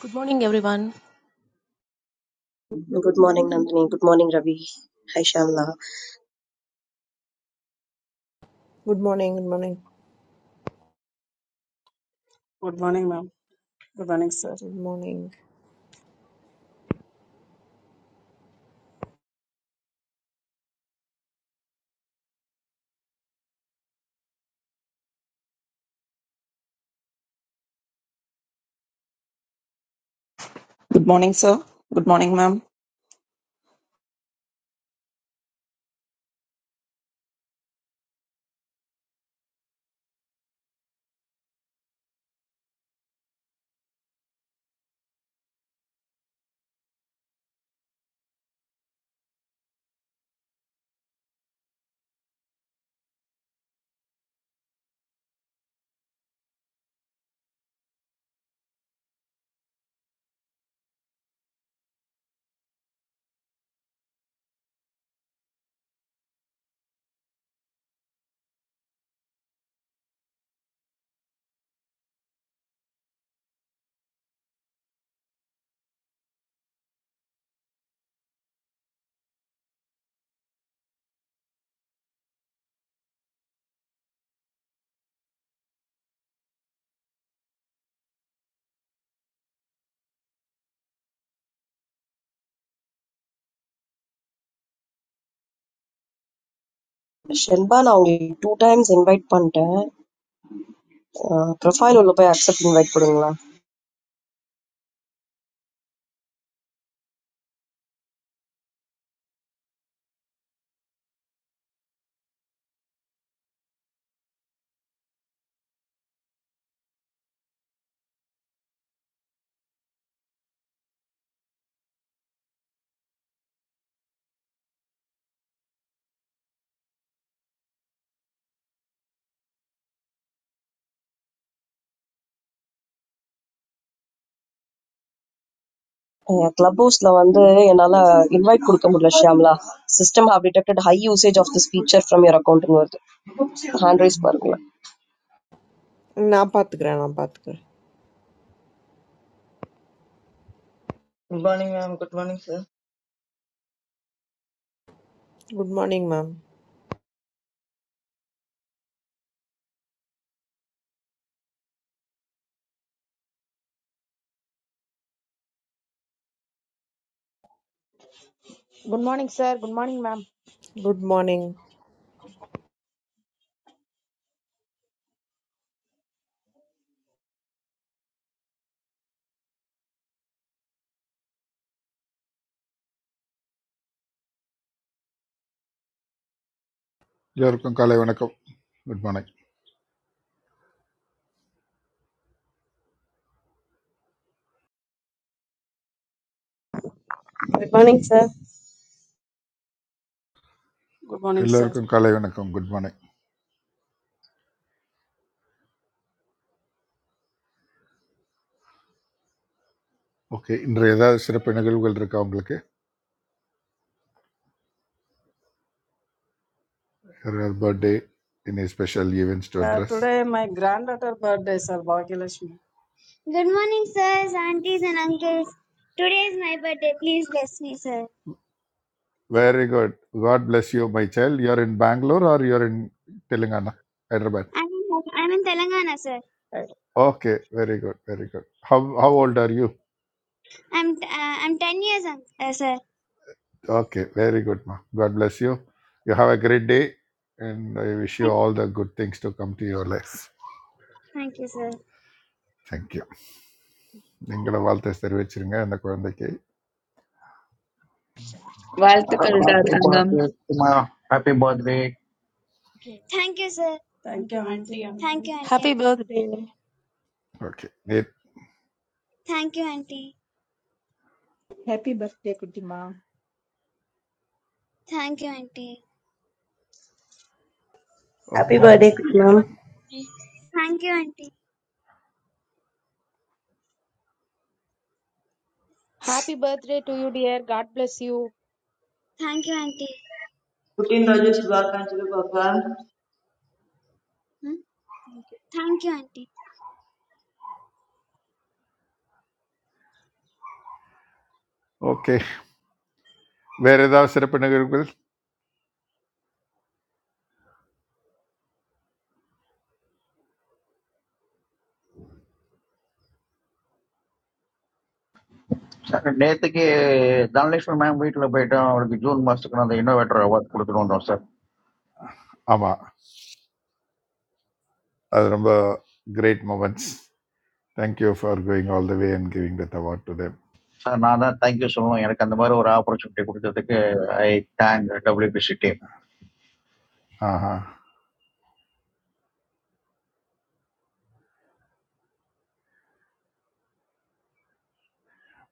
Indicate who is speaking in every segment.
Speaker 1: Good morning, everyone.
Speaker 2: Good morning, Nandini. Good morning, Ravi. Hi, Shamla.
Speaker 3: Good morning, good morning,
Speaker 4: Good morning, ma'am. Good morning, sir.
Speaker 3: good morning.
Speaker 5: Good morning, sir. Good morning, ma'am.
Speaker 2: Shilpa, Nongi, two times invite panta profile ollo pa accept invite pordenla. Club posts lavande enala invite pordhamudla. Shamla, system have detected high usage of this feature from your account. Handraise pargla.
Speaker 3: நான் பாத்துக்கிறேன், நான் பாத்துக்கிறேன்.
Speaker 6: Good morning, ma'am. Good morning, sir.
Speaker 3: Good morning, ma'am.
Speaker 7: Good morning, sir. Good morning, ma'am.
Speaker 3: Good morning.
Speaker 8: எல்லோருக்கும் காலை வணக்கம் good morning
Speaker 9: Good morning, sir.
Speaker 4: Good morning, sir.
Speaker 8: எல்லோருக்கும் காலை வணக்கம் குட் மார்னிங் ஓகே இன்று ஏதாவது சிறப்பு நிகழ்வுகள் இருக்கா உங்களுக்கு யாராவது birthday in special events to
Speaker 4: Uh,
Speaker 8: address
Speaker 4: today my granddaughter birthday, sir, Bhagyalakshmi. Good morning, sirs, aunties and uncles. Today is my birthday. Please bless me, sir.
Speaker 8: Very good God bless you my child you're in Bangalore or you're in Telangana Hyderabad
Speaker 4: I'm in, I'm in Telangana, sir. Right.
Speaker 8: Okay very good very good how how old are you
Speaker 4: I'm uh, I'm 10 years, un- uh, sir.
Speaker 8: Okay very good மா God bless you you have a great day and I wish you
Speaker 4: Thank,
Speaker 8: all the good things to come to your life
Speaker 4: thank you, sir.
Speaker 8: Thank you நீங்களும் வாழ்த்து தெரிவிச்சிருங்க அந்த குழந்தைக்கு
Speaker 10: வாழ்த்துக்கள்டா
Speaker 11: Happy
Speaker 10: தங்கம்.
Speaker 11: birthday, my happy birthday.
Speaker 4: Thank you, sir. Thank you, auntie. Thank you, auntie,
Speaker 1: Happy
Speaker 4: uncle.
Speaker 1: birthday
Speaker 8: okay நேத்
Speaker 4: Thank you, auntie.
Speaker 12: Happy birthday, Kutima.
Speaker 4: Thank you, auntie.
Speaker 9: Happy
Speaker 8: okay
Speaker 9: birthday,
Speaker 13: Be
Speaker 9: ma'am.
Speaker 13: a
Speaker 4: Thank you, auntie.
Speaker 7: Happy birthday to you, dear. God bless you.
Speaker 4: Thank you, auntie.
Speaker 6: Putin Rajesh Bhakantila Baba.
Speaker 4: Hmm? Thank you, auntie.
Speaker 8: Okay வேற ஏதாவது சிறப்பு நிகழ்வுகள்
Speaker 11: Next year, Danielson may be able to be there. Or maybe June must come. That innovator, what could be done, sir?
Speaker 8: ஆமா அது ரொம்ப great moments thank you for going all the way and giving that award to them
Speaker 11: Sir, thank you so much. I remember one hour for a short trip today. I thank WBC team.
Speaker 8: ஆஹா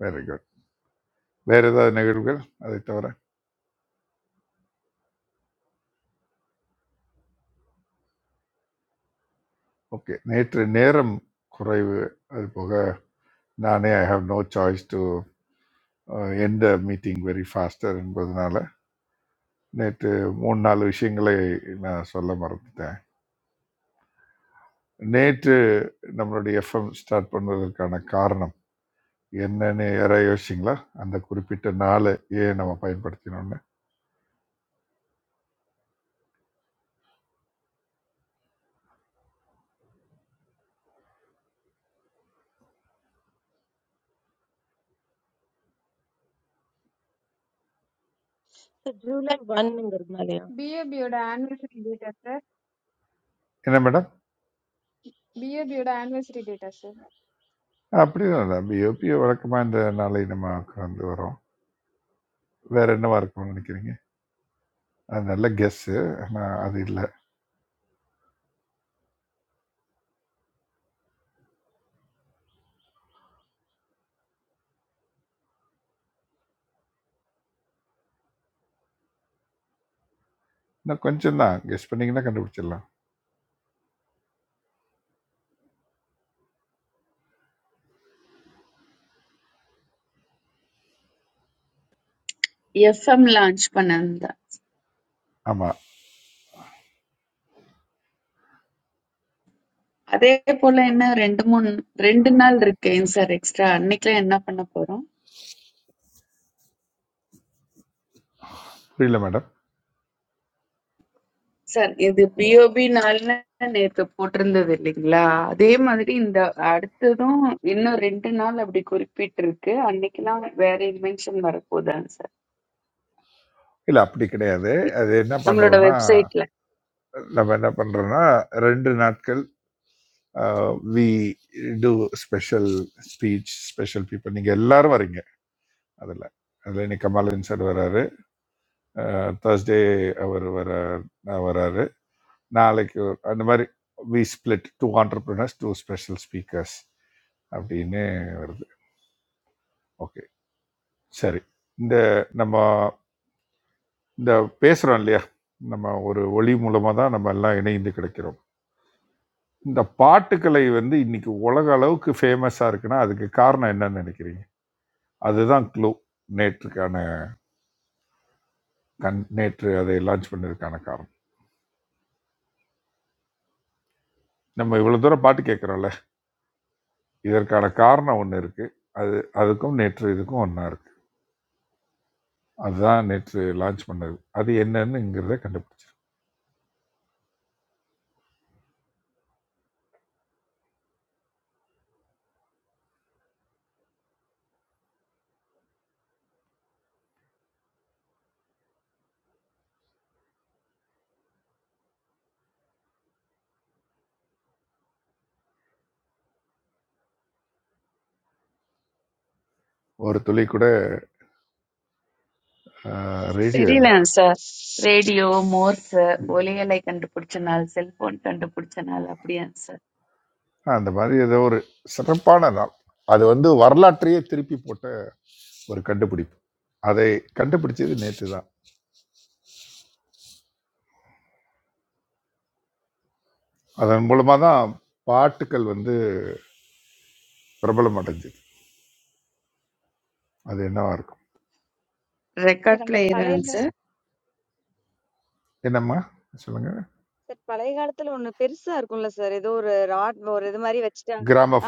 Speaker 8: very good வேற ஏதாவது நிகழ்வுகள் அதை தவிர okay நேற்று நேரம் குறைவு அது போக நானே I have no choice to எந்த மீட்டிங் வெரி ஃபாஸ்டர் என்பதனால நேற்று மூணு நாலு விஷயங்களை நான் சொல்ல மறந்துட்டேன் நேற்று நம்மளுடைய எஃப்எம் ஸ்டார்ட் பண்ணுவதற்கான காரணம் என்னன்னு யாராவது யோசிச்சிங்களா அந்த குறிப்பிட்ட நாளை ஏன் நம்ம பயன்படுத்தினோம்னு
Speaker 1: to July 1 Nirmalaya.
Speaker 13: B A anniversary date, sir.
Speaker 8: என்ன madam
Speaker 13: Be a B A anniversary date, sir.
Speaker 8: அப்படியும் இல்லை பிஓபி வழக்கமாக இந்த நாளை நம்ம கடந்து வரோம் வேற என்னவா இருக்கும்னு நினைக்கிறீங்க அது நல்ல கெஸ்ஸு ஆனால் அது இல்லை இன்னும் கொஞ்சம் தான் கெஸ் பண்ணிங்கன்னா கண்டுபிடிச்சிடலாம்
Speaker 10: FM லான்ச் பண்ணிருந்தேன்.
Speaker 8: ஆமாம்
Speaker 10: அதே போல என்ன 2, 3 2 நாள் இருக்கு ஏன் சார் எக்ஸ்ட்ரா? அன்னைக்குலாம் என்ன பண்ண போறோம்?
Speaker 8: புரியல மேடம்
Speaker 10: சார் இது BOB நாள்னு நேத்து போட்டிருந்தது இல்லைங்களா? அதே மாதிரி இந்த அடுத்ததும் இன்னும் 2 நாள் அப்படி குறிப்பிட்டிருக்கு. அன்னைக்குலாம் வேற இன்வென்ஷன் வரப்போகுதாங்க சார்.
Speaker 8: இல்லை அப்படி கிடையாது அது என்ன
Speaker 10: நம்மளோட
Speaker 8: பண்ணுறோன்னா
Speaker 10: வெப்சைட்ல.
Speaker 8: நம்ம என்ன பண்ணுறோன்னா ரெண்டு நாட்கள் we do special speech special people நீங்கள் எல்லாரும் வரீங்க அதில் அதில் இன்னைக்கு கமாலின் சார் வராரு தேர்ஸ்டே அவர் வரார் நான் வராரு நாளைக்கு ஒரு- அந்த மாதிரி we split two entrepreneurs two special speakers அப்படின்னு வருது ஓகே சரி இந்த நம்ம இந்த பேசுகிறோம் இல்லையா நம்ம ஒரு ஒளி மூலமாக தான் நம்ம எல்லாம் இணைந்து கிடைக்கிறோம் இந்த பாட்டுக்கலை வந்து இன்னைக்கு உலக அளவுக்கு ஃபேமஸாக இருக்குன்னா அதுக்கு காரணம் என்னன்னு நினைக்கிறீங்க அதுதான் க்ளூ நேற்றுக்கான கண் நேற்று அதை லான்ச் பண்ணதுக்கான காரணம் நம்ம இவ்வளோ தூரம் பாட்டு கேட்குறோம்ல இதற்கான காரணம் ஒன்று இருக்குது அது அதுக்கும் நேற்று இதுக்கும் ஒன்றா இருக்குது அதுதான் நேற்று லான்ச் பண்ணது அது என்னன்னுங்கிறத கண்டுபிடிச்சிருக்கு ஒரு துளி கூட ரேடியோ இல்லை
Speaker 10: தெரியலங்க சார். ரேடியோ, மோர்ஸ், ஒலியலை கண்டுபிடிச்ச நாள், செல்போன் கண்டுபிடிச்ச நாள் அப்படியாங்க சார்?
Speaker 8: அந்த மாதிரி ஏதோ ஒரு சிறப்பான நாள் அது வந்து வரலாற்றையே திருப்பி போட்ட ஒரு கண்டுபிடிப்பு அதை கண்டுபிடிச்சது நேற்று தான் அதன் மூலமாக தான் பாட்டுக்கள் வந்து பிரபலம் அடைஞ்சது அது என்னவா இருக்கும்
Speaker 14: சார்
Speaker 10: ரெக்கார்ட்
Speaker 14: அந்த பழைய
Speaker 10: பிளேயராங்க சார்?
Speaker 8: என்னம்மா சொல்லுங்க
Speaker 14: சார் பழைய காலத்துல ஒண்ணு பெருசா இருக்கும்ல சார். ஏதோ ஒரு ராட் ஒரு இது மாரி வச்சுட்டா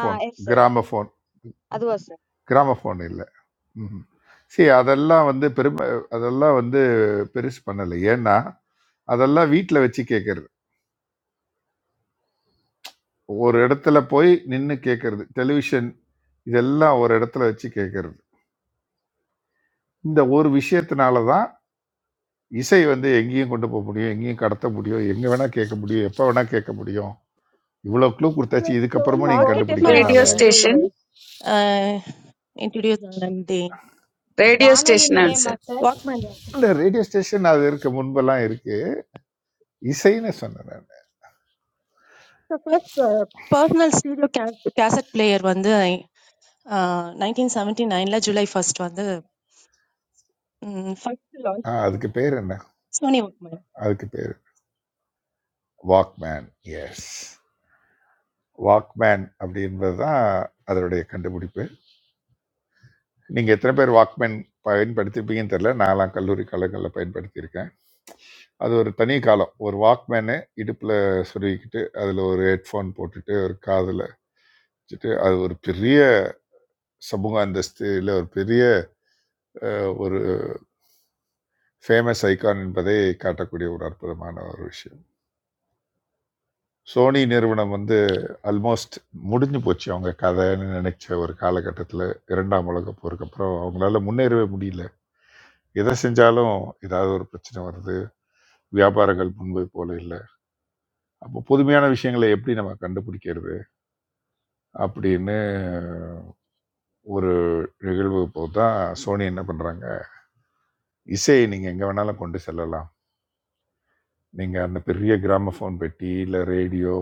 Speaker 14: ஆ எஸ் சார்.
Speaker 8: கிராமஃபோன்
Speaker 14: அதுவா சார்?
Speaker 8: கிராமஃபோன் இல்லை ம்ஹ்ம். சரி அதெல்லாம் வந்து பெரும அதெல்லாம் வந்து பெருசு பண்ணல. ஏன்னா, அதெல்லாம் வீட்ல வச்சு கேட்கறது. ஒரு இடத்துல போய் நின்னு கேட்கறது. டெலிவிஷன் இதெல்லாம் ஒரு இடத்துல வச்சு கேட்கறது. இந்த ஒரு விஷயத்தினால தான் இசை வந்து எங்கேயும் கொண்டு போ முடியும், எங்கேயும் கடத்த முடியும், எங்க வேணா கேட்க முடியும், எப்ப வேணா கேட்க முடியும். இவ்வளோ க்ளூ
Speaker 1: So,
Speaker 8: குடுத்தாச்சு.
Speaker 1: Sony
Speaker 8: இதுக்கப்புறமும் நீங்க
Speaker 14: பாக்கெட்
Speaker 1: Walkman
Speaker 14: எஃப்எம்மா
Speaker 8: கண்டுபிடிக்கலன்னா
Speaker 10: radio
Speaker 14: சார்?
Speaker 8: நான் என்ன?
Speaker 1: வந்து,
Speaker 10: station
Speaker 1: uh, introduced on the
Speaker 10: radio
Speaker 7: வானொலி
Speaker 10: station
Speaker 7: நிலையம்
Speaker 10: answer
Speaker 7: sir.
Speaker 1: Walkman.
Speaker 8: இல்ல ரேடியோ ஸ்டேஷன் அது இருக்கு. முன்பெல்லாம் இருக்கு. இசைன்னு சொன்னேன் நானு.
Speaker 1: So, first uh, personal stereo ca- cassette player வந்து uh, 1979ல ஜூலை ஃபர்ஸ்ட் வந்து ஃபர்ஸ்ட்
Speaker 8: ஆ
Speaker 1: லான்ச் பண்ணாங்க
Speaker 8: அதுக்கு பேர் என்ன?
Speaker 1: சோனி வாக்மேன்
Speaker 8: அதுக்கு பேரு வாக்மேன். எஸ். வாக்மேன் அப்படின்றது தான் அதனுடைய கண்டுபிடிப்பு நீங்கள் எத்தனை பேர் வாக்மேன் பயன்படுத்திருப்பீங்கன்னு தெரில நான்லாம் கல்லூரி காலங்களில் பயன்படுத்தியிருக்கேன் அது ஒரு தனி காலம் ஒரு வாக்மேனு இடுப்பில் சொருகிக்கிட்டு அதில் ஒரு ஹெட்ஃபோன் போட்டுட்டு ஒரு காதில் வச்சுட்டு அது ஒரு பெரிய சமூக அந்தஸ்து இல்லை ஒரு பெரிய அஹ், ஒரு ஃபேமஸ் ஐகான் என்பதை காட்டக்கூடிய ஒரு அற்புதமான ஒரு விஷயம் சோனி நிறுவனம் வந்து ஆல்மோஸ்ட் முடிஞ்சு போச்சு அவங்க கதைன்னு நினைச்ச ஒரு காலகட்டத்தில் இரண்டாம் உலகப் போருக்கு அப்புறம் அவங்களால முன்னேறவே முடியல எதை செஞ்சாலும் ஏதாவது ஒரு பிரச்சனை வருது வியாபாரங்கள் முன்பு போல இல்லை அப்போ புதுமையான விஷயங்களை எப்படி நம்ம கண்டுபிடிக்கிறது அப்படின்னு ஒரு நிகழ்வு போது தான் சோனி என்ன பண்ணுறாங்க இசையை நீங்கள் எங்கே வேணாலும் கொண்டு செல்லலாம் நீங்கள் அந்த பெரிய கிராமஃபோன் பெட்டி இல்லை ரேடியோ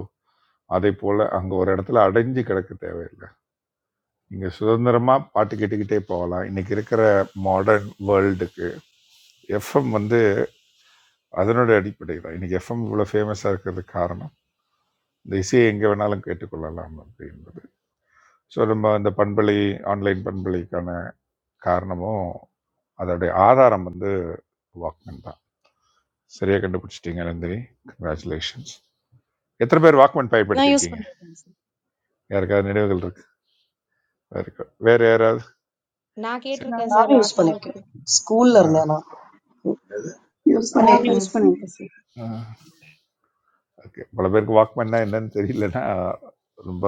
Speaker 8: அதே போல் அங்கே ஒரு இடத்துல அடைஞ்சு கிடக்க தேவையில்லை நீங்கள் சுதந்திரமாக பாட்டு கேட்டுக்கிட்டே போகலாம் இன்னைக்கு இருக்கிற மாடர்ன் வேர்ல்டுக்கு எஃப்எம் வந்து அதனோட அடிப்படை தான் இன்னைக்கு எஃப்எம் இவ்வளோ ஃபேமஸாக இருக்கிறதுக்கு காரணம் இந்த இசையை எங்கே வேணாலும் கேட்டுக்கொள்ளலாம் அப்படின்றது ஸோ நம்ம அந்த பண்பலை ஆன்லைன் பண்பலைக்கான காரணமும் அதோடைய ஆதாரம் வந்து வாக்மேன் தான் சரியாக கண்டுபிடிச்சிட்டீங்க நந்தினி கங்க்ராச்சுலேஷன்ஸ் எத்தனை பேர் வாக்மேன்
Speaker 1: நான் யூஸ்
Speaker 8: பயன்படுத்தியிருக்கீங்க
Speaker 1: பண்ணிருக்கேன்
Speaker 8: யாருக்காவது நினைவுகள் இருக்கு இருக்கு வேற யாராவது
Speaker 7: நான்
Speaker 8: சரி.
Speaker 15: No,
Speaker 7: கேட்டிருக்கேன்
Speaker 2: How me
Speaker 7: சார்
Speaker 2: use poneke?
Speaker 7: வாக்கு
Speaker 2: School
Speaker 8: ஆ,
Speaker 2: larne ana.
Speaker 5: Use
Speaker 8: ஆ,
Speaker 16: I
Speaker 5: my
Speaker 16: use plenty
Speaker 5: sir.
Speaker 16: of it.
Speaker 8: ஆ. ஓகே பல பேருக்கு வாக்மேன்னா என்னன்னு தெரியலன்னா ரொம்ப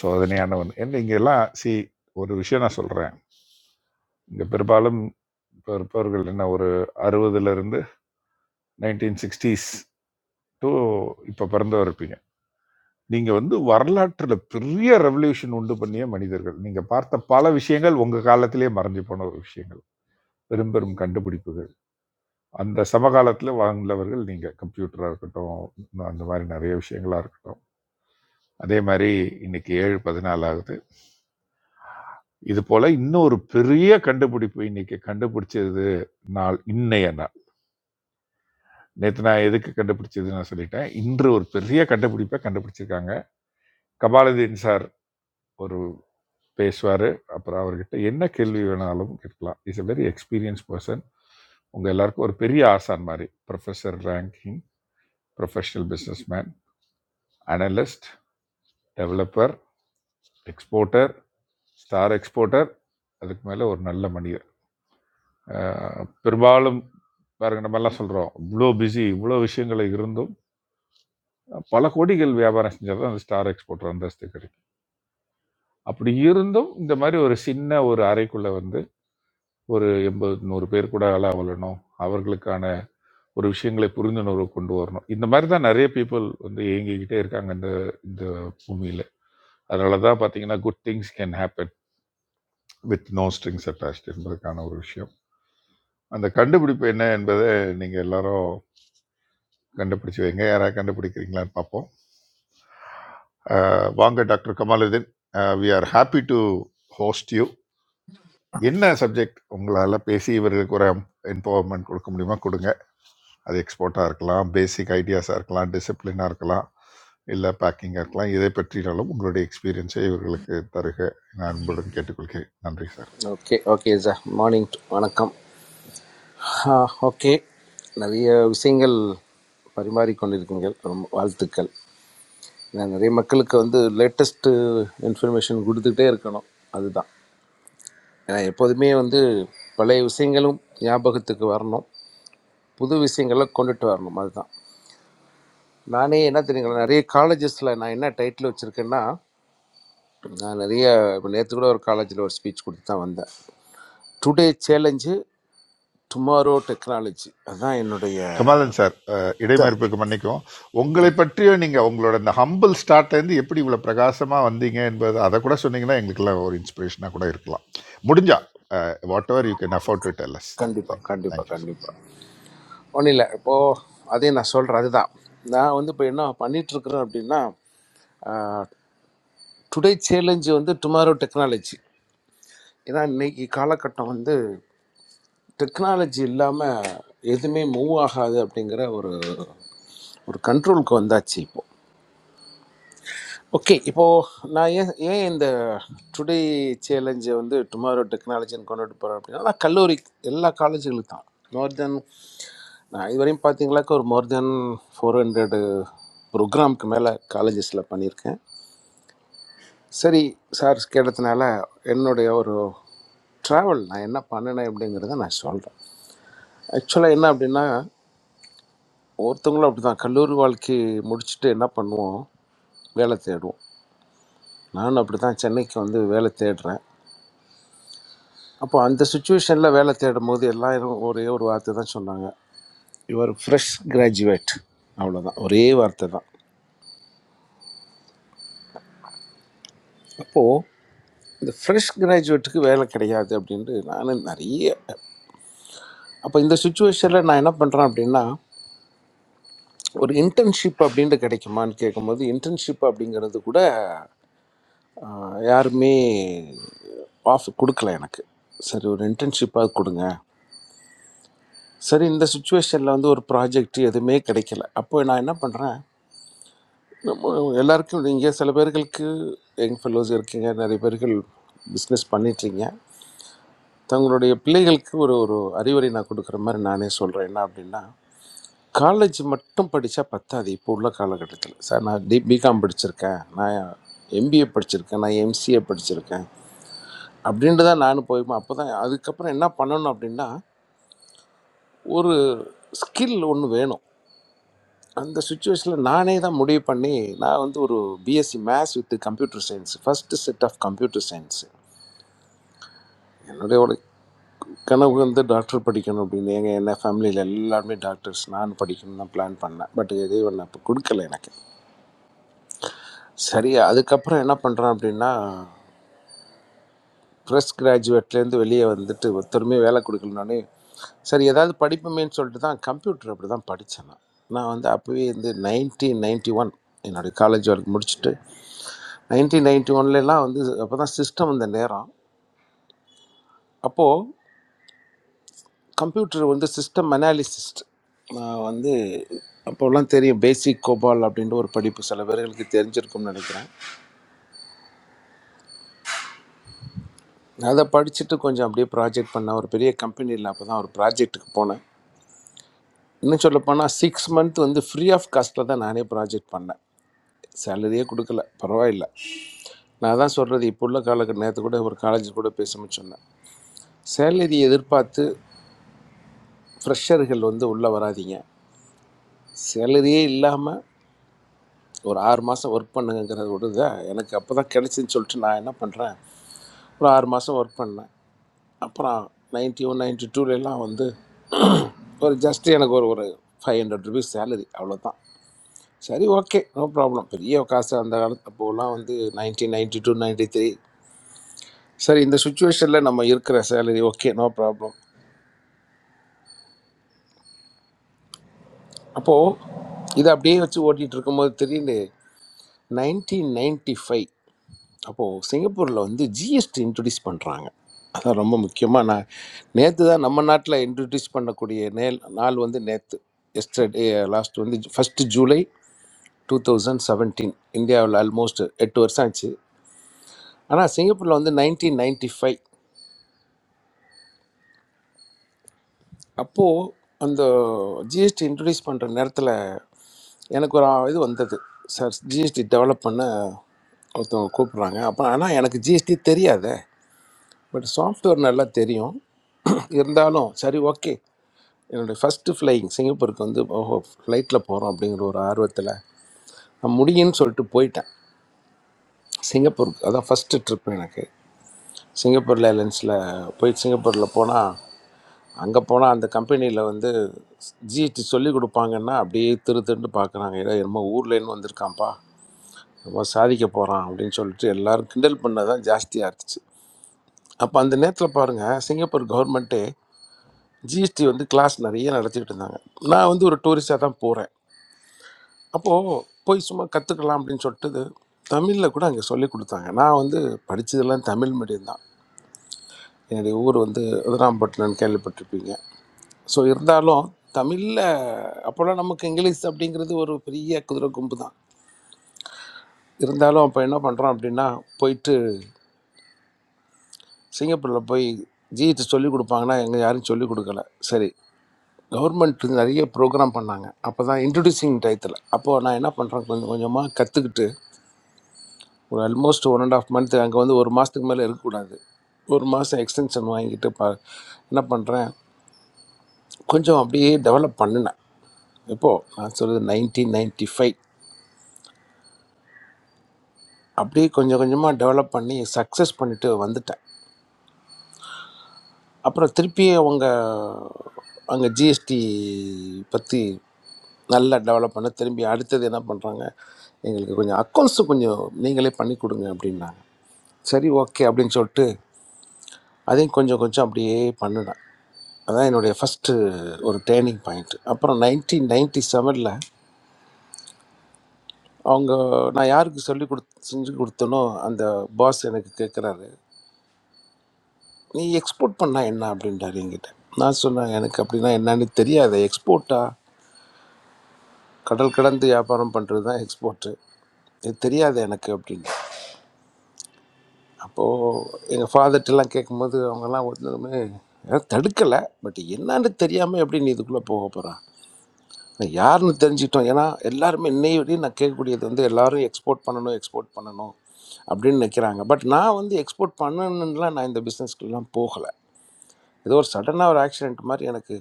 Speaker 8: சோதனையான ஒன்று என்ன இங்க எல்லாம் சி ஒரு விஷயம் நான் சொல்கிறேன் இங்கே பெரும்பாலும் இப்போ இருப்பவர்கள் என்ன ஒரு அறுபதுலேருந்து நைன்டீன் சிக்ஸ்டீஸ் டு இப்போ பிறந்தவர் இருப்பீங்க நீங்கள் வந்து வரலாற்றில் பெரிய ரெவல்யூஷன் உண்டு பண்ணிய மனிதர்கள் நீங்கள் பார்த்த பல விஷயங்கள் உங்கள் காலத்திலே மறைஞ்சு போன ஒரு விஷயங்கள் பெரும் பெரும் கண்டுபிடிப்புகள் அந்த சமகாலத்தில் வாழ்ந்தவர்கள் நீங்கள் கம்ப்யூட்டராக இருக்கட்டும் அந்த மாதிரி நிறைய விஷயங்களாக இருக்கட்டும் அதே மாதிரி இன்னைக்கு ஏழு பதினாலு ஆகுது இது போல இன்னொரு பெரிய கண்டுபிடிப்பு இன்னைக்கு கண்டுபிடிச்சது நாள் இன்னைய நாள் நேற்று நான் எதுக்கு கண்டுபிடிச்சதுன்னு நான் சொல்லிட்டேன் இன்று ஒரு பெரிய கண்டுபிடிப்பை கண்டுபிடிச்சிருக்காங்க கபாலதீன் சார் ஒரு பேசுவார் அப்புறம் அவர்கிட்ட என்ன கேள்வி வேணாலும் கேட்கலாம் is a very experience person உங்கள் எல்லாருக்கும் ஒரு பெரிய ஆசான் மாதிரி professor ranking professional businessman analyst developer exporter star exporter அதுக்கு மேலே ஒரு நல்ல மனிதர் ஆ, பெரும்பாலும் பாருங்க நம்ம எல்லாம் சொல்றோம் இவ்வளோ பிஸி இவ்வளோ விஷயங்கள் இருந்தும் பல கோடிகள் வியாபாரம் செஞ்சால் தான் அந்த ஸ்டார் எக்ஸ்போர்ட்டர் அந்தஸ்து கிடைக்கும் அப்படி இருந்தும் இந்த மாதிரி ஒரு சின்ன ஒரு அறைக்குள்ள வந்து ஒரு எண்பது நூறு பேர் கூட அள வளரணும் அவர்களுக்கான ஒரு விஷயங்களை புரிந்துணர்வு கொண்டு வரணும் இந்த மாதிரி தான் நிறைய பீப்புள் வந்து இயங்கிக்கிட்டே இருக்காங்க இந்த இந்த பூமியில் அதனால தான் பார்த்தீங்கன்னா good things can happen with no strings attached என்பதற்கான ஒரு விஷயம் அந்த கண்டுபிடிப்பு என்ன என்பதை நீங்கள் எல்லாரும் கண்டுபிடிச்சி வைங்க யாராவது கண்டுபிடிக்கிறீங்களான்னு பார்ப்போம் அஹ், வாங்க doctor Kamaluddin we are happy to host you என்ன சப்ஜெக்ட் உங்களால் பேசி இவர்களுக்கு ஒரு எம்பவர்மெண்ட் கொடுக்க முடியுமா கொடுங்க அது எக்ஸ்போர்ட்டாக இருக்கலாம் பேசிக் ஐடியாஸாக இருக்கலாம் டிசிப்ளினாக இருக்கலாம் இல்லை பேக்கிங்காக இருக்கலாம் இதை பற்றினாலும் உங்களுடைய எக்ஸ்பீரியன்ஸை இவர்களுக்கு தருக நான் அன்புடன் கேட்டுக்கொள்கிறேன் நன்றி sir
Speaker 17: okay okay sir morning வணக்கம் ஓகே நிறைய விஷயங்கள் பரிமாறிக்கொண்டிருக்கீங்கள் ரொம்ப வாழ்த்துக்கள் ஏன்னா நிறைய மக்களுக்கு வந்து லேட்டஸ்ட்டு இன்ஃபர்மேஷன் கொடுத்துட்டே இருக்கணும் அதுதான் ஏன்னா எப்போதுமே வந்து பழைய விஷயங்களும் ஞாபகத்துக்கு வரணும் புது விஷயங்களை கொண்டுட்டு வரணும் அதுதான் நானே என்ன தெரியுங்களா நிறைய காலேஜஸில் நான் என்ன டைட்டில் வச்சுருக்கேன்னா நான் நிறைய இப்போ நேற்று கூட ஒரு காலேஜில் ஒரு ஸ்பீச் கொடுத்து தான் வந்தேன் டுடே சேலஞ்சு டுமாரோ டெக்னாலஜி அதுதான் என்னுடைய
Speaker 8: கமலன் சார் அஹ்,
Speaker 17: சார்
Speaker 8: இடைமறிப்புக்கு மன்னிக்கும் உங்களை பற்றிய நீங்க உங்களோட இந்த ஹம்பிள் ஸ்டார்ட்ல இருந்து எப்படி இவ்வளவு பிரகாசமா வந்தீங்க என்பது அதை கூட சொன்னீங்கன்னா எங்களுக்கெல்லாம் ஒரு இன்ஸ்பிரேஷனா கூட இருக்கலாம் முடிஞ்சா whatever you can afford to tell us
Speaker 17: கண்டிப்பாக
Speaker 8: தேங்க்யூ
Speaker 17: கண்டிப்பாக
Speaker 8: தேங்க்யூ
Speaker 17: கண்டிப்பாக ஒன்றும் இல்லை இப்போது அதே நான் சொல்கிறேன் அதுதான் நான் வந்து இப்போ என்ன பண்ணிட்டு இருக்கிறேன் அப்படின்னா டுடே சேலஞ்சு வந்து டுமாரோ டெக்னாலஜி ஏன்னா இன்னைக்கு காலகட்டம் வந்து டெக்னாலஜி இல்லாமல் எதுவுமே மூவ் ஆகாது அப்படிங்கிற ஒரு ஒரு கண்ட்ரோலுக்கு வந்தாச்சு இப்போ ஓகே இப்போது நான் ஏன் ஏன் இந்த டுடே சேலஞ்சை வந்து டுமாரோ டெக்னாலஜின்னு கொண்டுட்டு போகிறேன் அப்படின்னா நான் கல்லூரி எல்லா காலேஜுகளுக்கு தான் நார்தர்ன் நான் இதுவரையும் பார்த்தீங்களாக்கா ஒரு மோர் தென் ஃபோர் ஹண்ட்ரடு ப்ரோக்ராம்க்கு மேலே காலேஜஸில் பண்ணியிருக்கேன் சரி சார் கேட்டதுனால என்னுடைய ஒரு ட்ராவல் நான் என்ன பண்ணினேன் அப்படிங்கிறத நான் சொல்கிறேன் ஆக்சுவலாக என்ன அப்படின்னா ஒருத்தவங்களும் அப்படி தான் கல்லூரி வாழ்க்கை முடிச்சுட்டு என்ன பண்ணுவோம் வேலை தேடுவோம் நானும் அப்படி தான் சென்னைக்கு வந்து வேலை தேடுறேன் அப்போ அந்த சுச்சுவேஷனில் வேலை தேடும் போது எல்லாரும் ஒரே ஒரு வார்த்தை தான் சொன்னாங்க யுவர் ஃப்ரெஷ் கிராஜுவேட் அவ்வளோதான் ஒரே வார்த்தை தான் அப்போது இந்த ஃப்ரெஷ் கிராஜுவேட்டுக்கு வேலை கிடையாது அப்படின்ட்டு நான் நிறைய அப்போ இந்த சுச்சுவேஷனில் நான் என்ன பண்ணுறேன் அப்படின்னா ஒரு இன்டர்ன்ஷிப் அப்படின்ட்டு கிடைக்குமான்னு கேட்கும்போது இன்டர்ன்ஷிப் அப்படிங்கிறது கூட ஆஹ், யாருமே ஆஃப் கொடுக்கல எனக்கு சரி ஒரு இன்டர்ன்ஷிப்பாக கொடுங்க சரி இந்த சுச்சுவேஷனில் வந்து ஒரு ப்ராஜெக்ட் எதுவுமே கிடைக்கல அப்போ நான் என்ன பண்ணுறேன் நம்ம எல்லாருக்கும் இங்கே சில பேர்களுக்கு யங் ஃபெல்லோஸ் இருக்கீங்க நிறைய பேர்கள் பிஸ்னஸ் பண்ணிட்டுருங்க தங்களுடைய பிள்ளைகளுக்கு ஒரு ஒரு அறிவுரை நான் கொடுக்குற மாதிரி நானே சொல்கிறேன் என்ன அப்படின்னா காலேஜ் மட்டும் படித்தா பத்தாது இப்போ உள்ள காலகட்டத்தில் சார் நான் டி பிகாம் படிச்சிருக்கேன் நான் எம்பிஏ படிச்சிருக்கேன் நான் எம்சிஏ படிச்சிருக்கேன் அப்படின்ட்டு தான் நானும் போய்மா அப்போ தான் அதுக்கப்புறம் என்ன பண்ணணும் அப்படின்னா ஒரு ஸ்கில் ஒன்று வேணும் அந்த சுச்சுவேஷனில் நானே தான் முடிவு பண்ணி நான் வந்து ஒரு BSc maths with computer science first set of computer science என்னுடைய கனவு வந்து டாக்டர் படிக்கணும் அப்படின்னு எங்கள் என்ன ஃபேமிலியில் எல்லாருமே டாக்டர்ஸ் நான் படிக்கணும் தான் பிளான் பண்ணேன் பட் இறைவன் அப்போ கொடுக்கல எனக்கு சரி அதுக்கப்புறம் என்ன பண்ணுறேன் அப்படின்னா ப்ரெஸ் கிராஜுவேட்லேருந்து வெளியே வந்துட்டு திரும்பி வேலை கொடுக்கலனோடனே சரி ஏதாவது படிப்போமேன்னு சொல்லிட்டு தான் கம்ப்யூட்டர் அப்படி தான் படித்தேன் நான் நான் வந்து அப்போவே வந்து நைன்டீன் நைன்டி ஒன் என்னுடைய காலேஜ் வரைக்கும் முடிச்சுட்டு நைன்டீன் நைன்டி ஒன்லலாம் வந்து அப்போ தான் சிஸ்டம் வந்த நேரம் அப்போது கம்ப்யூட்டர் வந்து சிஸ்டம் அனாலிசிஸ்ட் நான் வந்து அப்போல்லாம் தெரியும் பேசிக் கோபால் அப்படின்ற ஒரு படிப்பு சில பேர்களுக்கு தெரிஞ்சிருக்கும்னு நினைக்கிறேன் நான் அதை படிச்சுட்டு கொஞ்சம் அப்படியே ப்ராஜெக்ட் பண்ணேன் ஒரு பெரிய கம்பெனியில் அப்போ தான் ஒரு ப்ராஜெக்ட்டுக்கு போனேன் இன்னும் சொல்ல போனால் சிக்ஸ் மந்த் வந்து ஃப்ரீ ஆஃப் காஸ்ட்டில் தான் நானே ப்ராஜெக்ட் பண்ணேன் சேலரியே கொடுக்கல பரவாயில்ல நான் தான் சொல்கிறது இப்போ உள்ள காலகட்ட நேரத்து கூட ஒரு காலேஜ் கூட பேசும்போது சொன்னேன் சேலரி எதிர்பார்த்து ஃப்ரெஷர்கள் வந்து உள்ளே வராதீங்க சேலரியே இல்லாமல் ஒரு ஆறு மாதம் ஒர்க் பண்ணுங்கிறது ஒரு இது எனக்கு அப்போ தான் கிடச்சின்னு சொல்லிட்டு நான் என்ன பண்ணுறேன் ஒரு ஆறு மாதம் ஒர்க் பண்ணேன் அப்புறம் நைன்டி ஒன் நைன்டி டூலெலாம் வந்து ஒரு ஜஸ்ட் எனக்கு ஒரு ஒரு ஃபைவ் ஹண்ட்ரட் ருபீஸ் சேலரி அவ்வளோதான் சரி ஓகே நோ ப்ராப்ளம் பெரிய காசு அந்த காலத்து அப்போலாம் வந்து nineteen ninety two ninety three சரி இந்த சுச்சுவேஷனில் நம்ம இருக்கிற சேலரி ஓகே நோ ப்ராப்ளம் அப்போது இதை அப்படியே வச்சு ஓட்டிகிட்டு இருக்கும்போது திடீர்னு நைன்டீன் நைன்ட்டி ஃபைவ் அப்போது சிங்கப்பூரில் வந்து ஜிஎஸ்டி இன்ட்ரடியூஸ் பண்ணுறாங்க அதான் ரொம்ப முக்கியமாக நான் நேற்று தான் நம்ம நாட்டில் இன்ட்ரடியூஸ் பண்ணக்கூடிய நேல் நாள் வந்து நேற்று எஸ்டர்டே லாஸ்ட் வந்து first July two thousand seventeen இந்தியாவில் ஆல்மோஸ்ட் எட்டு வருஷம் ஆச்சு ஆனால் சிங்கப்பூரில் வந்து நைன்டீன் நைன்டி ஃபைவ் அப்போது அந்த ஜிஎஸ்டி இன்ட்ரடியூஸ் பண்ணுற நேரத்தில் எனக்கு ஒரு இது வந்தது சார் ஜிஎஸ்டி டெவலப் பண்ண ஒருத்தவங்க கூப்பிட்றாங்க அப்போ ஆனால் எனக்கு ஜிஎஸ்டி தெரியாது பட் சாஃப்ட்வேர் நல்லா தெரியும் இருந்தாலும் சரி ஓகே என்னுடைய ஃபஸ்ட்டு ஃப்ளையிங் சிங்கப்பூருக்கு வந்து ஓஹோ ஃப்ளைட்டில் போகிறோம் அப்படிங்கிற ஒரு ஆர்வத்தில் நான் முடியும்னு சொல்லிட்டு போயிட்டேன் சிங்கப்பூருக்கு அதான் ஃபஸ்ட்டு ட்ரிப் எனக்கு சிங்கப்பூர் ஏர்லைன்ஸில் போய் சிங்கப்பூரில் போனால் அங்கே போனால் அந்த கம்பெனியில் வந்து ஜிஎஸ்டி சொல்லி கொடுப்பாங்கன்னா அப்படியே திரு திருன்னு பார்க்குறாங்க ஏதோ என்னமோ ஊர்லேருந்து வந்திருக்கான்ப்பா ரொம்ப சாதிக்க போகிறான் அப்படின்னு சொல்லிட்டு எல்லாரும் கிண்டல் பண்ணதான் ஜாஸ்தியாக இருந்துச்சு அப்போ அந்த நேரத்தில் பாருங்கள் சிங்கப்பூர் கவர்மெண்ட்டு ஜிஎஸ்டி வந்து கிளாஸ் நிறைய நடத்திட்டு இருந்தாங்க நான் வந்து ஒரு டூரிஸ்டாக தான் போகிறேன் அப்போது போய் சும்மா கற்றுக்கலாம் அப்படின்னு சொல்லிட்டு தமிழில் கூட அங்கே சொல்லி கொடுத்தாங்க நான் வந்து படித்ததெல்லாம் தமிழ் மீடியம் தான் என்னுடைய ஊர் வந்து உதராம்பட்டினம்னு கேள்விப்பட்டிருப்பீங்க ஸோ இருந்தாலும் தமிழில் அப்போல்லாம் நமக்கு இங்கிலீஷ் அப்படிங்கிறது ஒரு பெரிய குதிரை கும்பு தான் இருந்தாலும் அப்போ என்ன பண்ணுறோம் அப்படின்னா போயிட்டு சிங்கப்பூரில் போய் ஜிஎஸ்டி சொல்லி கொடுப்பாங்கன்னா எங்கள் யாரும் சொல்லி கொடுக்கல சரி கவர்மெண்ட் நிறைய ப்ரோக்ராம் பண்ணாங்க அப்போ தான் இன்ட்ரடியூசிங் டயத்தில் அப்போது நான் என்ன பண்ணுறேன் கொஞ்சம் கொஞ்சமாக கற்றுக்கிட்டு ஒரு almost one and half month அங்கே வந்து ஒரு மாதத்துக்கு மேலே இருக்கக்கூடாது ஒரு மாதம் எக்ஸ்டென்ஷன் வாங்கிட்டு ப என்ன பண்ணுறேன் கொஞ்சம் அப்படியே டெவலப் பண்ணினேன் இப்போது நான் சொல்கிறது நைன்டீன் நைன்ட்டி ஃபைவ் அப்படியே கொஞ்சம் கொஞ்சமாக டெவலப் பண்ணி சக்ஸஸ் பண்ணிட்டு வந்துட்டேன் அப்புறம் திருப்பி அவங்க அங்கே ஜிஎஸ்டி பற்றி நல்லா டெவலப் பண்ண திரும்பி அடுத்தது என்ன பண்ணுறாங்க எங்களுக்கு கொஞ்சம் அக்கௌண்ட்ஸு கொஞ்சம் நீங்களே பண்ணி கொடுங்க அப்படின்னாங்க சரி ஓகே அப்படின்னு சொல்லிட்டு அதையும் கொஞ்சம் கொஞ்சம் அப்படியே பண்ணினேன் அதான் என்னுடைய ஃபஸ்ட்டு ஒரு டேர்னிங் பாயிண்ட் அப்புறம் நைன்டீன் நைன்டி செவனில் அவங்க நான் யாருக்கு சொல்லி கொடுத்து செஞ்சு கொடுத்தனோ அந்த பாஸ் எனக்கு கேட்குறாரு நீ எக்ஸ்போர்ட் பண்ணால் என்ன அப்படின்றாரு என்கிட்ட நான் சொன்னேன் எனக்கு அப்படின்னா என்னன்னு தெரியாது எக்ஸ்போர்ட்டா கடல் கடந்து வியாபாரம் பண்ணுறது தான் எக்ஸ்போர்ட்டு இது தெரியாது எனக்கு அப்படின்னு அப்போது எங்கள் ஃபாதர்ட்டெல்லாம் கேட்கும்போது அவங்கெல்லாம் ஒன்றுமே தடுக்கலை பட் என்னன்னு தெரியாமல் எப்படி நீ இதுக்குள்ளே போக போகிறான் நான் யாருன்னு தெரிஞ்சுக்கிட்டோம் ஏன்னா எல்லாருமே இன்னைய வரையும் நான் கேட்கக்கூடியது வந்து எல்லாரும் எக்ஸ்போர்ட் பண்ணணும் எக்ஸ்போர்ட் பண்ணணும் அப்படின்னு நிற்கிறாங்க பட் நான் வந்து எக்ஸ்போர்ட் பண்ணணும்லாம் நான் இந்த பிஸ்னஸ்க்குலாம் போகலை ஏதோ ஒரு சடனாக ஒரு ஆக்சிடென்ட் மாதிரி எனக்கு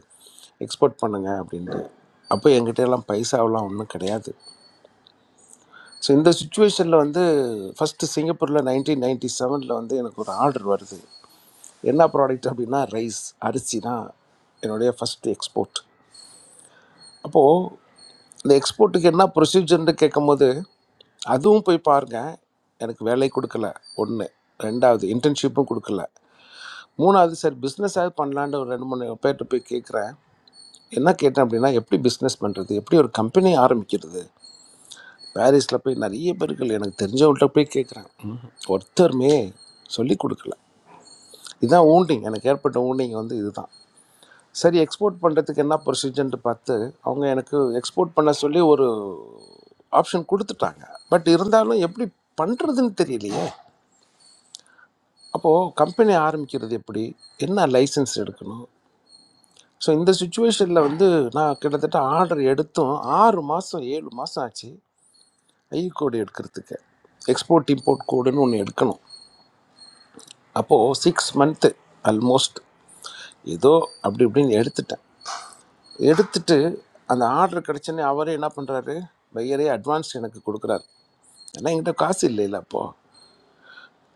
Speaker 17: எக்ஸ்போர்ட் பண்ணுங்க அப்படின்ட்டு அப்போ என்கிட்ட எல்லாம் பைசாவெலாம் ஒன்றும் கிடையாது ஸோ இந்த சுச்சுவேஷனில் வந்து ஃபஸ்ட்டு சிங்கப்பூரில் நைன்டீன் நைன்டி செவனில் வந்து எனக்கு ஒரு ஆர்டர் வருது என்ன ப்ராடக்ட் அப்படின்னா ரைஸ் அரிசி தான் என்னுடைய ஃபஸ்ட்டு எக்ஸ்போர்ட் அப்போது இந்த எக்ஸ்போர்ட்டுக்கு என்ன ப்ரொசீஜர்னு கேட்கும்போது அதுவும் போய் பாருங்க எனக்கு வேலை கொடுக்கல ஒன்று ரெண்டாவது இன்டர்ன்ஷிப்பும் கொடுக்கல மூணாவது சரி பிஸ்னஸாவது பண்ணலான்னு ஒரு ரெண்டு மூணு பேர்கிட்ட போய் கேட்குறேன் என்ன கேட்டேன் அப்படின்னா எப்படி பிஸ்னஸ் பண்ணுறது எப்படி ஒரு கம்பெனி ஆரம்பிக்கிறது பாரிஸில் போய் நிறைய பேர்கள் எனக்கு தெரிஞ்சவங்கள்ட்ட போய் கேட்குறேன் ஒருத்தருமே சொல்லி கொடுக்கல இதுதான் ஊண்டிங் எனக்கு ஏற்பட்ட ஊண்டிங் வந்து இதுதான் சரி எக்ஸ்போர்ட் பண்ணுறதுக்கு என்ன ப்ரொசீஜர்ன்ட்டு பார்த்து அவங்க எனக்கு எக்ஸ்போர்ட் பண்ண சொல்லி ஒரு ஆப்ஷன் கொடுத்துட்டாங்க பட் இருந்தாலும் எப்படி பண்ணுறதுன்னு தெரியலையே அப்போது கம்பெனி ஆரம்பிக்கிறது எப்படி என்ன லைசன்ஸ் எடுக்கணும் ஸோ இந்த சுச்சுவேஷனில் வந்து நான் கிட்டத்தட்ட ஆர்டர் எடுத்தும் ஆறு மாதம் ஏழு மாதம் ஆச்சு ஐ கோடு எடுக்கிறதுக்கு எக்ஸ்போர்ட் இம்போர்ட் கோடுன்னு ஒன்று எடுக்கணும் அப்போது சிக்ஸ் மந்த்து ஆல்மோஸ்ட் ஏதோ அப்படி இப்படின்னு எடுத்துட்டேன் எடுத்துட்டு அந்த ஆர்டர் கிடச்சோன்னே அவரே என்ன பண்ணுறாரு பையரே அட்வான்ஸ் எனக்கு கொடுக்குறாரு ஏன்னா என்கிட்ட காசு இல்லைல்ல அப்போது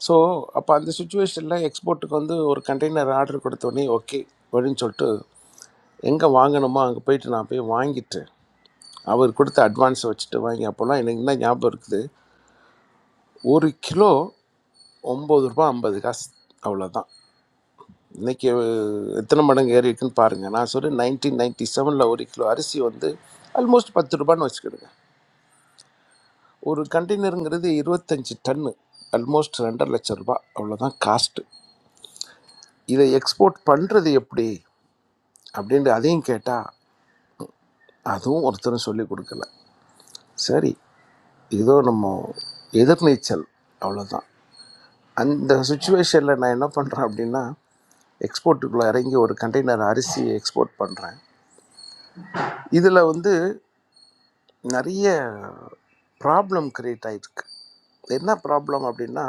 Speaker 17: ஸோ அப்போ அந்த சுச்சுவேஷனில் எக்ஸ்போர்ட்டுக்கு வந்து ஒரு கண்டெய்னர் ஆர்டர் கொடுத்தோடனே ஓகே அப்படின்னு சொல்லிட்டு எங்கே வாங்கணுமோ அங்கே போயிட்டு நான் போய் வாங்கிட்டு அவர் கொடுத்த அட்வான்ஸை வச்சுட்டு வாங்கி அப்போல்லாம் எனக்கு என்ன ஞாபகம் இருக்குது ஒரு கிலோ ஒம்பது ரூபா ஐம்பது காசு அவ்வளோதான் இன்னைக்கு அஹ், எத்தனை மடங்கு ஏறி இருக்குன்னு பாருங்க நான் சொல்றேன் நைன்டீன் நைன்டி செவனில் ஒரு கிலோ அரிசி வந்து ஆல்மோஸ்ட் பத்து ரூபான்னு வச்சுக்கிடுங்க ஒரு கண்டெய்னருங்கிறது இருபத்தஞ்சி டன்னு ஆல்மோஸ்ட் ரெண்டரை லட்சம் ரூபாய் அவ்வளோதான் காஸ்ட்டு இதை எக்ஸ்போர்ட் பண்ணுறது எப்படி அப்படின்ட்டு அதையும் கேட்டால் அதுவும் ஒருத்தரும் சொல்லி கொடுக்கல சரி ஏதோ நம்ம எதிர்நீச்சல் அவ்வளோதான் அந்த சுச்சுவேஷனில் நான் என்ன பண்ணுறேன் அப்படின்னா எக்ஸ்போர்ட்டுக்குள்ளே இறங்கி ஒரு கண்டெய்னர் அரிசி எக்ஸ்போர்ட் பண்ணுறேன் இதில் வந்து நிறைய ப்ராப்ளம் கிரியேட் ஆகிருக்கு என்ன ப்ராப்ளம் அப்படின்னா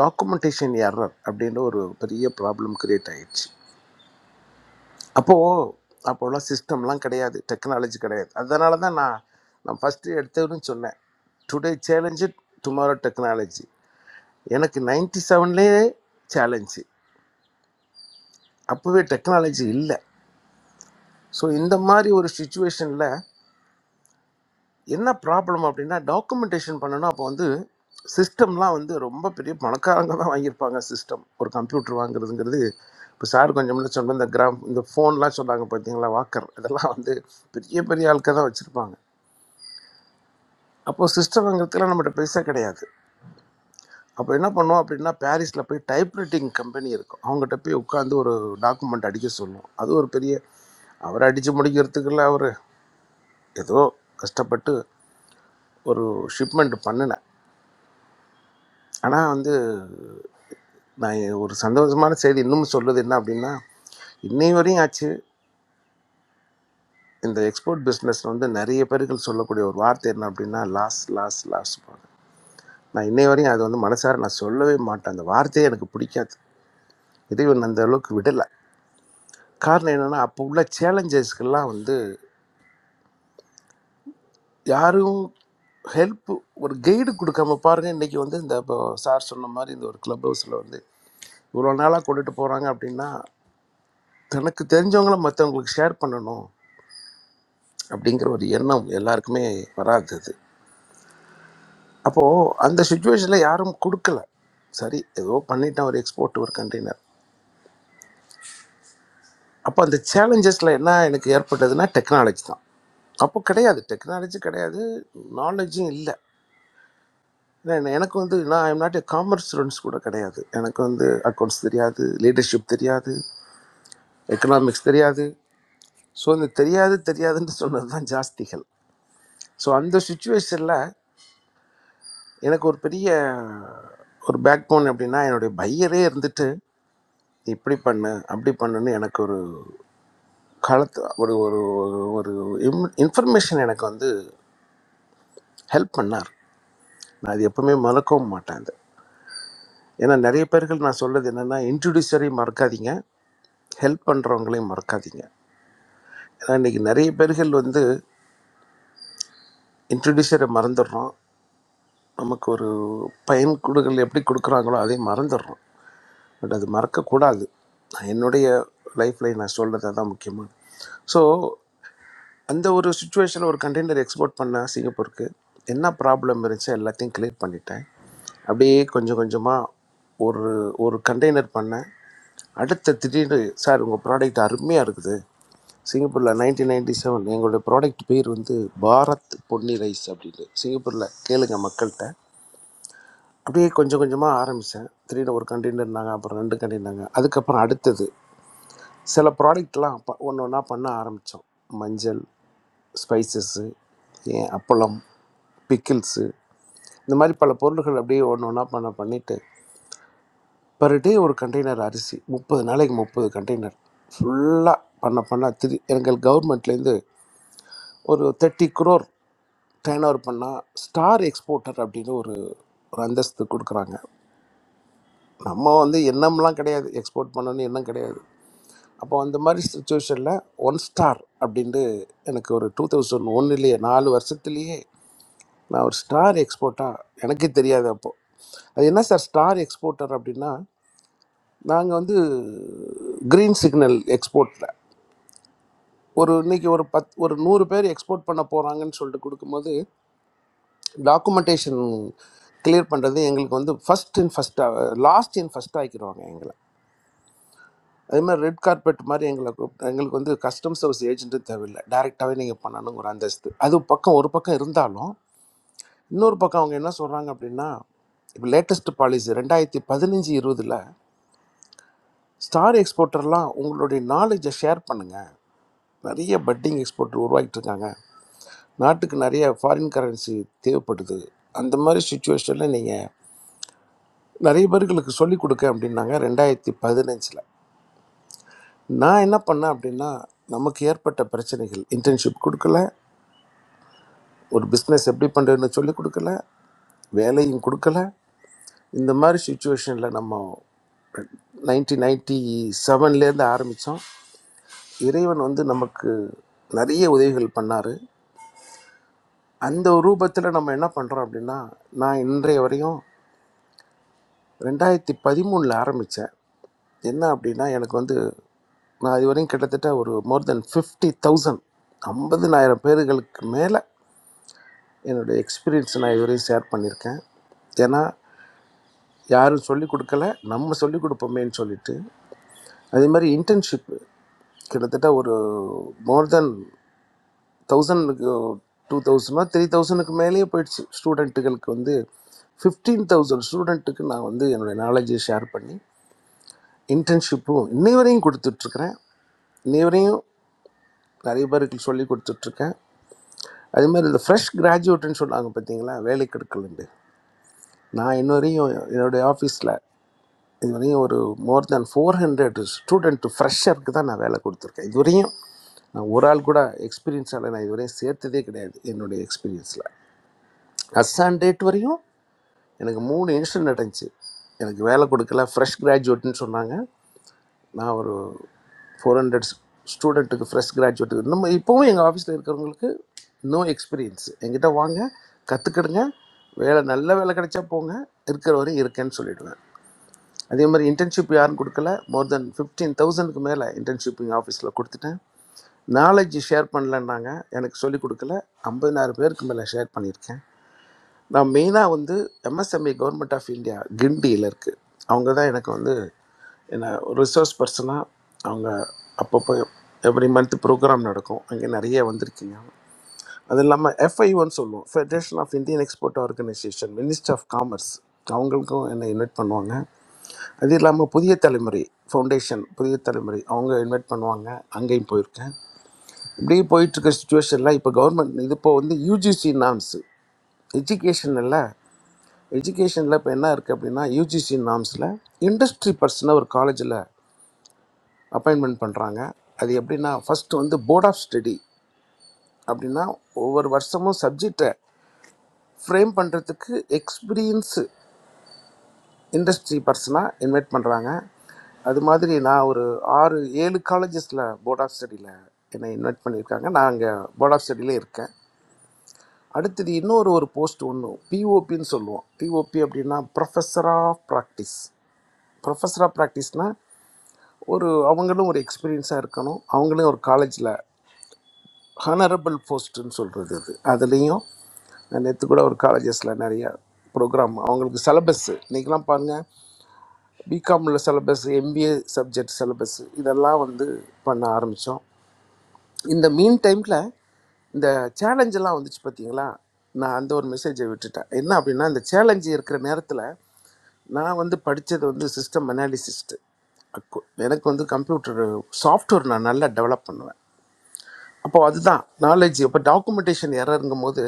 Speaker 17: டாக்குமெண்டேஷன் எரர் அப்படின்ற ஒரு பெரிய ப்ராப்ளம் கிரியேட் ஆயிடுச்சு அப்போது அப்போல்லாம் சிஸ்டம்லாம் கிடையாது டெக்னாலஜி கிடையாது அதனால தான் நான் நான் ஃபஸ்ட்டு எடுத்ததுன்னு சொன்னேன் டுடே சேலஞ்சு டுமாரோ டெக்னாலஜி எனக்கு நைன்டி செவன்லேயே சேலஞ்சு அப்போவே டெக்னாலஜி இல்லை ஸோ இந்த மாதிரி ஒரு சுச்சுவேஷனில் என்ன ப்ராப்ளம் அப்படின்னா டாக்குமெண்டேஷன் பண்ணணும் அப்போ வந்து சிஸ்டம்லாம் வந்து ரொம்ப பெரிய பணக்காரங்க தான் வாங்கியிருப்பாங்க சிஸ்டம் ஒரு கம்ப்யூட்டர் வாங்குறதுங்கிறது இப்போ சார் கொஞ்சம் முன்னாடி சொன்ன இந்த கிராம் இந்த ஃபோன்லாம் சொன்னாங்க பார்த்தீங்களா வாக்கர் இதெல்லாம் வந்து பெரிய பெரிய ஆட்கள் தான் வச்சுருப்பாங்க அப்போது சிஸ்டம் வாங்குறதுக்குலாம் நம்மகிட்ட பெருசாக கிடையாது அப்போ என்ன பண்ணுவோம் அப்படின்னா பாரிஸில் போய் டைப்ரைட்டிங் கம்பெனி இருக்கும் அவங்ககிட்ட போய் உட்காந்து ஒரு டாக்குமெண்ட் அடிக்க சொல்லுவோம் அது ஒரு பெரிய அவர் அடித்து முடிக்கிறதுக்குள்ள அவர் ஏதோ கஷ்டப்பட்டு ஒரு ஷிப்மெண்ட் பண்ணினேன் ஆனால் வந்து நான் ஒரு சந்தோஷமான செய்தி இன்னும் சொல்லுது என்ன அப்படின்னா இன்னை வரையும் ஆச்சு இந்த எக்ஸ்போர்ட் பிஸ்னஸ் வந்து நிறைய பேர்கள் சொல்லக்கூடிய ஒரு வார்த்தை என்ன அப்படின்னா லாஸ் லாஸ் லாஸ் போங்க. நான் இன்னை வரையும் அது வந்து மனசார நான் சொல்லவே மாட்டேன் அந்த வார்த்தையே எனக்கு பிடிக்காது இறைவன் அந்த அளவுக்கு விடலை காரணம் என்னென்னா அப்போ உள்ள சேலஞ்சஸ்க்கெல்லாம் வந்து யாரும் ஹெல்ப் ஒரு கைடு கொடுக்காம பாருங்கள் இன்றைக்கி வந்து இந்த இப்போ சார் சொன்ன மாதிரி இந்த ஒரு கிளப் ஹவுஸில் வந்து இவ்வளோ நாளாக கொண்டுட்டு போகிறாங்க அப்படின்னா தனக்கு தெரிஞ்சவங்கள மற்றவங்களுக்கு ஷேர் பண்ணணும் அப்படிங்கிற ஒரு எண்ணம் எல்லாருக்குமே வராது அது அப்போது அந்த சுச்சுவேஷனில் யாரும் கொடுக்கல சரி ஏதோ பண்ணிட்டேன் ஒரு எக்ஸ்போர்ட் ஒரு கண்டெய்னர் அப்போ அந்த சேலஞ்சஸில் என்ன எனக்கு ஏற்பட்டதுன்னா டெக்னாலஜி தான் அப்போ கிடையாது டெக்னாலஜி கிடையாது நாலேஜும் இல்லை ஏன்னா எனக்கு வந்து நான் I'm not a commerce students கூட கிடையாது எனக்கு வந்து அக்கௌண்ட்ஸ் தெரியாது லீடர்ஷிப் தெரியாது எக்கனாமிக்ஸ் தெரியாது ஸோ இந்த தெரியாது தெரியாதுன்னு சொன்னது தான் ஜாஸ்திகள் ஸோ அந்த சுச்சுவேஷனில் எனக்கு ஒரு பெரிய ஒரு பேக் போன் எப்படின்னா என்னுடைய பையரே இருந்துட்டு இப்படி பண்ணு அப்படி பண்ணுன்னு எனக்கு ஒரு காலத்து ஒரு ஒரு ஒரு இம் இன்ஃபர்மேஷன் எனக்கு வந்து ஹெல்ப் பண்ணார் நான் அது எப்பவுமே மறக்கவும் மாட்டேன் அது ஏன்னா நிறைய பேர்கள் நான் சொல்றது என்னென்னா இன்ட்ரடியூசரையும் மறக்காதீங்க ஹெல்ப் பண்ணுறவங்களையும் மறக்காதீங்க ஏன்னா இன்றைக்கி நிறைய பேர்கள் வந்து இன்ட்ரடியூசரை மறந்துடுறோம் நமக்கு ஒரு பயன் கொடுக்கல் எப்படி கொடுக்குறாங்களோ அதையும் மறந்துடுறோம் பட் அது மறக்கக்கூடாது நான் என்னுடைய லைஃப்பில் நான் சொல்கிறது தான் முக்கியமாக ஸோ அந்த ஒரு சுச்சுவேஷனில் ஒரு கண்டெய்னர் எக்ஸ்போர்ட் பண்ண சிங்கப்பூருக்கு என்ன ப்ராப்ளம் இருந்துச்சு எல்லாத்தையும் கிளியர் பண்ணிட்டேன் அப்படியே கொஞ்சம் கொஞ்சமாக ஒரு ஒரு கண்டெய்னர் பண்ணேன் அடுத்த திடீர்னு சார் உங்கள் ப்ராடக்ட் அருமையாக இருக்குது சிங்கப்பூரில் நைன்டீன் நைன்டி செவன் எங்களுடைய ப்ராடக்ட் பேர் வந்து பாரத் பொன்னி ரைஸ் அப்படின்னு சிங்கப்பூரில் கேளுங்க மக்கள்கிட்ட அப்படியே கொஞ்சம் கொஞ்சமாக ஆரம்பித்தேன் திடீர்னு ஒரு கண்டின்னாங்க அப்புறம் ரெண்டு கண்டின்னாங்க அதுக்கப்புறம் அடுத்தது சில ப்ராடக்ட்லாம் ப ஒன்று ஒன்றா பண்ண ஆரம்பித்தோம் மஞ்சள் ஸ்பைசஸ்ஸு அப்பளம் பிக்கிள்ஸு இந்த மாதிரி பல பொருள்கள் அப்படியே ஒன்று ஒன்றா பண்ண பண்ணிவிட்டு பர் டே ஒரு கண்டெய்னர் அரிசி முப்பது நாளைக்கு முப்பது கண்டெய்னர் ஃபுல்லாக பண்ண பண்ண திரு எங்கள் கவர்மெண்ட்லேருந்து ஒரு தேர்ட்டி குரோர் டேர்ன் ஓவர் பண்ணால் ஸ்டார் எக்ஸ்போர்ட்டர் அப்படின்னு ஒரு ஒரு அந்தஸ்து கொடுக்குறாங்க நம்ம வந்து எண்ணம்லாம் கிடையாது எக்ஸ்போர்ட் பண்ணணும்னு எண்ணம் கிடையாது அப்போ அந்த மாதிரி சுச்சுவேஷனில் ஒன் ஸ்டார் அப்படின்ட்டு எனக்கு ஒரு டூ தௌசண்ட் ஒன்னுலேயே நாலு வருஷத்துலேயே நான் ஒரு ஸ்டார் எக்ஸ்போர்ட்டாக எனக்கே தெரியாது அப்போது அது என்ன சார் ஸ்டார் எக்ஸ்போர்ட்டர் அப்படின்னா நாங்கள் வந்து க்ரீன் சிக்னல் எக்ஸ்போர்ட்டில் ஒரு இன்னைக்கு ஒரு பத் ஒரு நூறு பேர் எக்ஸ்போர்ட் பண்ண போகிறாங்கன்னு சொல்லிட்டு கொடுக்கும்போது டாக்குமெண்டேஷன் கிளியர் பண்ணுறது எங்களுக்கு வந்து ஃபஸ்ட் இன் ஃபஸ்ட்டாக லாஸ்ட் இன் ஃபஸ்ட் ஆக்கிடுவாங்க எங்களை அதே மாதிரி ரெட் கார்பெட் மாதிரி எங்களை கூப்பிட்டு எங்களுக்கு வந்து கஸ்டம் சர்வீஸ் ஏஜென்ட்டும் தேவையில்லை டேரெக்டாகவே நீங்கள் பண்ணணுங்கிற அந்தஸ்து அது பக்கம் ஒரு பக்கம் இருந்தாலும் இன்னொரு பக்கம் அவங்க என்ன சொல்கிறாங்க அப்படின்னா இப்போ லேட்டஸ்ட் பாலிசி ரெண்டாயிரத்தி பதினஞ்சு இருபதில் ஸ்டார் எக்ஸ்போர்ட்டர்லாம் உங்களுடைய நாலேஜை ஷேர் பண்ணுங்கள் நிறைய பட்டிங் எக்ஸ்போர்ட்டர் உருவாக்கிட்டு இருக்காங்க நாட்டுக்கு நிறைய ஃபாரின் கரன்சி தேவைப்படுது அந்த மாதிரி சுச்சுவேஷனில் நீங்கள் நிறைய பேர்களுக்கு சொல்லிக் கொடுக்க அப்படின்னாங்க ரெண்டாயிரத்தி பதினஞ்சில் நான் என்ன பண்ணேன் அப்படின்னா நமக்கு ஏற்பட்ட பிரச்சனைகள் இன்டர்ன்ஷிப் கொடுக்கல ஒரு பிஸ்னஸ் எப்படி பண்ணுறதுன்னு சொல்லி கொடுக்கல வேலையும் கொடுக்கல இந்த மாதிரி சுச்சுவேஷனில் நம்ம நைன்டீன் நைன்டி செவன்லேருந்து ஆரம்பித்தோம் இறைவன் வந்து நமக்கு நிறைய உதவிகள் பண்ணார் அந்த ரூபத்தில் நம்ம என்ன பண்ணுறோம் அப்படின்னா நான் இன்றைய வரையும் ரெண்டாயிரத்தி பதிமூணில் ஆரம்பித்தேன் என்ன அப்படின்னா எனக்கு வந்து நான் இது வரையும் கிட்டத்தட்ட ஒரு மோர் தென் ஃபிஃப்டி தௌசண்ட் ஐம்பதுனாயிரம் பேர்களுக்கு மேலே என்னுடைய எக்ஸ்பீரியன்ஸ் நான் இதுவரையும் ஷேர் பண்ணியிருக்கேன் ஏன்னா யாரும் சொல்லிக் கொடுக்கல நம்ம சொல்லிக் கொடுப்போமேன்னு சொல்லிட்டு அதே மாதிரி இன்டர்ன்ஷிப் கிட்டத்தட்ட ஒரு மோர் தென் தௌசண்ட்க்கு டூ தௌசண்டோ த்ரீ தௌசண்ட்க்கு மேலேயே போயிடுச்சு ஸ்டூடெண்ட்டுகளுக்கு வந்து ஃபிஃப்டீன் தௌசண்ட் ஸ்டூடெண்ட்டுக்கு நான் வந்து என்னுடைய நாலேஜை ஷேர் பண்ணி இன்டர்ன்ஷிப்பும் இன்னை வரையும் கொடுத்துட்ருக்குறேன் இன்னை வரையும் நிறைய பேருக்கு சொல்லி கொடுத்துட்ருக்கேன் அதே மாதிரி இந்த ஃப்ரெஷ் கிராஜுவேட்டுன்னு சொன்னாங்க பார்த்தீங்களா வேலைக்கு எடுக்கலண்டு நான் இன்ன வரையும் என்னுடைய ஆஃபீஸில் இது வரையும் ஒரு more than four hundred student ஃப்ரெஷருக்கு தான் நான் வேலை கொடுத்துருக்கேன் இது வரையும் நான் ஒரு ஆள் கூட எக்ஸ்பீரியன்ஸால் நான் இதுவரையும் சேர்த்ததே கிடையாது என்னுடைய எக்ஸ்பீரியன்ஸில் அஸ்ஸான் டேட் வரையும் எனக்கு மூணு இன்சிடென்ட் நடந்துச்சு எனக்கு வேலை கொடுக்கல ஃப்ரெஷ் கிராஜுவேட்னு சொன்னாங்க நான் ஒரு ஃபோர் ஹண்ட்ரட் ஸ்டூடெண்ட்டுக்கு ஃப்ரெஷ் கிராஜுவேட்டுக்கு இன்னும் இப்போவும் எங்கள் ஆஃபீஸில் இருக்கிறவங்களுக்கு நோ எக்ஸ்பீரியன்ஸ் எங்கிட்ட வாங்க கற்றுக்கிடுங்க வேலை நல்ல வேலை கிடைச்சா போங்க இருக்கிற வரையும் இருக்கேன்னு சொல்லிடுவேன் அதே மாதிரி இன்டர்ன்ஷிப் யாரும் கொடுக்கல மோர் தென் ஃபிஃப்டீன் தௌசண்ட்க்கு மேலே இன்டர்ன்ஷிப் எங்கள் ஆஃபீஸில் கொடுத்துட்டேன் நாலேஜ் ஷேர் பண்ணலன்னாங்க எனக்கு சொல்லிக் கொடுக்கல ஐம்பதினாயிரம் பேருக்கு மேலே ஷேர் பண்ணியிருக்கேன் நான் மெயினாக வந்து எம்எஸ்எம்இ கவர்மெண்ட் ஆஃப் இந்தியா கிண்டியில் இருக்குது அவங்க தான் எனக்கு வந்து என்ன ஒரு ரிசோர்ஸ் பர்சனாக அவங்க அப்பப்போ எவ்ரி மந்த் ப்ரோக்ராம் நடக்கும் அங்கே நிறைய வந்திருக்கீங்க அது இல்லாமல் எஃப்ஐஓன்னு சொல்லுவோம் federation of Indian export organisation minister of commerce அவங்களுக்கும் என்னை இன்வைட் பண்ணுவாங்க அது இல்லாமல் புதிய தலைமுறை ஃபவுண்டேஷன் புதிய தலைமுறை அவங்க இன்வைட் பண்ணுவாங்க அங்கேயும் போயிருக்கேன் இப்படியே போயிட்டுருக்க சுச்சுவேஷனில் இப்போ கவர்மெண்ட் இது இப்போ வந்து யூஜிசி நாம்ஸு எஜுகேஷனில் எஜுகேஷனில் இப்போ என்ன இருக்குது அப்படின்னா யூஜிசி நாம்ஸில் இண்டஸ்ட்ரி பர்சனை ஒரு காலேஜில் அப்பாயின்மெண்ட் பண்ணுறாங்க அது எப்படின்னா ஃபஸ்ட்டு வந்து போர்ட் ஆஃப் ஸ்டடி அப்படின்னா ஒவ்வொரு வருஷமும் சப்ஜெக்டை ஃப்ரேம் பண்ணுறதுக்கு எக்ஸ்பீரியன்ஸு இண்டஸ்ட்ரி பர்சனாக இன்வைட் பண்ணுறாங்க அது மாதிரி நான் ஒரு ஆறு ஏழு காலேஜஸில் போர்ட் ஆஃப் ஸ்டடியில் என்னை இன்வைட் பண்ணியிருக்காங்க நான் அங்கே போர்ட் ஆஃப் ஸ்டடியிலே இருக்கேன் அடுத்தது இன்னொரு ஒரு போஸ்ட் ஒன்று பிஓபின்னு சொல்லுவோம் பிஓபி அப்படின்னா professor of practice professor of ப்ராக்டிஸ்னால் ஒரு அவங்களும் ஒரு எக்ஸ்பீரியன்ஸாக இருக்கணும் அவங்களும் ஒரு காலேஜில் ஹனரபிள் போஸ்ட்டுன்னு சொல்கிறது அது அதுலேயும் நேற்று கூட ஒரு காலேஜஸில் நிறைய ப்ரோக்ராம் அவங்களுக்கு சிலபஸ் இன்றைக்கெலாம் பாருங்கள் பிகாமில் சிலபஸ் எம்பிஏ சப்ஜெக்ட் சிலபஸ் இதெல்லாம் வந்து பண்ண ஆரம்பித்தோம் இந்த மீன் டைமில் இந்த சேலஞ்ச் எல்லாம் வந்துச்சு பார்த்தீங்களா நான் அந்த ஒரு மெசேஜை விட்டுட்டேன் என்ன அப்படின்னா இந்த சேலஞ்சு இருக்கிற நேரத்தில் நான் வந்து படித்தது வந்து சிஸ்டம் அனாலிசிஸ்ட்டு எனக்கு வந்து கம்ப்யூட்டர் சாஃப்ட்வேர் நான் நல்லா டெவலப் பண்ணுவேன் அப்போ அதுதான் நாலேஜ் இப்போ டாக்குமெண்டேஷன் எரருங்கும் போது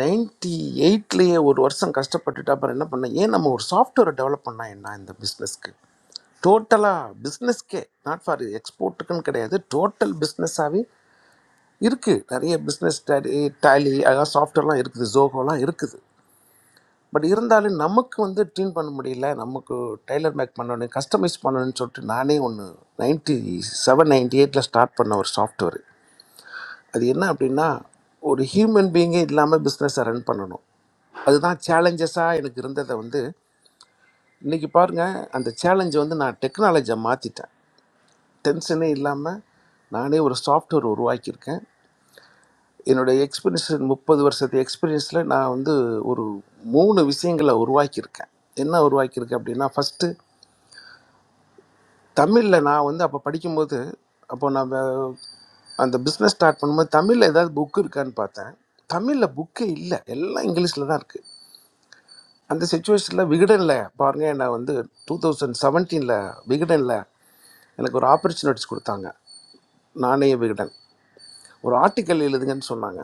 Speaker 17: நைன்டி எயிட்லேயே ஒரு வருஷம் கஷ்டப்பட்டுட்டு அப்புறம் என்ன பண்ணேன் ஏன் நம்ம ஒரு சாஃப்ட்வேரை டெவலப் பண்ணால் என்ன இந்த பிஸ்னஸ்க்கு டோட்டலாக பிஸ்னஸ்க்கே நாட் ஃபார் எக்ஸ்போர்ட்டுக்குன்னு கிடையாது டோட்டல் பிஸ்னஸாகவே இருக்குது நிறைய பிஸ்னஸ் டேலி டேலி அதாவது சாஃப்ட்வேர்லாம் இருக்குது ஜோகோலாம் இருக்குது பட் இருந்தாலும் நமக்கு வந்து ட்யூன் பண்ண முடியல நமக்கு டைலர் மேக் பண்ணணும் கஸ்டமைஸ் பண்ணணும்னு சொல்லிட்டு நானே ஒன்று நைன்ட்டி செவன் நைன்டி எயிட்டில் ஸ்டார்ட் பண்ண ஒரு சாஃப்ட்வேர் அது என்ன அப்படின்னா ஒரு ஹியூமன் பீயிங்கே இல்லாமல் பிஸ்னஸை ரன் பண்ணணும் அதுதான் சேலஞ்சஸாக எனக்கு இருந்ததை வந்து இன்றைக்கி பாருங்கள் அந்த சேலஞ்சை வந்து நான் டெக்னாலஜியை மாற்றிட்டேன் டென்ஷனே இல்லாமல் நானே ஒரு சாஃப்ட்வேர் உருவாக்கியிருக்கேன் என்னுடைய எக்ஸ்பீரியன்ஸ் முப்பது வருஷத்து எக்ஸ்பீரியன்ஸில் நான் வந்து ஒரு மூணு விஷயங்களை உருவாக்கியிருக்கேன் என்ன உருவாக்கியிருக்கேன் அப்படின்னா ஃபஸ்ட்டு தமிழில் நான் வந்து அப்போ படிக்கும்போது அப்போ நான் வே- அந்த பிஸ்னஸ் ஸ்டார்ட் பண்ணும்போது தமிழில் ஏதாவது புக்கு இருக்கான்னு பார்த்தேன் தமிழில் புக்கே இல்லை எல்லாம் இங்கிலீஷில் தான் இருக்குது அந்த சுச்சுவேஷனில் விகடனில் பாருங்கள் நான் வந்து டூ தௌசண்ட் செவன்டீனில் விகடனில் எனக்கு ஒரு ஆப்பர்ச்சுனிட்டிஸ் கொடுத்தாங்க நாணய விகடன் ஒரு ஆர்டிக்கல் எழுதுங்கன்னு சொன்னாங்க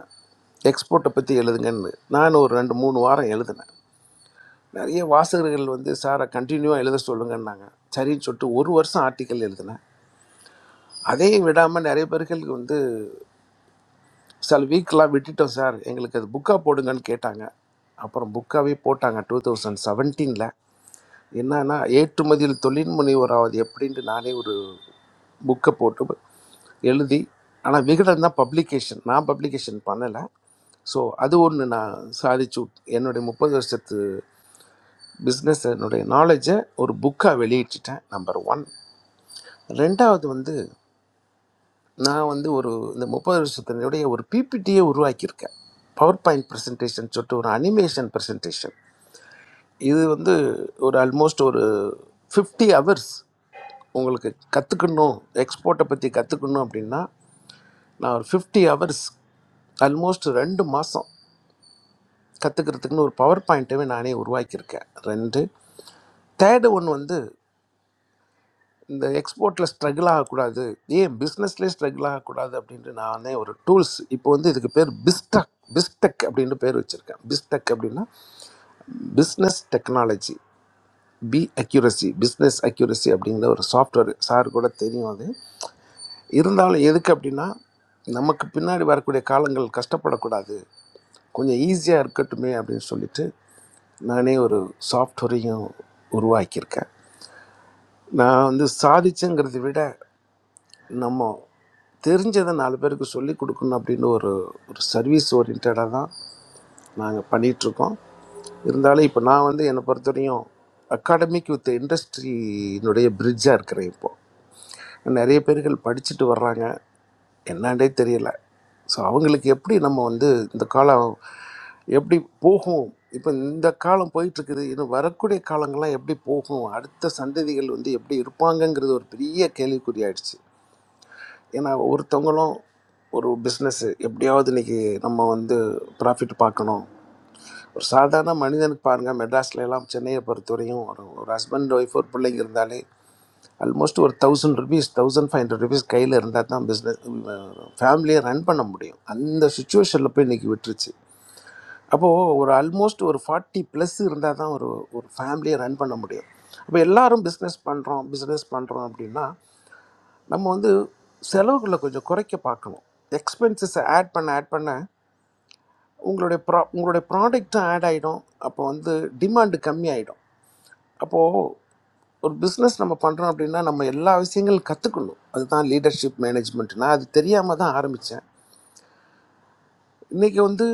Speaker 17: எக்ஸ்போர்ட்டை பற்றி எழுதுங்கன்னு நான் ஒரு ரெண்டு மூணு வாரம் எழுதினேன் நிறைய வாசகர்கள் வந்து சாரை கண்டினியூவாக எழுத சொல்லுங்கன்னாங்க சரின்னு சொல்லிட்டு ஒரு வருஷம் ஆர்டிக்கல் எழுதினேன் அதையும் விடாமல் நிறைய பேர்களுக்கு வந்து சில வீக்கெலாம் விட்டுட்டோம் சார் எங்களுக்கு அது புக்காக போடுங்கன்னு கேட்டாங்க அப்புறம் புக்காகவே போட்டாங்க டூ தௌசண்ட் செவன்டீனில் என்னன்னா ஏற்றுமதியில் தொழில் முனைவராவது எப்படின்ட்டு நானே ஒரு புக்கை போட்டு எழுதி ஆனால் விகடன் தான் பப்ளிகேஷன் நான் பப்ளிகேஷன் பண்ணலை ஸோ அது ஒன்று நான் சாதிச்சு விட்- என்னுடைய முப்பது வருஷத்து பிஸ்னஸ் என்னுடைய நாலேஜை ஒரு புக்காக வெளியிட்டுட்டேன் நம்பர் ஒன் ரெண்டாவது வந்து நான் வந்து ஒரு இந்த முப்பது வருஷத்தினுடைய ஒரு பிபிடியே உருவாக்கியிருக்கேன் பவர் பாயிண்ட் ப்ரெசன்டேஷன் சொல்லிட்டு ஒரு அனிமேஷன் ப்ரெசன்டேஷன் இது வந்து ஒரு ஆல்மோஸ்ட் ஒரு ஃபிஃப்டி ஹவர்ஸ் உங்களுக்கு கற்றுக்கணும் எக்ஸ்போர்ட்டை பற்றி கற்றுக்கணும் அப்படின்னா நான் ஒரு ஃபிஃப்டி ஹவர்ஸ் ஆல்மோஸ்ட் ரெண்டு மாதம் கற்றுக்கிறதுக்குன்னு ஒரு பவர் பாயிண்ட்டவே நானே உருவாக்கியிருக்கேன் ரெண்டு தேர்டு ஒன் வந்து இந்த எக்ஸ்போர்ட்டில் ஸ்ட்ரகிள் ஆகக்கூடாது ஏன் பிஸ்னஸ்லேயே ஸ்ட்ரகிள் ஆகக்கூடாது அப்படின்ட்டு நானே ஒரு டூல்ஸ் இப்போ வந்து இதுக்கு பேர் பிஸ்டக் பிஸ்டெக் அப்படின்னு பேர் வச்சுருக்கேன் பிஸ்டெக் அப்படின்னா business technology B accuracy business accuracy அப்படிங்கிற ஒரு சாஃப்ட்வேர் சார் கூட தெரியும் அது இருந்தாலும் எதுக்கு அப்படின்னா நமக்கு பின்னாடி வரக்கூடிய காலங்கள் கஷ்டப்படக்கூடாது கொஞ்சம் ஈஸியாக இருக்கட்டுமே அப்படின்னு சொல்லிட்டு நானே ஒரு சாஃப்ட்வேரையும் உருவாக்கியிருக்கேன் நான் வந்து சாதிச்சேங்கிறதை விட நம்ம தெரிஞ்சதை நாலு பேருக்கு சொல்லி கொடுக்கணும் அப்படின்னு ஒரு ஒரு சர்வீஸ் ஓரியன்டாக தான் நாங்கள் பண்ணிகிட்ருக்கோம் இருந்தாலும் இப்போ நான் வந்து என்னை பொறுத்த வரையும் அகாடமிக் வித் இண்டஸ்ட்ரியினுடைய பிரிட்ஜாக இருக்கிறேன் இப்போது நிறைய பேர்கள் படிச்சுட்டு வர்றாங்க என்னன்னே தெரியல ஸோ அவங்களுக்கு எப்படி நம்ம வந்து இந்த காலம் எப்படி போகும் இப்போ இந்த காலம் போயிட்டுருக்குது இன்னும் வரக்கூடிய காலங்கள்லாம் எப்படி போகும் அடுத்த சந்ததிகள் வந்து எப்படி இருப்பாங்கங்கிறது ஒரு பெரிய கேள்விக்குறி ஆயிடுச்சு ஏன்னா ஒருத்தவங்களும் ஒரு பிஸ்னஸ்ஸு எப்படியாவது இன்றைக்கி நம்ம வந்து ப்ராஃபிட் பார்க்கணும் ஒரு சாதாரண மனிதனுக்கு பாருங்கள் மெட்ராஸ்ல எல்லாம் சென்னையை பொறுத்தவரையும் ஒரு ஒரு ஹஸ்பண்ட் ஒய்ஃப் ஒரு பிள்ளைங்க இருந்தாலே ஆல்மோஸ்ட் ஒரு thousand rupees thousand five hundred rupees கையில் இருந்தால் தான் பிஸ்னஸ் ஃபேமிலியை ரன் பண்ண முடியும் அந்த சுச்சுவேஷனில் போய் இன்றைக்கி விட்டுருச்சு அப்போது ஒரு ஆல்மோஸ்ட் ஒரு ஃபார்ட்டி ப்ளஸ் இருந்தால் தான் ஒரு ஒரு ஃபேமிலியை ரன் பண்ண முடியும் அப்போ எல்லாரும் பிஸ்னஸ் பண்ணுறோம் பிஸ்னஸ் பண்ணுறோம் அப்படின்னா நம்ம வந்து செலவுகளை கொஞ்சம் குறைக்க பார்க்கணும் எக்ஸ்பென்சஸை ஆட் பண்ண ஆட் பண்ண உங்களுடைய ப்ரா உங்களுடைய ப்ராடக்ட்டும் ஆட் ஆகிடும் அப்போ வந்து டிமாண்டு கம்மியாயிடும் அப்போது ஒரு பிஸ்னஸ் நம்ம பண்ணுறோம் அப்படின்னா நம்ம எல்லா விஷயங்களும் கற்றுக்கணும் அதுதான் லீடர்ஷிப் மேனேஜ்மெண்ட் நான் அது தெரியாமல் தான் ஆரம்பித்தேன் இன்றைக்கி வந்து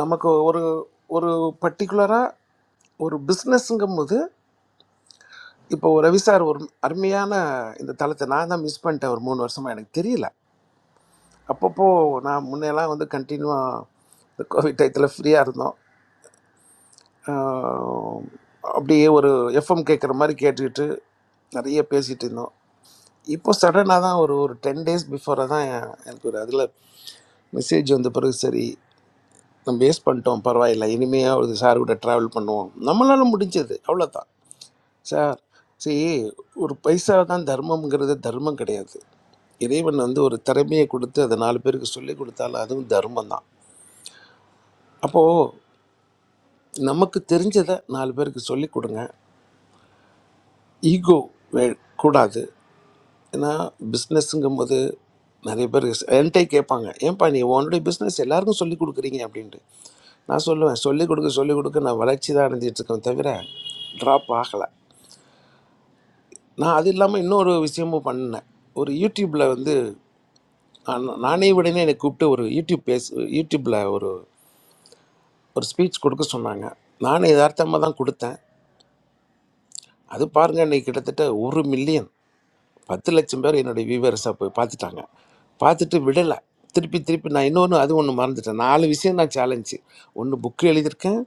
Speaker 17: நமக்கு ஒரு ஒரு பர்டிகுலராக ஒரு பிஸ்னஸ்ங்கும் போது இப்போ ஒரு ரவி சார் ஒரு அருமையான இந்த தளத்தை நான் தான் மிஸ் பண்ணிட்டேன் ஒரு மூணு வருஷமாக எனக்கு தெரியல அப்பப்போ நான் முன்னையெல்லாம் வந்து கண்டினியூவாக இந்த கோவிட் டயத்தில் ஃப்ரீயாக இருந்தோம் ஆஹ் அப்படியே ஒரு எஃப்எம் கேட்குற மாதிரி கேட்டுக்கிட்டு நிறைய பேசிகிட்டு இருந்தோம் இப்போ சடனாக தான் ஒரு ஒரு டென் டேஸ் பிஃபோராக தான் எனக்கு ஒரு அதில் மெசேஜ் வந்த பிறகு சரி நம்ம பேஸ் பண்ணிட்டோம் பரவாயில்ல இனிமையாக ஒரு சார் கூட ட்ராவல் பண்ணுவோம் நம்மளால் முடிஞ்சது அவ்வளோதான் சார் சரி ஒரு பைசா தான் தர்மம்ங்கிறது தர்மம் கிடையாது இறைவன் வந்து ஒரு திறமையை கொடுத்து அதை நாலு பேருக்கு சொல்லி கொடுத்தாலும் அதுவும் தர்மம் தான் அப்போது நமக்கு தெரிஞ்சதை நாலு பேருக்கு சொல்லி கொடுங்க ஈகோ வே கூடாது ஏன்னா பிஸ்னஸ்ஸுங்கும் போது நிறைய பேர் ஸ்- என்கிட்டயே கேட்பாங்க ஏன்பா நீ உன்னுடைய பிஸ்னஸ் எல்லாருக்கும் சொல்லிக் கொடுக்குறீங்க அப்படின்ட்டு நான் சொல்லுவேன் சொல்லிக் கொடுக்க சொல்லிக் கொடுக்க நான் வளர்ச்சி தான் அடைஞ்சிட்டு இருக்கேன் தவிர ட்ராப் ஆகலை நான் அது இல்லாமல் இன்னொரு விஷயமும் பண்ணேன் ஒரு யூடியூப்பில் வந்து நான்- நானே விடனே என்னை கூப்பிட்டு ஒரு யூடியூப் பேஸ் யூடியூப்பில் ஒரு ஒரு ஸ்பீச் கொடுக்க சொன்னாங்க நானே யதார்த்தமாக தான் கொடுத்தேன் அது பாருங்க இன்னைக்கு கிட்டத்தட்ட ஒரு மில்லியன் பத்து லட்சம் பேர் என்னுடைய வியூவர்ஸாக போய் பார்த்துட்டாங்க பார்த்துட்டு விடலை திருப்பி திருப்பி நான் இன்னொன்று அது ஒன்று மறந்துட்டேன் நாலு விஷயம் நான் சேலஞ்சு ஒன்று புக்கு எழுதியிருக்கேன்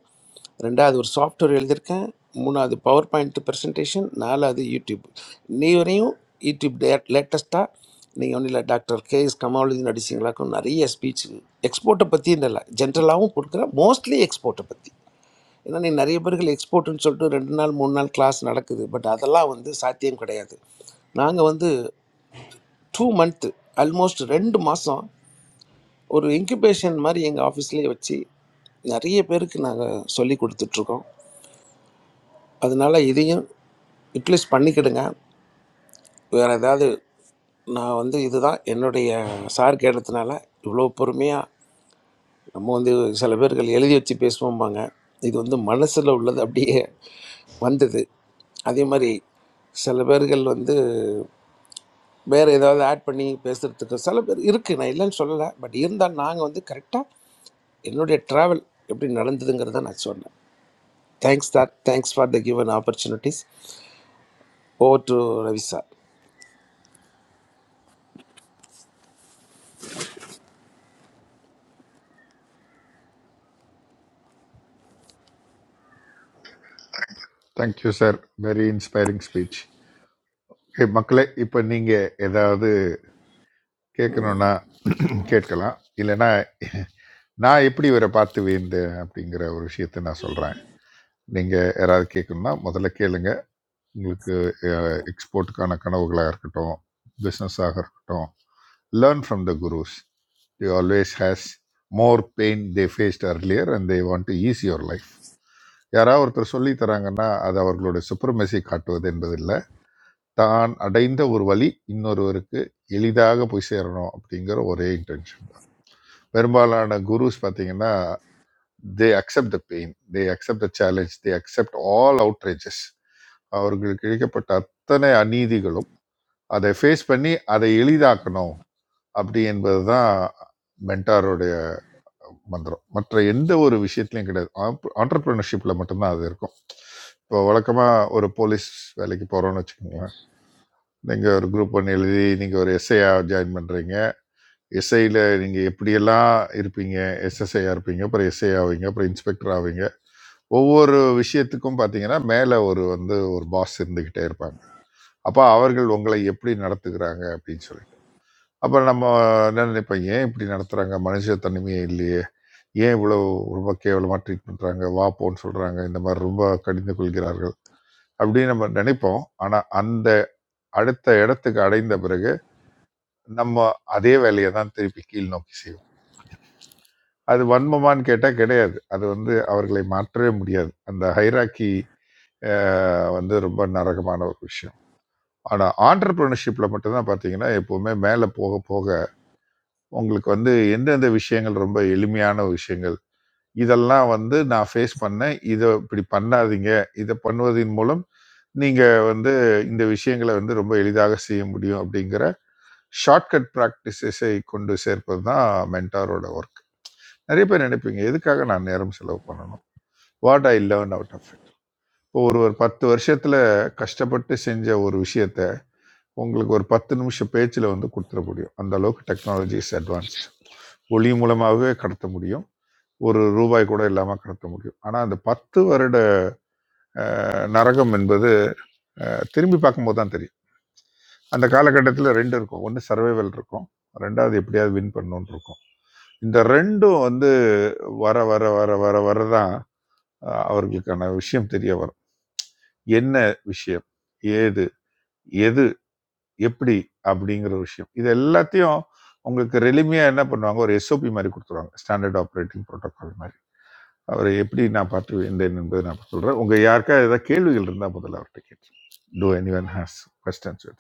Speaker 17: ரெண்டாவது ஒரு சாஃப்ட்வேர் எழுதியிருக்கேன் மூணாவது பவர் பாயிண்ட் ப்ரெசன்டேஷன் நாலாவது யூடியூப் இன்னை வரையும் யூடியூப் டே லேட்டஸ்ட்டாக நீங்கள் ஒன்றும் இல்லை டாக்டர் கே எஸ் கமாலுதீன் நடிச்சிங்களாக்கும் நிறைய ஸ்பீச் எக்ஸ்போர்ட்டை பற்றி இல்லை ஜென்ரலாகவும் கொடுக்குறேன் மோஸ்ட்லி எக்ஸ்போர்ட்டை பற்றி ஏன்னா நீ நிறைய பேர்கள் எக்ஸ்போர்ட்னு சொல்லிட்டு ரெண்டு நாள் மூணு நாள் கிளாஸ் நடக்குது பட் அதெல்லாம் வந்து சாத்தியம் கிடையாது நாங்கள் வந்து டூ மந்த்து ஆல்மோஸ்ட் ரெண்டு மாதம் ஒரு இன்குபேஷன் மாதிரி எங்கள் ஆஃபீஸ்லேயே வச்சு நிறைய பேருக்கு நாங்கள் சொல்லி கொடுத்துட்ருக்கோம் அதனால் இதையும் யூட்டிலைஸ் பண்ணிக்கிடுங்க வேறு ஏதாவது நான் வந்து இதுதான் என்னுடைய சார் கேட்டதுனால இவ்வளோ பொறுமையாக நம்ம வந்து சில பேர்கள் எழுதி வச்சு பேசுவோம்பாங்க இது வந்து மனசில் உள்ளது அப்படியே வந்தது அதே மாதிரி சில பேர்கள் வந்து வேறு ஏதாவது ஆட் பண்ணி பேசுகிறதுக்கு சில பேர் இருக்குது நான் இல்லைன்னு சொல்லலை பட் இருந்தாலும் நாங்கள் வந்து கரெக்டாக என்னுடைய ட்ராவல் எப்படி நடந்ததுங்கிறத நான் சொன்னேன் thanks sir thanks for the given opportunities over to Ravi sir
Speaker 8: thank you sir very inspiring speech மக்களே இப்போ நீங்க ஏதாவது கேட்கணும்னா கேட்கலாம் இல்லைன்னா நான் எப்படி இவரை பார்த்து வீழ்ந்தேன் அப்படிங்கிற ஒரு விஷயத்தை நான் சொல்றேன் நீங்க யாராவது கேட்கணும்னா முதல்ல கேளுங்க உங்களுக்கு எக்ஸ்போர்ட்டுக்கான கனவுகளாக இருக்கட்டும் பிஸ்னஸாக இருக்கட்டும் learn from the gurus the always has more pain they faced earlier and they want to ease your life யாராவது ஒருத்தர் சொல்லி தராங்கன்னா அது அவர்களுடைய சுப்ரமசி காட்டுவது என்பதில்லை தான் அடைந்த ஒரு வழி இன்னொருவருக்கு எளிதாக போய் சேரணும் அப்படிங்கிற ஒரே இன்டென்ஷன் தான் பெரும்பாலான குருஸ் பார்த்தீங்கன்னா they accept the pain they accept the challenge they accept all outrageous அவர்களுக்கு இழைக்கப்பட்ட அத்தனை அநீதிகளும் அதை ஃபேஸ் பண்ணி அதை எளிதாக்கணும் அப்படி என்பது தான் மென்டாரோடைய மந்திரம் மற்ற எந்த ஒரு விஷயத்துலையும் கிடையாது ஆண்டர்பிரினர்ஷிப்பில் மட்டும்தான் அது இருக்கும் இப்போ வழக்கமாக ஒரு போலீஸ் வேலைக்கு போகிறோன்னு வச்சுக்கோங்களேன் நீங்கள் ஒரு குரூப் ஒன்று எழுதி நீங்கள் ஒரு எஸ்ஐயா ஜாயின் பண்ணுறீங்க எஸ்ஐயில் நீங்கள் எப்படியெல்லாம் இருப்பீங்க எஸ்எஸ்ஐயா இருப்பீங்க அப்புறம் எஸ்ஐ ஆவீங்க அப்புறம் இன்ஸ்பெக்டர் ஆவீங்க ஒவ்வொரு விஷயத்துக்கும் பார்த்தீங்கன்னா மேலே ஒரு வந்து ஒரு பாஸ் இருந்துக்கிட்டே இருப்பாங்க அப்போ அவர்கள் உங்களை எப்படி நடத்துகிறாங்க அப்படின்னு சொல்லி அப்ப நம்ம என்ன நினைப்போம், "ஏன் இப்படி நடத்துறாங்க? மனுஷத்தன்மையே இல்லையே! ஏன் இவ்வளவு ரொம்ப கேவலமா ட்ரீட் பண்றாங்க? வா, போன்னு சொல்றாங்க. இந்த மாரி ரொம்ப கடிந்து கொள்கிறார்கள்." அப்படின்னு நம்ம நினைப்போம். ஆனா, அந்த அடுத்த இடத்துக்கு அடைந்த பிறகு, நம்ம அதே வேலைய தான் திருப்பி கீழ் நோக்கி செய்வோம். அது வன்மமான்னு கேட்டா கிடையாது. அது வந்து அவர்களை மாற்றவே முடியாது. அந்த ஹைரார்கி அ வந்து ரொம்ப நரகமான ஒரு விஷயம். ஆனா, ஆன்டர்பிரினர்ஷிப்ல மட்டும் தான் பார்த்தீங்கன்னா, எப்பவுமே மேல போக போக உங்களுக்கு வந்து எந்தெந்த விஷயங்கள் ரொம்ப எளிமையான விஷயங்கள் இதெல்லாம் வந்து நான் ஃபேஸ் பண்ணேன். இத இப்படி பண்ணாதீங்க. இத பண்ணுவதின் மூலம் நீங்க வந்து இந்த விஷயங்கள வந்து ரொம்ப எளிதாக செய்ய முடியும் அப்படிங்கிற ஷார்ட்கட் பிராக்டிஸஸை கொண்டு சேர்ப்பது தான் மென்டாரோட ஒர்க். நெறைய பேர் நினைப்பீங்க, எதுக்காக நான் நேரம் செலவு பண்ணணும்? What I learn out of it. இப்போ ஒருவர் 10 வருஷத்துல கஷ்டப்பட்டு செஞ்ச ஒரு விஷயத்த, உங்களுக்கு ஒரு 10 நிமிஷ பேச்சுல வந்து குடுத்துற முடியும். அந்த அளவுக்கு டெக்னாலஜி இஸ் அட்வான்ஸ்ட். ஒளி மூலமாகவே கடத்த முடியும். ஒரு ரூபாய் கூட இல்லாம கடத்த முடியும். ஆனா அந்த 10 வருட நரகம் என்பது திரும்பி பார்க்கும்போது தான் தெரியும் அந்த காலகட்டத்தில் ரெண்டு இருக்கும் ஒன்று சர்வைவல் இருக்கும் ரெண்டாவது எப்படியாவது வின் பண்ணணும்னு இருக்கும் இந்த ரெண்டும் வந்து வர வர வர வர வர தான் அஹ், அவர்களுக்கான விஷயம் தெரிய வரும் என்ன விஷயம் ஏது எது எப்படி அப்படிங்கிற விஷயம் இது எல்லாத்தையும் உங்களுக்கு எளிமையாக என்ன பண்ணுவாங்க ஒரு எஸ்ஓபி மாதிரி கொடுத்துருவாங்க ஸ்டாண்டர்ட் ஆப்ரேட்டிங் ப்ரோட்டோகால் மாதிரி அவரை எப்படி நான் பார்த்து வேண்டேன் என்பதை நான் சொல்கிறேன் உங்கள் யாருக்கா ஏதாவது கேள்விகள் இருந்தால் முதல்ல அவர்கிட்ட கேட்டு do anyone has questions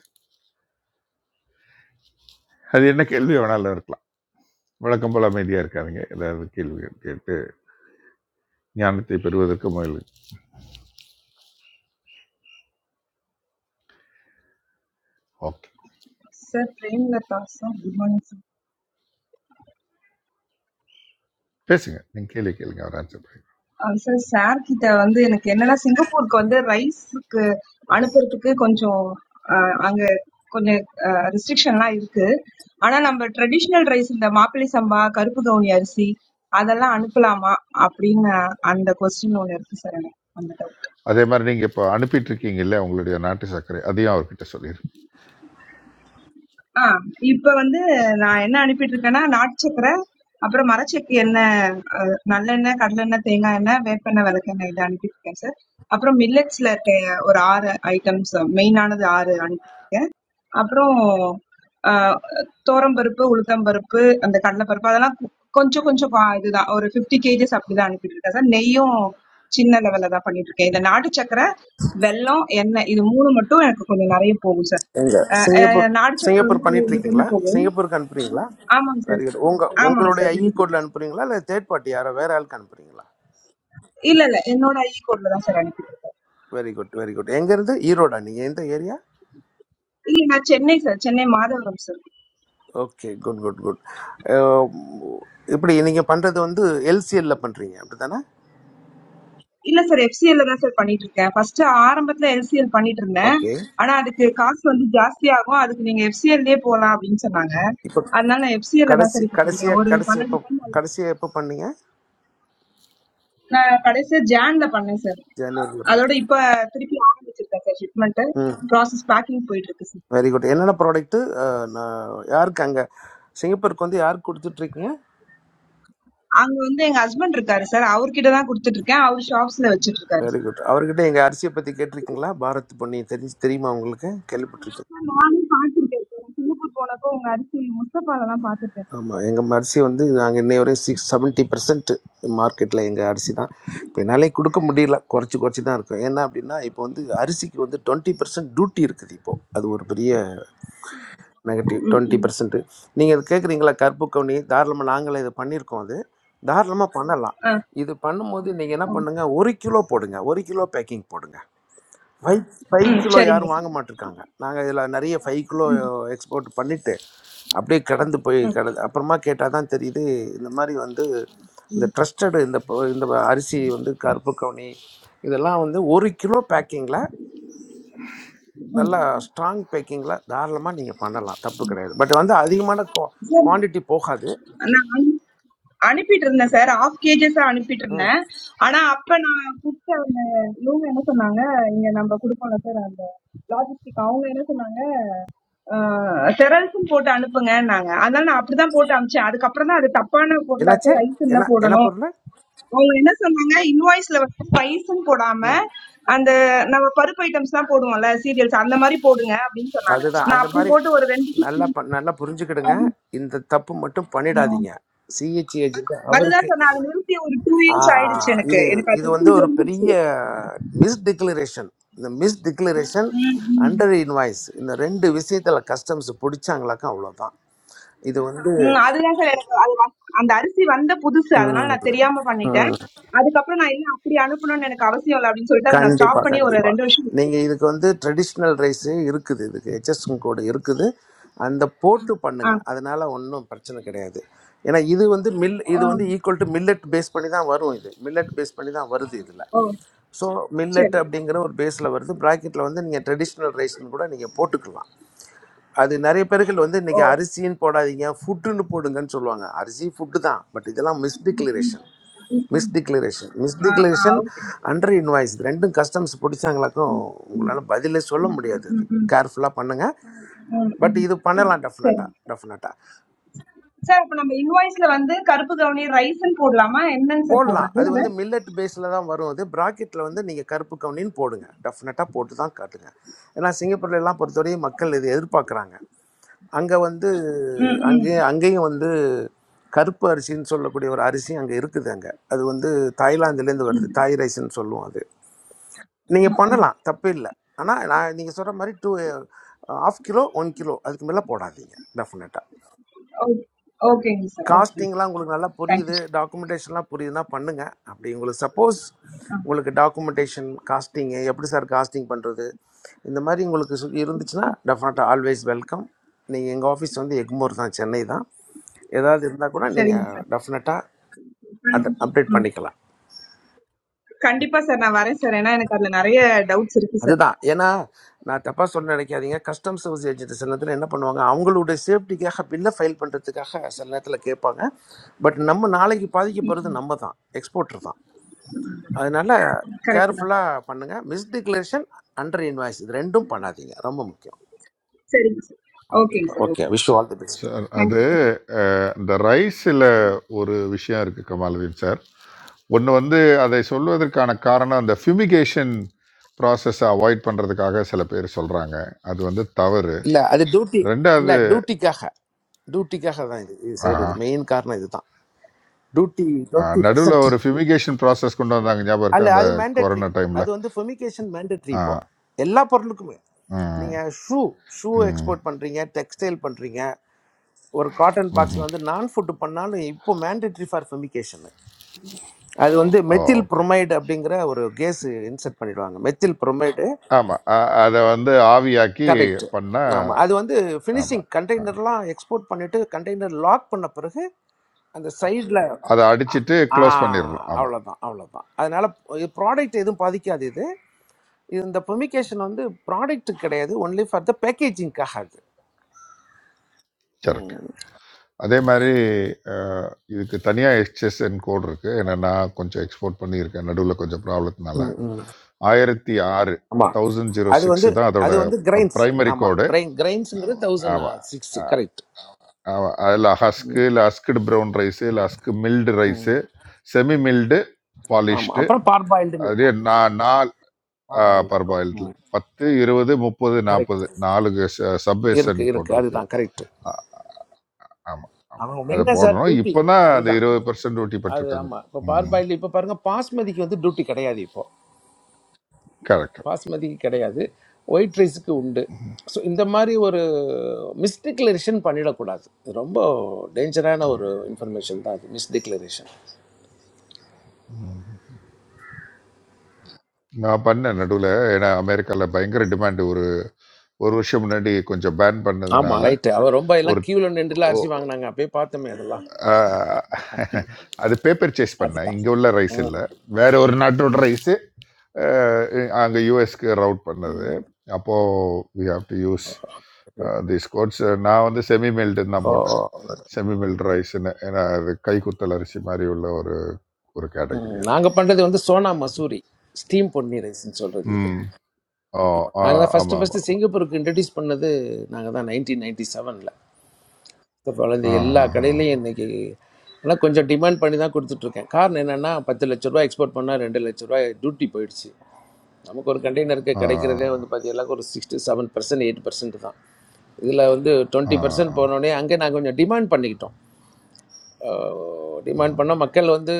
Speaker 8: அது என்ன கேள்வி வேணாலும் இருக்கலாம் வழக்கம் போல் அமைதியாக இருக்காதுங்க ஏதாவது கேள்வி கேட்டு ஞானத்தை பெறுவதற்கு முயலு okay
Speaker 18: sir Premalatha sir good morning sir
Speaker 8: பேசுங்க நீங்கள் கேள்வி கேளுங்க அவர் ஆன்சர் பண்ணுங்க
Speaker 18: ஆ, சார் சார் கிட்ட வந்து எனக்கு என்னன்னா சிங்கப்பூருக்கு வந்து ரைஸுக்கு அனுப்புறதுக்கு கொஞ்சம் ஆ, அங்க கொஞ்சம் ரெஸ்ட்ரிக்ஷன்லாம் இருக்கு ஆனா நம்ம ட்ரெடிஷ்னல் ரைஸ் இந்த மாப்பிள்ளை சம்பா கருப்பு கவுனி அரிசி அதெல்லாம் அனுப்பலாமா அப்படின்னு அந்த கொஸ்டின் ஒன்று இருக்கு சார் எனக்கு அந்த டவுட்
Speaker 8: அதே மாதிரி நீங்கள் இப்போ அனுப்பிட்டு இருக்கீங்கல்ல உங்களுடைய நாட்டு சர்க்கரை அதையும் அவர்கிட்ட சொல்லிடுங்க
Speaker 18: ஆ இப்போ வந்து நான் என்ன அனுப்பிட்டு இருக்கேன்னா நாட்டு சக்கரை அப்புறம் மரச்செக்கு என்ன நல்லெண்ணெய், கடலெண்ணெய், தேங்காய் எண்ணெய், வேப்பெண்ணெய், விளக்கெண்ணெய் இது அனுப்பியிருக்கேன் சார். அப்புறம் மில்லட்ஸ்ல இருக்க ஒரு 6 ஐட்டம்ஸ் மெயினானது 6 அனுப்பி அப்புறம் ஆ துவரம்பருப்பு, உளுத்தம்பருப்பு, அந்த கடலைப்பருப்பு அதெல்லாம் கொஞ்சம் கொஞ்சம் பா இதுதான் ஒரு 50 கேஜஸ் அப்படிதான் அனுப்பிட்டு இருக்கேன் சார். நெய்யும் சின்ன லெவல்ல தான் பண்ணிட்டு இருக்கேன். இதுல நாட்டு சக்கரை, வெல்லம், எண்ணெய் இது 3 மட்டும் எனக்கு கொஞ்சம் நிறைய போகும் சார்.
Speaker 17: எங்க
Speaker 18: அ அ
Speaker 17: சிங்கப்பூர்
Speaker 18: நாட்டு சக்கரை
Speaker 17: சிங்கப்பூர்
Speaker 18: வந்து ஒரு
Speaker 17: பண்ணிட்டு
Speaker 18: 2
Speaker 17: இருக்கீங்களா
Speaker 18: டன் போகும்.
Speaker 17: சிங்கப்பூருக்கு அனுப்புறீங்களா
Speaker 18: ஆமாங்க சார்.
Speaker 17: வெரி குட் உங்க
Speaker 18: ஆமாங்க
Speaker 17: உங்களுடைய
Speaker 18: சார்.
Speaker 17: ஐஇ
Speaker 18: பண்ணிட்டு
Speaker 17: கோட்ல
Speaker 18: இருக்கேன்.
Speaker 17: அனுப்புறீங்களா இல்லை தேர்ட் பார்ட்டி யாரோ வேற ஆளுக்கு அனுப்புறீங்களா
Speaker 18: இல்ல, இல்ல. என்னோட ஈ கோட்ல தான் சார் அனுப்பியிருக்கேன்.
Speaker 17: வெரி குட் வெரி குட் எங்கேருந்து ஈரோடா நீங்கள் எந்த ஏரியா
Speaker 18: இல்ல நான் Chennai sir. Chennai Madhavaram sir.
Speaker 17: Okay good good good இப்படி நீங்கள் பண்ணுறது வந்து எல்சிஎல்ல பண்ணுறீங்க அப்படி தானே
Speaker 18: இல்ல சார் FCL ல தான் சார் பண்ணிட்டுருக்கேன். ஃபர்ஸ்ட்டு ஆரம்பத்துல LCL பண்ணிட்டுருந்தேன்.
Speaker 17: ஓகே
Speaker 18: ஆனா, அதுக்கு காசு வந்து ஜாஸ்தியாகும். அதுக்கு நீங்க FCL லயே போலாம் அப்படின்னு சொன்னாங்க.
Speaker 17: இப்போ
Speaker 18: அதனால நான் FCL ல தான்
Speaker 17: கடைசி
Speaker 18: சார் இப்ப பண்றேன்.
Speaker 17: கடைசியாக
Speaker 18: ஒரு
Speaker 17: கடைசி
Speaker 18: 12
Speaker 17: எப்போ
Speaker 18: டன் அளவு.
Speaker 17: கடைசியாக எப்போ பண்ணீங்க
Speaker 18: நான் கடைசியா ஜான்ல பண்ணேன் சார்.
Speaker 17: ஜனவரியில் பண்ண
Speaker 18: அதோட இப்ப திருப்பி ஆரம்பிச்சிருக்கேன் சார் ஷிப்மெண்ட்
Speaker 17: ம்
Speaker 18: ப்ராசஸ் பேக்கிங் போயிட்டு இருக்கு சார்
Speaker 17: வெரி குட் என்னென்ன ப்ராடக்ட்டு நான் யாருக்கு அங்கே சிங்கப்பூருக்கு வந்து யாருக்கு கொடுத்துட்ருக்கீங்க
Speaker 18: அங்க வந்து எங்க ஹஸ்பண்ட் இருக்காரு சார் அவர்கிட்ட தான் கொடுத்துட்டு இருக்கேன் அவர் ஷாப்ஸ்ல வச்சிட்டு இருக்காரு
Speaker 17: வெரி
Speaker 18: சார்
Speaker 17: குட் அவர்கிட்ட எங்கள் அரிசியை பற்றி கேட்டிருக்கீங்களா பாரத் பொன்னி தெரி தெரியுமா உங்களுக்கு கேள்விப்பட்டிருக்கீங்களா?
Speaker 18: நானும் பாத்திருக்கேன் சார் சிங்கப்பூர் போனப்போ உங்க அரிசி முஸ்தபால தான் பாத்திருக்கேன்
Speaker 17: ஆமாம் எங்கள் அரிசி வந்து நாங்கள் இன்னைய வரையும் சிக்ஸ் செவன்ட்டி பர்சன்ட் மார்க்கெட்டில் எங்கள் அரிசி தான் இப்போ என்னாலே கொடுக்க முடியல குறைச்சி குறைச்சி தான் இருக்கும் ஏன்னா அப்படின்னா இப்போ வந்து அரிசிக்கு வந்து டுவெண்ட்டி பர்சன்ட் டியூட்டி இருக்குது இப்போது அது ஒரு பெரிய நெகட்டிவ் டுவெண்ட்டி
Speaker 18: சார்
Speaker 17: பர்சன்ட்டு நீங்கள் அது கேட்குறீங்களா கருப்பு கவுனி தாராளமாக நாங்களே இது பண்ணியிருக்கோம் அது தாராளமாக பண்ணலாம்
Speaker 18: ஆ,
Speaker 17: இது பண்ணும்போது நீங்கள் என்ன
Speaker 18: ம்,
Speaker 17: பண்ணுங்கள் ஒரு கிலோ போடுங்க ஒரு கிலோ பேக்கிங் போடுங்க ஃபைவ் ஃபைவ்
Speaker 18: ம்,
Speaker 17: கிலோ
Speaker 18: சரிங்க
Speaker 17: யாரும் வாங்க
Speaker 18: சார்.
Speaker 17: மாட்டிருக்காங்க நாங்கள் இதில் நிறைய ஃபைவ் கிலோ எக்ஸ்போர்ட் பண்ணிவிட்டு அப்படியே கடந்து போய்
Speaker 18: ம்,
Speaker 17: கடந்து அப்புறமா கேட்டால் தான் தெரியுது இந்த மாதிரி வந்து இந்த
Speaker 18: ம்,
Speaker 17: ட்ரஸ்டடு இந்த பொ- இந்த அரிசி வந்து கருப்பு கவுனி இதெல்லாம் வந்து ஒரு கிலோ பேக்கிங்கில்
Speaker 18: ம்.
Speaker 17: நல்லா ஸ்ட்ராங் பேக்கிங்கில் தாராளமாக நீங்கள் பண்ணலாம் தப்பு கிடையாது பட் வந்து அதிகமான
Speaker 18: சார்,
Speaker 17: குவாண்டிட்டி போகாது
Speaker 18: நான் அனுப்பிட்டு இருந்தேன் சார் ஆஃப் கேஜஸ் அனுப்பிட்டு
Speaker 17: ம்
Speaker 18: இருந்தேன் ஆனா அப்ப நான் கொடுத்த அந்த இவங்க என்ன சொன்னாங்க இங்க நம்ம கொடுப்போம்ல சார் அந்த லாஜிஸ்டிக் அவங்க என்ன சொன்னாங்க செரல்ஸும் போட்டு அனுப்புங்கன்னாங்க அதனால நான் அப்படிதான் போட்டு அனுப்பிச்சேன் அதுக்கப்புறம் தான் அது தப்பான
Speaker 17: என்னாச்சு
Speaker 18: பொருளாச்சு ரைஸ் இல்ல
Speaker 17: என்ன என்ன
Speaker 18: போடணும்
Speaker 17: பொருள்
Speaker 18: அவங்க என்ன சொன்னாங்க இன்வாய்ஸ்ல வந்து ரைஸ்ன்னு போடாம அந்த நம்ம பருப்பு ஐட்டம்ஸ் தான் போடுவோம்ல சீரியல்ஸ் அந்த மாதிரி போடுங்க அப்படின்னு சொன்னாங்க
Speaker 17: அதுதான்
Speaker 18: நான்
Speaker 17: அந்த
Speaker 18: அப்படி
Speaker 17: மாதிரி
Speaker 18: போட்டு ஒரு ரெண்டு
Speaker 17: நல்லா ப- நல்லா புரிஞ்சுக்கிடுங்க இந்த தப்பு மட்டும் பண்ணிடாதீங்க சிஹெச் ஏஜென்ட்
Speaker 18: அதுதான்
Speaker 17: அவருக்கு
Speaker 18: சார் நான் அத நிறுத்தி ஒரு 2
Speaker 17: ஆ,
Speaker 18: இயர்ஸ் ஆயிடுச்சு எனக்கு.
Speaker 17: இது
Speaker 18: எனக்கு
Speaker 17: இது
Speaker 18: அது
Speaker 17: வந்து
Speaker 18: எப்பயும்
Speaker 17: ஒரு
Speaker 18: தெரிஞ்சுச்சு.
Speaker 17: பெரிய மிஸ் டிக்ளரேஷன் இந்த மிஸ் டிக்ளரேஷன்
Speaker 18: ம், ம்.
Speaker 17: அண்டர் இன்வாய்ஸ் இந்த ரெண்டு விஷயத்துல கஸ்டம்ஸ் பிடிச்சாங்களாக்கா அவ்வளோதான் இது வந்து
Speaker 18: ம். அதுதான் சார் எனக்கு அது வந் அந்த அரிசி வந்த புதுசு. அதனால
Speaker 17: ம்,
Speaker 18: நான் தெரியாம பண்ணிட்டேன்.
Speaker 17: ம்.
Speaker 18: அதுக்கப்புறம் நான் இல்ல அப்படி அனுப்பணும்னு எனக்கு அவசியம் இல்ல அப்படின்னு சொல்லிட்டு அத நான்
Speaker 17: கண்டிப்பா
Speaker 18: ஸ்டாப் பண்ணி ஒரு
Speaker 17: கண்டிப்பா
Speaker 18: 2 வருஷம் இருக்கு.
Speaker 17: நீங்க இதுக்கு வந்து ட்ரெடிஷ்னல் ரைஸே இருக்குது இதுக்கு ஹெச்எஸ்எம் கோடு இருக்குது அந்த போட்டு
Speaker 18: ஆ.
Speaker 17: பண்ணுங்க அதனால ஒன்றும் பிரச்சனை கிடையாது ஏன்னா இது வந்து மில்
Speaker 18: ஆ.
Speaker 17: இது வந்து ஈக்குவல் டு மில்லட் பேஸ் பண்ணி தான் வரும் இது மில்லட் பேஸ் பண்ணி தான் வருது இதில்
Speaker 18: ஓ!
Speaker 17: ஸோ மில்லட்
Speaker 18: சரி.
Speaker 17: அப்படிங்கிற ஒரு பேஸில் வருது ப்ராக்கெட்டில் வந்து நீங்கள் ட்ரெடிஷ்னல் ரைஸ்னு கூட நீங்கள் போட்டுக்கலாம் அது நிறைய பேர்கள் வந்து
Speaker 18: ஓ!
Speaker 17: இன்னைக்கு அரிசின்னு போடாதீங்க ஃபுட்டுன்னு போடுங்கன்னு சொல்லுவாங்க அரிசி ஃபுட்டு தான் பட் இதெல்லாம்
Speaker 18: ம், ம்.
Speaker 17: மிஸ்டிக்ளரேஷன்
Speaker 18: ம், ம்.
Speaker 17: மிஸ்டிக்ளரேஷன்
Speaker 18: ஆ, ஆ.
Speaker 17: Misdeclaration
Speaker 18: okay.
Speaker 17: அண்டர் இன்வாய்ஸ் ரெண்டும் கஸ்டம்ஸ் பிடிச்சாங்களாக்கும் உங்களால் பதிலே சொல்ல முடியாது
Speaker 18: ம்,
Speaker 17: அது
Speaker 18: ம்.
Speaker 17: கேர்ஃபுல்லாக பண்ணுங்கள்
Speaker 18: ம்,
Speaker 17: பட்
Speaker 18: ம்.
Speaker 17: இது பண்ணலாம்
Speaker 18: சரி.
Speaker 17: டெஃபினட்டாக டெஃபினட்டாக
Speaker 18: சார் அப்ப நம்ம இன்வாய்ஸ்ல வந்து கருப்பு கவுனி ரைஸ்ன்னு போடலாமா? என்னன்னு சார்
Speaker 17: போடலாம்
Speaker 18: போடுறது
Speaker 17: அது
Speaker 18: அத?
Speaker 17: வந்து மில்லட் பேஸில் தான் வரும் அது ப்ராக்கெட்டில் வந்து நீங்கள் கருப்பு கவுனின்னு போடுங்க டெஃபினட்டாக போட்டு தான் காட்டுங்க ஏன்னா சிங்கப்பூர்ல எல்லாம் பொறுத்தவரையும் மக்கள் இது எதிர்பார்க்குறாங்க அங்கே வந்து
Speaker 18: ம், ம்.
Speaker 17: அங்கேயும் அங்கேயும் வந்து கருப்பு அரிசின்னு சொல்லக்கூடிய ஒரு அரிசி அங்கே இருக்குது அங்கே அது வந்து தாய்லாந்துலேருந்து வருது தாய் ரைஸ்ன்னு சொல்லுவோம் அது நீங்கள் பண்ணலாம் தப்பு இல்லை ஆனால் நான் நீங்கள் சொல்கிற மாதிரி two of kilo one kilo அதுக்கு மேலே போடாதீங்க டெஃபினட்டாக
Speaker 18: ஓ ஓகேங்க சார். ஓகேங்க.
Speaker 17: காஸ்டிங்லாம் உங்களுக்கு நல்லா
Speaker 18: தேங்க்யூ
Speaker 17: புரியுது
Speaker 18: சார்
Speaker 17: டாக்குமெண்டேஷன்லாம் புரியுதுன்னா பண்ணுங்கள் அப்படி உங்களுக்கு சப்போஸ்
Speaker 18: ஆ
Speaker 17: உங்களுக்கு டாக்குமெண்டேஷன் காஸ்டிங்கு எப்படி சார் காஸ்டிங் பண்ணுறது இந்த மாதிரி உங்களுக்கு சு- இருந்துச்சுன்னா டெஃபினட்டாக ஆல்வேஸ் வெல்கம் நீங்கள் எங்கள் ஆஃபீஸ் வந்து எக்மோர் தான் சென்னை தான் ஏதாவது இருந்தால் கூட
Speaker 18: சரிங்க
Speaker 17: நீங்கள்
Speaker 18: சார்
Speaker 17: டெஃபினட்டாக அட் அப்டேட்
Speaker 18: ம்
Speaker 17: பண்ணிக்கலாம்
Speaker 18: கண்டிப்பாக சார் நான் வரேன் சார் ஏன்னா எனக்கு அதில் நிறைய டவுட்ஸ் இருக்குது சார்
Speaker 17: அதுதான் ஏன்னா நான் தப்பாக சொல்ல நினைக்காதீங்க கஸ்டம் சர்வீஸ் ஏஜென்ட் சில நேரத்தில் என்ன பண்ணுவாங்க அவங்களுடைய சேஃப்டிக்காக பில்லை ஃபைல் பண்ணுறதுக்காக சில நேரத்தில் கேட்பாங்க பட் நம்ம நாளைக்கு பாதிக்கப்படுறது நம்ம தான் எக்ஸ்போர்ட்டர் தான் அதனால
Speaker 18: கரெக்டு தான் சார்
Speaker 17: கேர்ஃபுல்லாக பண்ணுங்கள் மிஸ் டிக்ளரேஷன் அண்டர் இன்வாய்ஸ் இது ரெண்டும் பண்ணாதீங்க ரொம்ப முக்கியம்
Speaker 18: சரிங்க சார் ஓகேங்க
Speaker 17: ஓகேப்பா
Speaker 18: sir
Speaker 17: okay
Speaker 18: okay
Speaker 17: wish all the best
Speaker 8: sir அது
Speaker 18: தேங்க்யூ சார்
Speaker 8: அஹ், இந்த ரைஸில் ஒரு விஷயம் இருக்குது கமாலுதீன் சார் ஒன்று வந்து அதை சொல்வதற்கான காரணம் அந்த ஃபியூமிகேஷன் ப்ராசஸை அவாய்ட் பண்ணுறதுக்காக சில பேர் சொல்கிறாங்க அது வந்து தவறு
Speaker 17: இல்லை அது டியூட்டி இல்லை
Speaker 8: ரெண்டாவது
Speaker 17: டியூட்டிக்காக டியூட்டிக்காக தான் இது இது செய்கிறது மெயின் காரணம் இதுதான் டியூட்டி டுவெண்ட்டி
Speaker 8: நடுவில்
Speaker 17: பர்சன்ட்
Speaker 8: ஒரு ஃபிமிகேஷன் ப்ராசஸ் கொண்டு வந்தாங்க ஞாபகம் இருக்கா
Speaker 17: அல்ல
Speaker 8: அந்த
Speaker 17: அது மேண்டட்ரி
Speaker 8: கொரோனா டைமில்
Speaker 17: அது வந்து ஃபெமிகேஷன் மேண்டட்ரி
Speaker 8: ஆ
Speaker 17: இப்போ எல்லா பொருளுக்குமே
Speaker 8: ம்
Speaker 17: நீங்கள் ஷூ ஷூ
Speaker 8: ம்
Speaker 17: எக்ஸ்போர்ட் பண்ணுறீங்க டெக்ஸ்டைல் பண்ணுறீங்க ஒரு காட்டன் பாக்ஸில்
Speaker 8: ம்
Speaker 17: வந்து நான் ஃபுட்டு பண்ணாலும் இப்போ மேண்டட்ரி ஃபார் ஃபெமிகேஷன் அது வந்து மெத்தில்
Speaker 8: ஓகே
Speaker 17: புரோமைடு அப்படிங்கிற ஒரு கேஸ் இன்செர்ட் பண்ணிடுவாங்க மெத்தில் புரோமைடு
Speaker 8: ஆமாம் அதை வந்து ஆவியாக்கி
Speaker 17: கரெக்ட்
Speaker 8: பண்ணால்
Speaker 17: ஆமாம் அது வந்து ஃபினிஷிங்
Speaker 8: ஆமாம்
Speaker 17: கண்டெய்னர்லாம் எக்ஸ்போர்ட் பண்ணிவிட்டு கண்டெய்னர் லாக் பண்ண பிறகு அந்த சைடில்
Speaker 8: அதை அடிச்சிட்டு
Speaker 17: ஆ
Speaker 8: க்ளோஸ் பண்ணிடணும் ஆமாம்
Speaker 17: அவ்வளோதான் அவ்வளோதான் அதனால் ப்ராடக்ட் எதுவும் பாதிக்காது இது இது இந்த ப்ரொமிகேஷன் வந்து ப்ராடக்ட் கிடையாது ஒன்லி ஃபார் த பேக்கேஜிங்காக அது
Speaker 8: சரட்டு
Speaker 17: ம்,
Speaker 8: அதே மாதிரி அஹ், இதுக்கு தனியாக எக்ஸ்எஸ்என் கோட் இருக்குது ஏன்னா நான் கொஞ்சம் எக்ஸ்போர்ட் பண்ணியிருக்கேன் நடுவில் கொஞ்சம் ப்ராப்ளத்தினால
Speaker 17: ம், ம்.
Speaker 8: ஆயிரத்தி ஆறு
Speaker 17: ஆமா
Speaker 8: தௌசண்ட் ஜீரோ
Speaker 17: அது
Speaker 8: சிக்ஸ்
Speaker 17: வந்து
Speaker 8: தான் அதோட
Speaker 17: அது வந்து கிரைன்ஸ்
Speaker 8: ப்ரைமரி
Speaker 17: ஆமா
Speaker 8: கோடு
Speaker 17: பிரைன் கிரைன்ஸுங்கிறது தௌசண்ட் சிக்ஸ்
Speaker 8: ஆமாம்
Speaker 17: கரெக்ட்
Speaker 8: ஆமா. அதுல ஹஸ்க்கு, இல்ல ஹஸ்க்டு ப்ரவுன் ரைஸு, இல்ல husk milled rice, semi milled,
Speaker 17: ஆமா
Speaker 8: பாலிஷ்டு.
Speaker 17: அப்புறம் பார்பாயில்டுன்னு
Speaker 8: அதுலயே
Speaker 17: வரும்
Speaker 8: நா நால் ஆ
Speaker 17: பார்பாயில்டு இருக்கும்
Speaker 8: பர்பாயில்டுல
Speaker 17: ம்
Speaker 8: 10, 20, 30,
Speaker 17: கரெக்ட்
Speaker 8: 40 4 ச சப்வேசன்
Speaker 17: இருக்கு
Speaker 8: கோட்
Speaker 17: இருக்கு
Speaker 8: இருக்கு.
Speaker 17: அதுதான் கரெக்ட்
Speaker 8: ஆ ஆமா, ஆமா.
Speaker 17: அவன்
Speaker 8: அத
Speaker 17: மெயினாக சார்
Speaker 8: போடணும்.
Speaker 17: டியூட்டி
Speaker 8: இப்ப தான் அந்த
Speaker 17: அதுதான்
Speaker 8: 20% டியூட்டி
Speaker 17: அது
Speaker 8: போட்டுருக்காங்க.
Speaker 17: ஆமா இப்போ
Speaker 8: ம்.
Speaker 17: பார்பாயில்டு இப்போ பாருங்க பாஸ்மதிக்கு வந்து டியூட்டி கிடையாது இப்போ
Speaker 8: கரெக்ட்.
Speaker 17: பாஸ்மதிக்கு கிடையாது ஒயிட் ரைஸுக்கு உண்டு
Speaker 8: ம்.
Speaker 17: ஸோ இந்த மாதிரி ஒரு மிஸ்டிக்ளரேஷன் பண்ணிடக்கூடாது இது ரொம்ப டேஞ்சரான ஒரு இன்ஃபர்மேஷன் தான் அது மிஸ்டிக்ளரேஷன்
Speaker 8: ம். நான் பண்ணேன் நடுவுல. ஏன்னா அமெரிக்கால பயங்கர டிமாண்ட். ஒரு ஒரு வருஷம் முன்னாடி கொஞ்சம் பேன்
Speaker 17: ஆமாம்
Speaker 8: பண்ணதுனால
Speaker 17: ரைட்டு அவர் ரொம்ப எல்லாம்
Speaker 8: ஒரு
Speaker 17: கியூவில் நின்றுலாம்
Speaker 8: ஒ
Speaker 17: அரிசி வாங்கினாங்க அப்பயே பார்த்தோமே அதெல்லாம்
Speaker 8: ஆஹ் அது பேப்பர் சேஸ் பண்ணேன்
Speaker 17: அதுதான்
Speaker 8: இங்கே உள்ள ரைஸ்
Speaker 17: ம்,
Speaker 8: இல்லை வேற ஒரு நாட்டோட ரைஸு அங்கே யூஎஸ்க்கு ரவுட் பண்ணது அப்போது we have to use
Speaker 17: okay.
Speaker 8: This codes நான் வந்து செமி மெல்டுன்னு தான்
Speaker 17: ஓ
Speaker 8: போட்டேன் செமி மெல்ட் ரைஸ்ன்னு ஏன்னா அது கைக்குத்தல் அரிசி மாதிரி உள்ள ஒரு ஒரு கேட்டகரி அது
Speaker 17: நாங்கள் பண்ணுறது வந்து சோனா மசூரி ஸ்டீம் பொன்னி ரைஸ்ன்னு சொல்கிறது இது
Speaker 8: ம் ஓ ஆ
Speaker 17: நாங்கள் தான் ஃபஸ்ட்டு
Speaker 8: ஆமாம்
Speaker 17: ஃபஸ்ட்டு
Speaker 8: ஆமாம்
Speaker 17: சிங்கப்பூருக்கு இன்ட்ரடியூஸ் பண்ணது நாங்கள் தான் நைன்டீன் நைன்டி செவனில். பழனி எல்லா
Speaker 8: ஆமாம்
Speaker 17: கடையிலையும் இன்னைக்கு ஆனால் கொஞ்சம் டிமாண்ட் பண்ணி தான் கொடுத்துட்ருக்கேன் காரணம் என்னென்னா பத்து லட்ச ரூபா எக்ஸ்போர்ட் பண்ணால் ரெண்டு லட்ச ரூபாய் டியூட்டி போயிடுச்சு நமக்கு ஒரு கண்டெய்னருக்கு
Speaker 8: ஆ ஆ
Speaker 17: கிடைக்கிறதே வந்து பார்த்தீங்கன்னா ஒரு sixty seven percent eight percent தான் இதில் வந்து
Speaker 8: ஆ ஆ
Speaker 17: டுவெண்ட்டி பர்சன்ட் போனோடனே அங்கே நான் கொஞ்சம் டிமாண்ட் பண்ணிக்கிட்டோம்
Speaker 8: ஆ ஆ.
Speaker 17: டிமாண்ட் பண்ணால் மக்கள் வந்து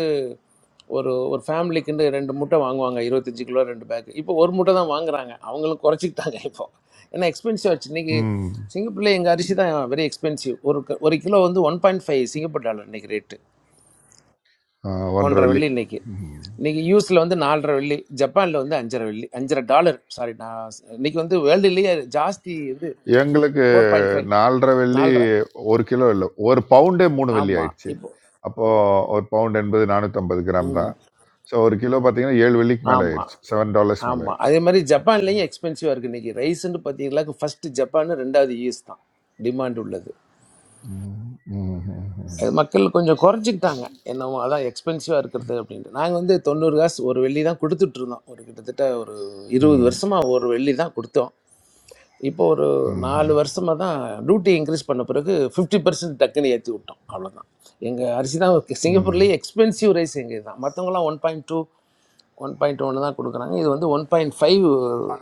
Speaker 17: ஒரு ஒரு ஃபேமிலிக்குன்னு ரெண்டு மூட்டை வாங்குவாங்க இருபத்தஞ்சி கிலோ ரெண்டு பேக் இப்போ ஒரு மூட்டை தான் வாங்குறாங்க அவங்களும் குறைச்சிக்கிட்டாங்க இப்போ ஏன்னா எக்ஸ்பென்சிவ் ஆச்சு இன்றைக்கி
Speaker 8: ம்
Speaker 17: சிங்கப்பூரில் எங்கள் அரிசி தான் வெரி எக்ஸ்பென்சிவ் ஒரு க- ஒரு கிலோ வந்து one point five Singapore dollar இன்றைக்கி ரேட்டு
Speaker 8: ஆ, ஒன்றரை
Speaker 17: ஒன்றரை
Speaker 8: வெள்ளி
Speaker 17: வெள்ளி இன்றைக்கி
Speaker 8: ம்
Speaker 17: இன்றைக்கி யூஎஸில் வந்து நாலரை வெள்ளி ஜப்பானில் வந்து அஞ்சரை வெள்ளி அஞ்சரை டாலர் சாரி நான் இன்றைக்கி வந்து வேர்ல்டுலேயே ஜாஸ்தி இது
Speaker 8: எங்களுக்கு
Speaker 17: ஃபோர் பாயிண்ட் ஃபைவ்
Speaker 8: 4.5 வெள்ளி
Speaker 17: நாலரை
Speaker 8: 1 கிலோ இல்ல. 1 பவுண்டே 3 வெள்ளி
Speaker 17: ஆமாம்
Speaker 8: ஆயிடுச்சு. அப்போ 1 பவுண்ட் என்பது 450 கிராம்
Speaker 17: இப்போ
Speaker 8: தான். ஸோ 1 கிலோ பார்த்தீங்கன்னா 7 வெள்ளிக்கு மேல
Speaker 17: ஆமா
Speaker 8: ஆயிடுச்சு. $7 மேல
Speaker 17: ஆமா
Speaker 8: ஆயிடுச்சு.
Speaker 17: அதே மாதிரி ஜப்பான்லயும் எக்ஸ்பென்சிவா இருக்கு இன்னைக்கு ரைஸ்ன்னு பார்த்தீங்களாக்கு ஃபர்ஸ்ட் ஜப்பான் ரெண்டாவது ஈஸ் தான் டிமாண்ட் உள்ளது
Speaker 8: ம், ம், ம்,
Speaker 17: அது மக்கள் கொஞ்சம் குறைச்சிக்கிட்டாங்க என்னவோ அதான் எக்ஸ்பென்சிவா இருக்கிறது அப்படின்ட்டு நாங்கள் வந்து தொண்ணூறு காசு ஒரு வெள்ளி தான் கொடுத்துட்டு இருந்தோம் ஒரு கிட்டத்தட்ட ஒரு இருபது
Speaker 8: ம்,
Speaker 17: வருஷமா ஒரு வெள்ளி தான் கொடுத்தோம் இப்போ ஒரு
Speaker 8: ம், ம்,
Speaker 17: நாலு வருஷமா தான் டியூட்டி இன்க்ரீஸ் பண்ண பிறகு ஃபிஃப்டி பர்சன்ட் டக்குன்னு ஏற்றி விட்டோம் அவ்வளோதான் எங்கள் அரிசி தான்
Speaker 8: ம்.
Speaker 17: சிங்கப்பூர்லேயே எக்ஸ்பென்சிவ் ரைஸ் எங்கள் தான் மற்றவங்களாம் one point two one point ஒன்று தான் கொடுக்குறாங்க இது வந்து ஒன் பாயிண்ட் ஃபைவ்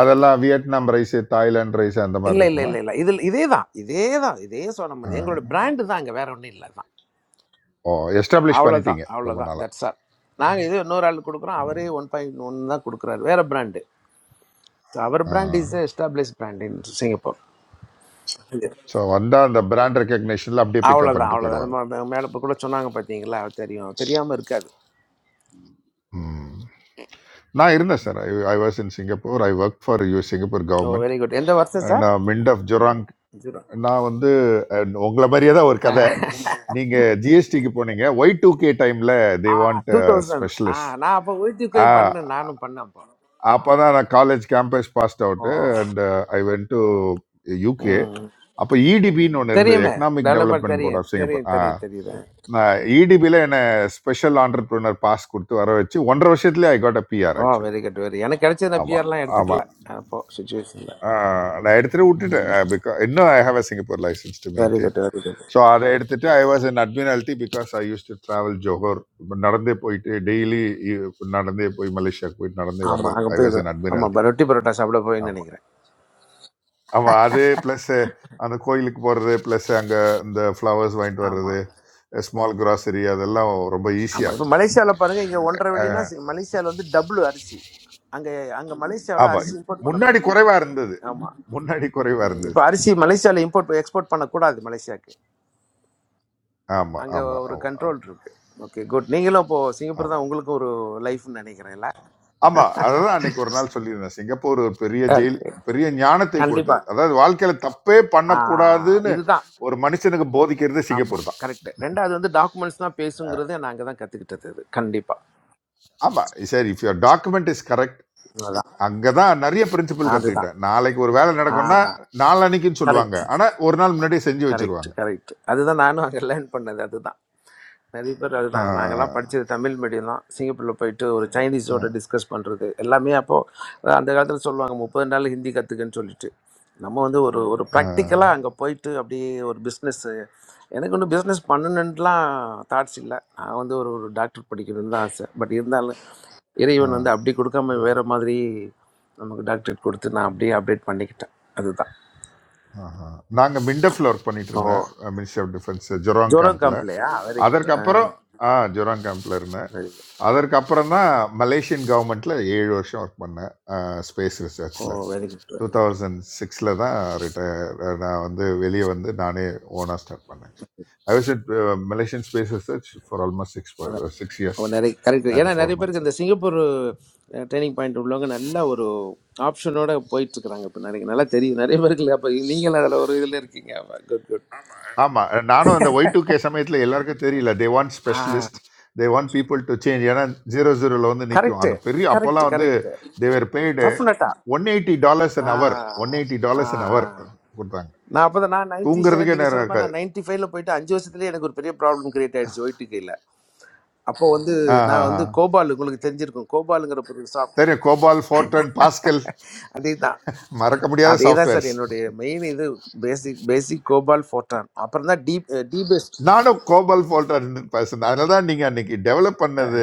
Speaker 8: அதெல்லாம் வியட்நாம் ரைஸ், தாய்லாந்து ரைஸ் அந்த மாதிரி
Speaker 17: இல்லை இல்லை
Speaker 8: இருக்குமா?
Speaker 17: இல்லை இல்லை இதில் இதே தான் இதே தான் இதே சொன்ன
Speaker 8: ஆ.
Speaker 17: மாதிரி எங்களோட பிராண்டு தான் அங்கே வேற ஒன்றும் இல்லை தான்
Speaker 8: ஓ எஸ்டாப்ளிஷ்
Speaker 17: அவ்வளோதான்
Speaker 8: பண்ணிட்டீங்க ரொம்ப
Speaker 17: அவ்வளோதான்
Speaker 8: நாளா.
Speaker 17: தட்ஸ் ஆல் நாங்கள் இது இன்னொரு ஆள் கொடுக்குறோம்
Speaker 8: ம்.
Speaker 17: அவரே ஒன் பாயிண்ட் ஒன் தான் கொடுக்குறாரு வேற பிராண்டு ஸோ அவர்
Speaker 8: ஆ.
Speaker 17: Brand is establish brand in Singapore
Speaker 8: so வந்தா அந்த பிராண்ட் ரெக்கக்னேஷன்ல அப்படியே பிக்கப்
Speaker 17: அவ்வளோதான்
Speaker 8: பண்ணிட்டு
Speaker 17: அவ்வளோதான் அது
Speaker 8: போயிடுவாங்க.
Speaker 17: மா- மேல இப்ப கூட சொன்னாங்க பார்த்தீங்களா அது தெரியும் தெரியாமல் இருக்காது
Speaker 8: ம். நான் இருந்தேன் sir I I was in Singapore I work for you Singapore
Speaker 17: oh
Speaker 8: government
Speaker 17: very good எந்த வருஷம் சார்
Speaker 8: நான் மிண்ட் ஆஃப் ஜொராங்
Speaker 17: ஜீரோ
Speaker 8: நான் வந்து அஹ், உங்களை மாதிரியே தான் ஒரு கதை நீங்கள் ஜிஎஸ்டிக்கு போனீங்க ஒய் டூ கே டைமில் they
Speaker 17: ah
Speaker 8: want
Speaker 17: two thousand ah
Speaker 8: specialist
Speaker 17: நான் அப்போ வீட்டுக்கையும் பண்ணேன் நானும் பண்ணேன் அப்போ
Speaker 8: அப்போ
Speaker 17: ஆ,
Speaker 8: தான் நான் college campus passed
Speaker 17: oh
Speaker 8: out and I went to UK
Speaker 17: ம்
Speaker 8: அப்போ இடிபின்னு ஒன்று இருந்தது
Speaker 17: தெரியுமே
Speaker 8: எக்கனாமிக்
Speaker 17: டெவலப்பர்
Speaker 8: டெவலப்மெண்ட் போர்ட்
Speaker 17: தெரியும்
Speaker 8: ஆஃப் சிங்கப்பூர்
Speaker 17: தெரியும்
Speaker 8: ஆ
Speaker 17: தெரியும் தெரியுது
Speaker 8: நான் இடிபியில் என்னை ஸ்பெஷல் ஆண்டர்பிரினர் பாஸ் கொடுத்து வர வச்சு ஒன்றரை வருஷத்துலேயே I got a PR
Speaker 17: oh
Speaker 8: actually
Speaker 17: very good very எனக்கு கிடைச்ச இந்த
Speaker 8: ஆமாம்
Speaker 17: பிஆர்லாம்
Speaker 8: ஆமாம்
Speaker 17: எடுத்துக்கல அப்போ சுச்சுவேஷனில்
Speaker 8: ஆஹ் நான் எடுத்துட்டு விட்டுட்டேன் பிகாஸ் இன்னும் I have a Singapore licence to
Speaker 17: very
Speaker 8: maintain
Speaker 17: good very good
Speaker 8: so அதை எடுத்துட்டு I was in Admiralty because I use to travel Johor இப்ப நடந்தே போயிட்டு டெய்லி நடந்தே போய் மலேசியாவுக்கு போயிட்டு நடந்தே
Speaker 17: ஆமாம்
Speaker 8: வர்றது
Speaker 17: அங்கே
Speaker 8: ஐ வாஸ்
Speaker 17: போயிடும்
Speaker 8: இன்
Speaker 17: ஆமாம்
Speaker 8: அட்மினாலிட்டி
Speaker 17: ரொட்டி பரோட்டா சாப்பிட போயின்னு
Speaker 8: ஆமாம்
Speaker 17: நினைக்கிறேன்
Speaker 8: ஆமாம் அது ப்ளஸ் அந்த கோயிலுக்கு போகிறது ப்ளஸ் அங்கே இந்த ஃப்ளவர்ஸ் வாங்கிட்டு வர்றது
Speaker 17: ஆமாம்
Speaker 8: ஸ்மால் கிராசரி அதெல்லாம் ரொம்ப ஈஸியாக
Speaker 17: ஆமாம் இப்போ
Speaker 8: இருக்கும்
Speaker 17: மலேசியாவில் பாருங்கள் இங்கே ஒன்றரை வெள்ளினா
Speaker 8: அஹ்
Speaker 17: மலேசியாவில் வந்து டபுள் அரிசி அங்கே அங்கே மலேசியாவில்
Speaker 8: ஆமாம்
Speaker 17: அரிசி இம்போர்ட்
Speaker 8: முன்னாடி
Speaker 17: பண்ணக்கூடாது
Speaker 8: குறைவாக இருந்தது
Speaker 17: ஆமாம்
Speaker 8: முன்னாடி குறைவாக இருந்தது
Speaker 17: இப்போ அரிசி மலேசியாவில் இம்போர்ட் எக்ஸ்போர்ட் பண்ணக்கூடாது மலேசியாவுக்கு
Speaker 8: ஆமாம்
Speaker 17: அங்கே
Speaker 8: ஆமாம்
Speaker 17: ஒரு
Speaker 8: ஆமாம்
Speaker 17: கண்ட்ரோல்
Speaker 8: ஆமாம்
Speaker 17: இருக்கு ஓகே குட் நீங்களும் இப்போது
Speaker 8: ஆமாம்.
Speaker 17: சிங்கப்பூர் தான் உங்களுக்கும் ஒரு லைஃப்னு நினைக்கிறேன்ல
Speaker 8: ஆமா அதுதான் அன்னைக்கு ஒரு நாள் சொல்லியிருந்தேன் சிங்கப்பூர் ஒரு பெரிய ஜெயில்
Speaker 17: ஓகே
Speaker 8: பெரிய ஞானத்தை கொடுத்தது
Speaker 17: கண்டிப்பாக
Speaker 8: அதாவது வாழ்க்கையில தப்பே பண்ணக்கூடாதுன்னு
Speaker 17: இதுதான்
Speaker 8: ஒரு மனுஷனுக்கு போதிக்கிறது
Speaker 17: ஆமாம்
Speaker 8: சிங்கப்பூர் தான்
Speaker 17: கரெக்டு ரெண்டாவது வந்து டாக்குமெண்ட்ஸ் தான் பேசுங்கிறதே நான் அங்கே தான் கற்றுக்கிட்டது அது கண்டிப்பாக
Speaker 8: ஆமா sir if your document is correct
Speaker 17: அதுதான்
Speaker 8: அங்கதான் நிறைய பிரின்சிபல்
Speaker 17: அதுதான்
Speaker 8: கத்துக்கிட்டேன் நாளைக்கு ஒரு வேலை
Speaker 17: ஆ
Speaker 8: நடக்கும்னா நாளன்னைக்குன்னு சொல்லுவாங்க
Speaker 17: கரெக்ட்
Speaker 8: ஆனா ஒரு நாள் முன்னாடியே செஞ்சு
Speaker 17: கரெக்ட்
Speaker 8: வச்சிருவாங்க
Speaker 17: கரெக்ட் அதுதான் நானும் அங்கே லேர்ன் பண்ணது அதுதான் நிறைய பேர் அதுதான் நாங்கள்லாம்
Speaker 8: ஆஹ்
Speaker 17: படித்தது தமிழ் மீடியம் தான் சிங்கப்பூரில் போயிட்டு ஒரு சைனீஸோட
Speaker 8: ஆஹ்
Speaker 17: டிஸ்கஸ் பண்ணுறது எல்லாமே அப்போது அந்த காலத்தில் சொல்லுவாங்க முப்பது நாள் ஹிந்தி கற்றுக்கன்னு சொல்லிட்டு நம்ம வந்து ஒரு ஒரு
Speaker 8: ஆஹ்
Speaker 17: ப்ராக்டிக்கலாக அங்கே போயிட்டு அப்படியே ஒரு பிஸ்னஸ் எனக்கு ஒன்றும் பிஸ்னஸ் பண்ணணுன்ட்டுலாம் தாட்ஸ் இல்லை நான் வந்து ஒரு ஒரு டாக்டர் படிக்கணும்னு தான் ஆசை பட் இருந்தாலும் இறைவன்
Speaker 8: ஆஹ்.
Speaker 17: வந்து அப்படி கொடுக்காம வேற மாதிரி நமக்கு டாக்டரேட் கொடுத்து நான் அப்படியே அப்டேட் பண்ணிக்கிட்டேன் அதுதான்
Speaker 8: ஆஹா. நாங்க மிண்டஃப்ல ஒர்க் பண்ணிட்டு
Speaker 17: ஓ
Speaker 8: இருந்தேன் மினிஸ்ட்ரி ஆஃப் டிஃபென்ஸ் ஜொராங்
Speaker 17: ஜோரம்
Speaker 8: கேம்ப்ல
Speaker 17: காம்ப்லையா வெரி குட் ஆ
Speaker 8: அதற்கப்புறம் ஆ ஜொராங் கேம்ப்ல இருந்தேன்
Speaker 17: வெரி குட்
Speaker 8: அதற்கப்புறம் தான் மலேசியன் கவர்மெண்ட்ல ஏழு வருஷம் ஒர்க் பண்ணேன் ஸ்பேஸ்
Speaker 17: ஓ
Speaker 8: ரிசர்ச்ல
Speaker 17: very good
Speaker 8: two
Speaker 17: very good
Speaker 8: thousand சிக்ஸில் தான் ரிட்டையர் நான் வந்து வெளியே வந்து நானே ஓனாக ஸ்டார்ட் பண்ணேன் I was it Malaysian space research for almost six
Speaker 17: அதான்
Speaker 8: சிக்ஸ்
Speaker 17: ஓ
Speaker 8: இயர்ஸ்
Speaker 17: நிறைய கரெக்ட்
Speaker 8: அண்ட்
Speaker 17: ஏன்னா
Speaker 8: ஃபோர்
Speaker 17: நிறைய
Speaker 8: மந்த்ஸ்
Speaker 17: பேருக்கு இந்த சிங்கப்பூர் ட்ரைனிங் பாயிண்ட் உள்ளவங்க நல்ல ஒரு ஆப்ஷனோட போயிட்டு இருக்கிறாங்க இப்போ நிறைய நல்லா தெரியும் நிறைய பேருக்கு அப்போ நீங்களும் அதில் ஒரு இதில் இருக்கீங்க குட் குட்
Speaker 8: ஆமாம் நானும் அந்த ஒய் டூ கே சமயத்தில் எல்லாருக்கும் தெரியல they want
Speaker 17: a
Speaker 8: specialist they want people to change ஏன்னா ஜீரோ ஜீரோவில் வந்து நிற்கும்
Speaker 17: கரெக்டு
Speaker 8: அந்த பெரிய
Speaker 17: கரெக்ட்
Speaker 8: அப்போல்லாம் வந்து
Speaker 17: கரெக்ட்
Speaker 8: தேவர் பெய்டு
Speaker 17: டஃப்னட்டா
Speaker 8: one eighty dollars an
Speaker 17: uh
Speaker 8: hour one eighty
Speaker 17: uh
Speaker 8: dollars an hour
Speaker 17: uh
Speaker 8: கொடுத்தாங்க
Speaker 17: நான் அப்போ நான் நைன்டி செகண்ட்
Speaker 8: தூங்குறதுக்கே
Speaker 17: நீங்கள்
Speaker 8: நேரம்
Speaker 17: சொல்கிறப்ப
Speaker 8: இருக்காது
Speaker 17: நான் நைன்டி ஃபைவ்ல போயிட்டு அஞ்சு வருஷத்துலேயே எனக்கு ஒரு பெரிய ப்ராப்ளம் கிரியேட் ஆயிடுச்சு ஒயிட்டு கையில் அப்போ வந்து
Speaker 8: ஆஹ்
Speaker 17: நான்
Speaker 8: ஆஹ்
Speaker 17: வந்து
Speaker 8: ஆஹ்.
Speaker 17: கோபால் உங்களுக்கு தெரிஞ்சிருக்கும் கோபாலுங்கிற ஒரு சாப்
Speaker 8: தெரியும் கோபால் ஃபோர்டன் பாஸ்கல்
Speaker 17: அதே தான்
Speaker 8: மறக்க முடியாத
Speaker 17: அதே தான் சார்
Speaker 8: சாஃப்ட்வேர்ஸ்
Speaker 17: என்னுடைய மெயின் இது பேசிக் பேசிக் கோபால் ஃபோட்டான் அப்புறம் தான் டீப் டீபெஸ்ட்
Speaker 8: நானும் கோபால் ஃபால்ட்டா இருந்து பேசுனேன் அதனால தான் நீங்கள் அன்னைக்கு டெவலப் பண்ணது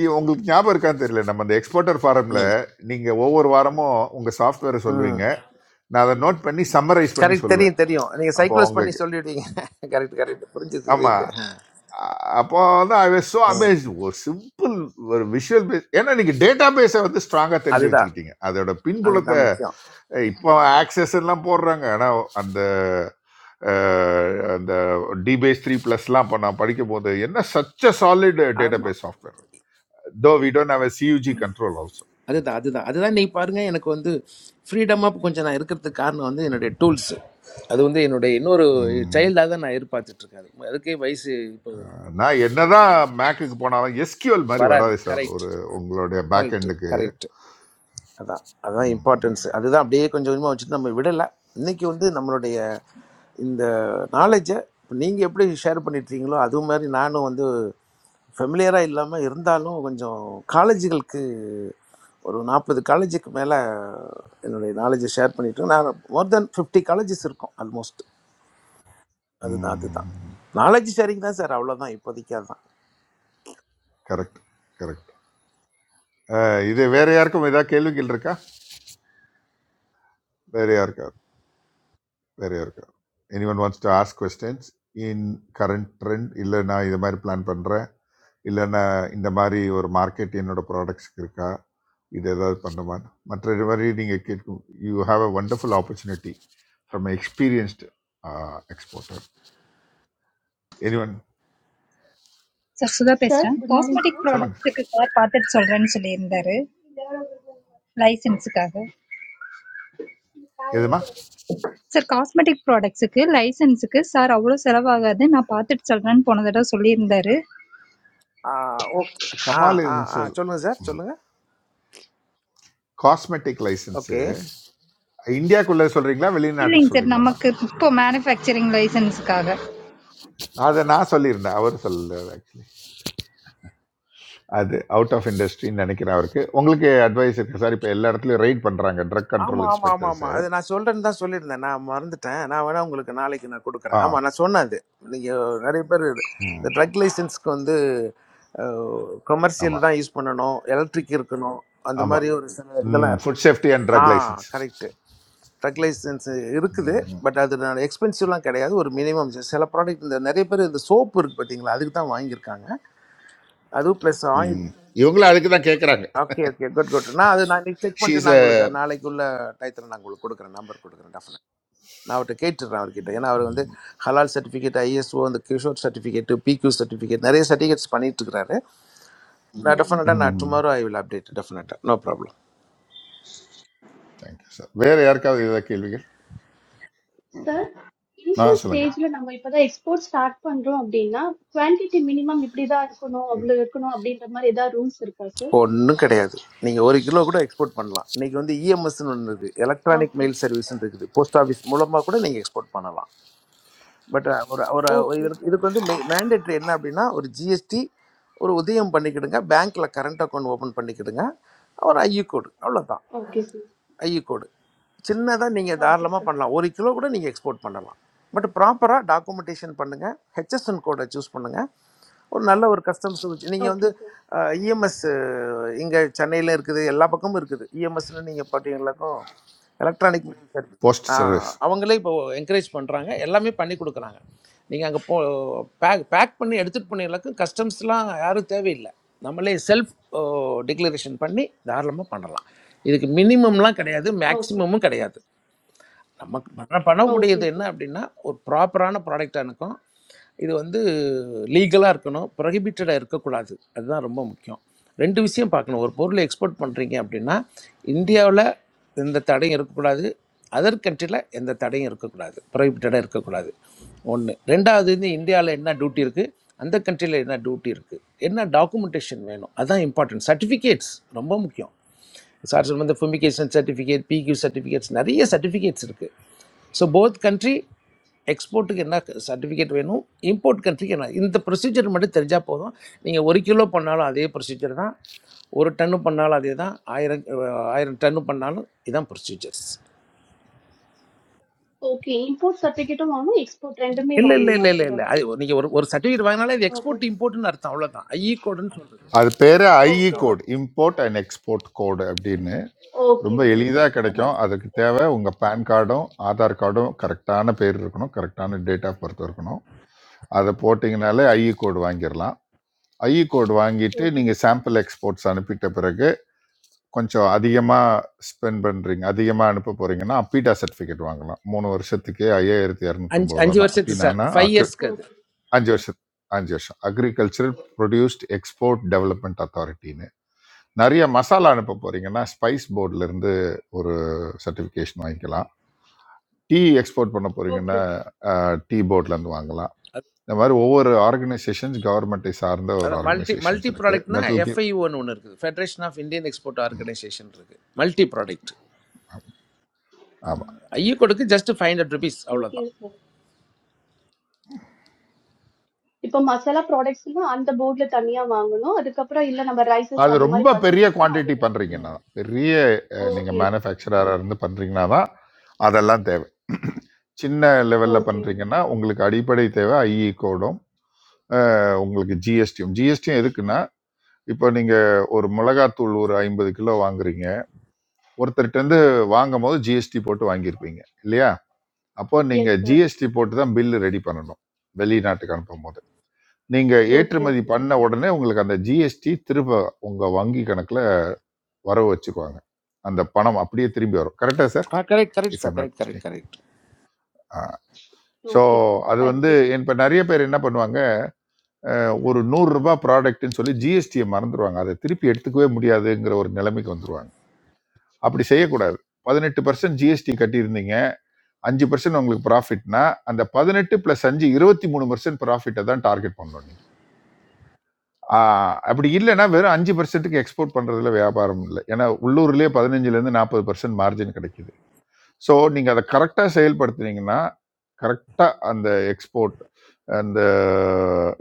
Speaker 8: இ- உங்களுக்கு ஞாபகம் இருக்கான்னு தெரியல நம்ம அந்த எக்ஸ்போர்ட்டர் ஃபாரமில்
Speaker 17: ம்
Speaker 8: நீங்கள் ஒவ்வொரு வாரமும் உங்கள் சாஃப்ட்வேரை
Speaker 17: ம்
Speaker 8: சொல்லுவீங்க நான் அதை நோட் பண்ணி சம்மரைஸ் பண்ணி
Speaker 17: கரெக்ட்
Speaker 8: சொல்லுவேன்
Speaker 17: தெரியும் தெரியும் நீங்கள்
Speaker 8: அப்போ
Speaker 17: சைக்ளோஸ் பண்ணி
Speaker 8: அவங்களுக்கு
Speaker 17: சொல்லிடுவீங்க கரெக்ட் கரெக்ட் புரிஞ்சது
Speaker 8: ஆமாம்
Speaker 17: இது.
Speaker 8: அப்போ வந்து I was so
Speaker 17: hmm
Speaker 8: amazed ஒரு சிம்பிள் ஒரு விஷுவல் பேஸ் ஏன்னா நீங்கள் டேட்டா பேஸை வந்து ஸ்ட்ராங்காக தெரிஞ்சு
Speaker 17: அதுதான்
Speaker 8: வச்சுக்கிட்டீங்க அதோட
Speaker 17: அதுதான்
Speaker 8: பின்புலத்தை
Speaker 17: முக்கியம்
Speaker 8: ஏய், இப்போ ஆக்சஸ் எல்லாம் போடுறாங்க ஆனால் அந்த அஹ், அந்த டிபேஸ் த்ரீ ப்ளஸ்லாம் இப்போ நான் படிக்கும் போது என்ன சச் அ சாலிட் டேட்டா
Speaker 17: ஆமாம்
Speaker 8: base software though we don't have a GUI control also
Speaker 17: அதுதான்
Speaker 8: ஆக்சுவலி
Speaker 17: அதுதான் அதுதான் இன்னைக்கு பாருங்க எனக்கு வந்து ஃப்ரீடமாக கொஞ்சம் நான் இருக்கிறதுக்கு காரணம் வந்து என்னுடைய டூல்ஸ் அது வந்து என்னுடைய இன்னொரு சைல்டாக தான் நான் எதிர்பார்த்துட்டு இருக்கேன் அது. அதுக்கே வயசு இப்போ
Speaker 8: நான் என்னதான் மேக்குக்கு போனாலும் எஸ்கியூஎல் மாதிரி
Speaker 17: வராது
Speaker 8: வராது சார்
Speaker 17: கரெக்ட்
Speaker 8: ஒரு உங்களுடைய பேக்
Speaker 17: கரெக்ட்
Speaker 8: எண்டுக்கு
Speaker 17: கரெக்ட் அதான் அதான் இம்பார்ட்டன்ஸ் அதுதான் அப்படியே கொஞ்சம் கொஞ்சமாக வச்சுட்டு நம்ம விடலை இன்னைக்கு வந்து நம்மளுடைய இந்த நாலேஜை நீங்கள் எப்படி ஷேர் பண்ணிட்டுருக்கீங்களோ அது மாதிரி நானும் வந்து ஃபெமிலியராக இல்லாமல் இருந்தாலும் கொஞ்சம் காலேஜுகளுக்கு ஒரு நாற்பது காலேஜுக்கு மேலே என்னுடைய நாலேஜை ஷேர் பண்ணிட்டு நான் மோர் தென் ஃபிஃப்டி காலேஜஸ் இருக்கும் ஆல்மோஸ்ட் அதுதான் அதுதான் நாலேஜ் ஷேரிங் தான் சார் அவ்வளோதான் இப்போதைக்கு அதுதான்
Speaker 8: கரெக்ட் கரெக்ட் இது வேற யாருக்கும் ஏதாவது கேள்விகள் இருக்கா வேற யாருக்கா நிறையா இருக்கும் any one wants to ask questions in current trend இல்லை நான் இது மாதிரி பிளான் பண்ணுறேன் இல்லை நான் இந்த மாதிரி ஒரு மார்க்கெட் என்னோட ப்ராடக்ட்ஸ்க்கு இருக்கா இது ஏதாவது பண்ணுமா மற்ற இது மாதிரி நீங்கள் கேட்கும் you have a wonderful opportunity from experienced exporter any one
Speaker 19: सरसुदा पेश
Speaker 20: சார்
Speaker 19: रां.
Speaker 20: குட் மார்னிங்
Speaker 19: Cosmetics
Speaker 20: சார்
Speaker 8: சொல்லுங்க
Speaker 19: products के कार पाते चलरां सुलेइन देरे license कागर.
Speaker 8: எதுமா
Speaker 19: सर cosmetics products के license के सार आवडा सराव आगदे ना पाते चलरां पोनदर टा सुलेइन देरे
Speaker 17: ஆ ஓகே ஆ
Speaker 8: கமால்
Speaker 17: ஆ ஆ சொல்லுங்கள் சார் சொல்லுங்கள்
Speaker 8: காஸ்மெட்டிக் லைசன்ஸு
Speaker 17: ஓகே
Speaker 8: இந்தியாக்குள்ளே சொல்கிறீங்களா வெளிநாட்டுக்கு
Speaker 19: इलेंस एड
Speaker 8: சொல்கிறீங்களாம்மா
Speaker 19: नमक तो manufacturing license कागर.
Speaker 8: அதை நான் சொல்லியிருந்தேன் அவர் சொல்லல ஆக்சுவலி அது அவுட் ஆஃப் இண்டஸ்ட்ரின்னு நினைக்கிறேன் அவருக்கு உங்களுக்கு அட்வைஸ் இருக்கு சார் இப்போ எல்லா இடத்துலையும் ரைட் பண்ணுறாங்க ட்ரக் கண்ட்ரோல்
Speaker 17: ஆமாம் ஆமாம் ஆமாம்
Speaker 8: இன்ஸ்பெக்டர்ஸ்
Speaker 17: ஆமாம் அது நான் சொல்கிறேன்னு தான் சொல்லியிருந்தேன் நான் மறந்துட்டேன் நான் வேணால் உங்களுக்கு நாளைக்கு நான் கொடுக்குறேன்
Speaker 8: ஆ
Speaker 17: ஆமாம் நான் சொன்னேன் அது நீங்கள் நிறைய பேர் இந்த
Speaker 8: ம்
Speaker 17: ட்ரக் லைசன்ஸ்க்கு வந்து கமர்ஷியல்
Speaker 8: ஆமாம்
Speaker 17: தான் யூஸ் பண்ணணும் எலக்ட்ரிக் இருக்கணும் அந்த
Speaker 8: ஆமாம்
Speaker 17: மாதிரி ஒரு சில
Speaker 8: ம்
Speaker 17: இதெல்லாம் இருக்கு
Speaker 8: food safety and
Speaker 17: a
Speaker 8: drug license
Speaker 17: correct drug license இருக்குது
Speaker 8: ம்
Speaker 17: பட் அது நான் எக்ஸ்பென்சிவ்லாம் கிடையாது ஒரு மினிமம் சில ப்ராடக்ட் இந்த நிறைய பேர் இந்த சோப்பு இருக்குது பார்த்தீங்களா அதுக்கு தான் வாங்கியிருக்காங்க அதுவும் ப்ளஸ் ஆயில்
Speaker 8: ம். இவங்களும் அதுக்கு தான் கேட்குறாங்க
Speaker 17: ஓகே ஓகே குட் குட் நான் அது நான் இன்னைக்கு செக் பண்ணிட்டு
Speaker 8: ஷீஸ்
Speaker 17: நான் உங்களுக்கு நாளைக்கு உள்ள டயத்தில் நான் உங்களுக்கு கொடுக்குறேன் நம்பர் கொடுக்குறேன் டெஃபினட் நான் அவர்கிட்ட கேட்டுடுறேன் அவர்கிட்ட ஏன்னா அவர் வந்து ஹலால் சர்டிஃபிகேட் ஐஎஸ்ஓ அந்த கிஷோர் சர்டிஃபிகேட் பிக்யூ சர்டிஃபிகேட் நிறைய சர்டிஃபிகேட்ஸ் பண்ணிட்டு இருக்கிறாரு நான் டெஃபினட்டாக நான்
Speaker 8: ம்
Speaker 17: டுமாரோ ஐ வில் அப்டேட் டெஃபினட்டாக நோ ப்ராப்ளம்
Speaker 8: தேங்க்யூ சார் வேறு யாருக்காவது ஏதாவது கேள்விகள்
Speaker 20: சார்
Speaker 8: ஆ
Speaker 20: இனிஷியல்
Speaker 8: சொல்லுங்கள்
Speaker 20: ஸ்டேஜில் நம்ம இப்போ தான் எக்ஸ்போர்ட் ஸ்டார்ட் பண்ணுறோம் அப்படின்னா குவான்டிட்டி மினிமம் இப்படி தான் இருக்கணும் அவ்வளோ இருக்கணும் அப்படின்ற மாதிரி ஏதாவது ரூல்ஸ் இருக்கா சார்
Speaker 17: ஒன்றும் கிடையாது நீங்கள் ஒரு கிலோ கூட எக்ஸ்போர்ட் பண்ணலாம் இன்னைக்கு வந்து இஎம்எஸ்ன்னு ஒன்று இருக்குது எலக்ட்ரானிக்
Speaker 20: ஓகே
Speaker 17: மெயில் சர்வீஸ்னு இருக்குது போஸ்ட் ஆஃபீஸ் மூலமாக கூட நீங்கள் எக்ஸ்போர்ட் பண்ணலாம் பட் ஒரு ஒரு ஒரு
Speaker 20: ஓகே
Speaker 17: இதற்கு
Speaker 20: சார்
Speaker 17: இதுக்கு வந்து மே மேண்டேட்ரி என்ன அப்படின்னா ஒரு ஜிஎஸ்டி ஒரு உதயம் பண்ணிக்கிடுங்க பேங்க்கில் கரண்ட் அக்கௌண்ட் ஓப்பன் பண்ணிக்கிடுங்க ஒரு ஐயூ கோடு அவ்வளவுதான்
Speaker 20: ஓகே சார்
Speaker 17: ஐஇகோடு சின்னதாக நீங்கள்
Speaker 20: ஓகே
Speaker 17: தாராளமாக
Speaker 20: சார்
Speaker 17: பண்ணலாம் ஒரு கிலோ கூட நீங்கள் எக்ஸ்போர்ட் பண்ணலாம் பட் ப்ராப்பராக டாக்குமெண்டேஷன் பண்ணுங்கள் ஹெச்எஸ்என் கோடை சூஸ் பண்ணுங்கள் ஒரு நல்ல ஒரு கஸ்டம்ஸ் நீங்கள் வந்து
Speaker 20: ஓகே சார்
Speaker 17: இஎம்எஸ் இங்கே சென்னையில் இருக்குது எல்லா பக்கமும் இருக்குது இஎம்எஸ்னு நீங்கள் பார்த்தீங்களாக்கும் எலக்ட்ரானிக்
Speaker 8: போஸ்ட் சர்வீஸ்
Speaker 17: அவங்களே இப்போ என்கரேஜ் பண்ணுறாங்க எல்லாமே பண்ணி கொடுக்குறாங்க நீங்கள் அங்கே போ பேக் பேக் பண்ணி எடுத்துகிட்டு போனீங்களுக்கும் கஸ்டம்ஸ்லாம் யாரும் தேவையில்லை நம்மளே செல்ஃப் டிக்ளரேஷன் பண்ணி தாராளமாக பண்ணலாம் இதுக்கு மினிமம்லாம் கிடையாது
Speaker 20: ஓகே
Speaker 17: மேக்ஸிமமும் கிடையாது நமக்கு பண்ண
Speaker 20: ஓகே
Speaker 17: பண்ணக்கூடியது என்ன
Speaker 20: சார்
Speaker 17: அப்படின்னா ஒரு ப்ராப்பரான ப்ராடக்டாக இருக்கும் இது வந்து லீகலாக இருக்கணும் ப்ரொஹிபிட்டடாக இருக்கக்கூடாது அதுதான் ரொம்ப முக்கியம் ரெண்டு விஷயம் பார்க்கணும் ஒரு பொருளை எக்ஸ்போர்ட் பண்ணுறீங்க அப்படின்னா இந்தியாவில் எந்த தடையும் இருக்கக்கூடாது அதர் கண்ட்ரியில் எந்த தடையும் இருக்கக்கூடாது ப்ரொஹிபிட்டடாக இருக்கக்கூடாது ஒன்று ரெண்டாவது வந்து இந்தியாவில் என்ன டியூட்டி
Speaker 20: ஓகே சார்
Speaker 17: இருக்குது அந்த கண்ட்ரியில் என்ன டியூட்டி இருக்குது என்ன டாக்குமெண்டேஷன் வேணும் அதுதான் இம்பார்ட்டன்ட் சர்டிஃபிகேட்ஸ் ரொம்ப முக்கியம் சார் சொன்ன ஃபுமிகேஷன் சர்டிஃபிகேட் பிக்யூ சர்டிஃபிகேட்ஸ் நிறைய சர்டிஃபிகேட்ஸ் இருக்குது ஸோ போத் கண்ட்ரி எக்ஸ்போர்ட்டுக்கு என்ன சர்டிஃபிகேட் வேணும் இம்போர்ட் கண்ட்ரிக்கு என்ன இந்த ப்ரொசீஜர் மட்டும் தெரிஞ்சால் போதும் நீங்கள் ஒரு கிலோ பண்ணாலும் அதே ப்ரொசீஜர் தான் ஒரு டன்னு பண்ணாலும் அதே தான் ஆயிரம் அஹ், ஆயிரம் டன்னு பண்ணாலும் இதான் ப்ரொசீஜர்ஸ்
Speaker 20: ஓகே இம்போர்ட் சர்டிஃபிகேட்டும் வாங்கணும் எக்ஸ்போர்ட் ரெண்டுமே
Speaker 17: இல்லை இல்லை
Speaker 20: வாங்கணுமா
Speaker 17: இல்லை இல்லை
Speaker 20: சார்
Speaker 17: இல்லை
Speaker 20: அதுக்கு
Speaker 17: அது நீங்கள் ஒரு ஒரு சர்டிஃபிகேட் வாங்கினாலே இது
Speaker 20: ஓகே
Speaker 17: எக்ஸ்போர்ட் இம்போர்ட்னு அர்த்தம் அவ்வளோதான் ஐஇ கோடுன்னு சொல்கிறது
Speaker 8: அது பேர் ஐஇ
Speaker 20: ஓகே
Speaker 8: கோட்
Speaker 17: அவ்வளோதான்
Speaker 8: இம்போர்ட் அண்ட் எக்ஸ்போர்ட் கோடு அப்படின்னு
Speaker 20: ஓகே
Speaker 8: ரொம்ப
Speaker 20: ஓகே
Speaker 8: எளிதாக
Speaker 20: சார்
Speaker 8: கிடைக்கும்
Speaker 17: ஆமாம்
Speaker 8: அதுக்கு தேவை உங்கள் பேன் கார்டும் ஆதார் கார்டும் கரெக்டான பேர் இருக்கணும் கரெக்டான டேட் ஆஃப் பர்த் இருக்கணும் அதை போட்டிங்கனாலே ஐஇ கோட் வாங்கிடலாம் ஐஇ கோட் வாங்கிட்டு
Speaker 20: ஓகே
Speaker 8: நீங்கள் சாம்பிள் எக்ஸ்போர்ட்ஸ் அனுப்பிட்ட பிறகு கொஞ்சம் அதிகமாக ஸ்பெண்ட் பண்ணுறீங்க அதிகமாக அனுப்ப போகிறீங்கன்னா அப்பீடா சர்டிஃபிகேட் வாங்கலாம் மூணு வருஷத்துக்கே ஐயாயிரத்தி
Speaker 17: அஞ்சு
Speaker 8: இரநூத்தம்பது ரூபா
Speaker 17: அஞ்சு
Speaker 8: தான்
Speaker 17: வருஷத்துக்கு சார்
Speaker 8: அப்படின்னா
Speaker 17: ஃபைவ்
Speaker 8: அக்ரி
Speaker 17: இயர்ஸ்க்கு அது
Speaker 20: ஓகே
Speaker 8: அஞ்சு வருஷம் அஞ்சு வருஷம் அக்ரிகல்ச்சரல் ப்ரொடியூஸ்ட் எக்ஸ்போர்ட் டெவலப்மெண்ட் அத்தாரிட்டின்னு நிறைய மசாலா அனுப்ப போகிறீங்கன்னா ஸ்பைஸ் இருந்து ஒரு சர்டிஃபிகேஷன் வாங்கிக்கலாம் டீ எக்ஸ்போர்ட் பண்ண போகிறீங்கன்னா
Speaker 20: ஓகே
Speaker 8: டீ போர்ட்லேருந்து வாங்கலாம் இந்த மாதிரி ஒவ்வொரு ஆர்கனைசேஷன்ஸ் கவர்மெண்ட்டை சார்ந்த ஒரு
Speaker 17: அதான் மல்டி
Speaker 8: ஆர்கனைசேஷன்ஸ்
Speaker 17: மல்டி
Speaker 8: இருக்கு
Speaker 17: ப்ராடக்ட்னா
Speaker 8: தட் will give
Speaker 17: எஃப்ஐயூன்னு ஒன்று இருக்குது federation of Indian export organisation இருக்குது மல்டி ப்ராடக்ட்
Speaker 8: ஆமாம்
Speaker 17: ஐயக்கோடுக்கு just five hundred rupees
Speaker 20: okay
Speaker 17: அவ்வளோதான்
Speaker 20: சார், இப்ப மசாலா ப்ராடக்ட்ஸ்னா அந்த போர்ட்ல தனியா வாங்கணும். அதுக்கப்புறம் இல்ல நம்ம ரைஸஸ்
Speaker 8: அது
Speaker 20: அந்த மாதிரி
Speaker 8: ரொம்ப
Speaker 20: பல்சஸ்
Speaker 8: பெரிய
Speaker 20: இருக்குன்னா
Speaker 8: குவாண்டிட்டி
Speaker 20: அதுக்கு
Speaker 8: பண்ணுறீங்கன்னா பெரிய அஹ், நீங்க
Speaker 20: ஓகே.
Speaker 8: மேனுஃபேக்சரராக இருந்து பண்ணுறீங்கன்னா தான் அதெல்லாம் தேவை சின்ன லெவலில்
Speaker 20: ஓகே.
Speaker 8: பண்ணுறீங்கன்னா உங்களுக்கு அடிப்படை தேவை ஐஇ கோடும் அஹ், உங்களுக்கு ஜிஎஸ்டியும் ஜிஎஸ்டியும் எதுக்குன்னா இப்போ நீங்கள் ஒரு மிளகாத்தூள் ஒரு ஐம்பது கிலோ வாங்குறீங்க ஒருத்தர்கிட்ட இருந்து வாங்கும் போது ஜிஎஸ்டி போட்டு வாங்கியிருப்பீங்க இல்லையா அப்போ
Speaker 20: எஸ்
Speaker 8: நீங்கள்
Speaker 20: சார்.
Speaker 8: ஜிஎஸ்டி போட்டு தான் பில்லு ரெடி பண்ணணும் வெளிநாட்டுக்கு அனுப்பும் போது நீங்க
Speaker 20: ஓகே,
Speaker 8: ஏற்றுமதி
Speaker 20: ஓகே.
Speaker 8: பண்ண உடனே உங்களுக்கு அந்த ஜிஎஸ்டி திரும்ப உங்க வங்கி கணக்குல வரவு வச்சிருவாங்க அந்த பணம் அப்படியே திரும்பி வரும் கரெக்டா sir
Speaker 17: ah correct correct
Speaker 8: if
Speaker 17: sir
Speaker 8: I'm not
Speaker 17: correct correct
Speaker 8: mistake
Speaker 17: correct
Speaker 8: so
Speaker 20: okay sir.
Speaker 8: அது
Speaker 20: தேங்க்
Speaker 8: வந்து
Speaker 20: யூ.
Speaker 8: இப்போ நிறைய பேர் என்ன பண்ணுவாங்க ஒரு நூறுரூபா ப்ராடக்ட்னு சொல்லி ஜிஎஸ்டியை மறந்துடுவாங்க அதை திருப்பி எடுத்துக்கவே முடியாதுங்கிற ஒரு நிலைமைக்கு வந்துருவாங்க அப்படி செய்யக்கூடாது பதினெட்டு பர்சன்ட் ஜிஎஸ்டி கட்டியிருந்தீங்க அஞ்சு பர்சன்ட் உங்களுக்கு ப்ராஃபிட்னா அந்த பதினெட்டு ப்ளஸ் அஞ்சு இருபத்தி மூணு பர்சன்ட் ப்ராஃபிட்டை தான் டார்கெட் பண்ணணும் நீங்க ஆஹ் அப்படி இல்லைன்னா வெறும் அஞ்சு பர்சன்ட்டுக்கு எக்ஸ்போர்ட் பண்றதுல வியாபாரம் இல்லை ஏன்னா உள்ளூர்லேயே பதினஞ்சுலேருந்து நாற்பது பர்சன்ட் மார்ஜின் கிடைக்குது ஸோ நீங்கள் அதை கரெக்டாக செயல்படுத்துனீங்கன்னா கரெக்டாக அந்த எக்ஸ்போர்ட் அந்த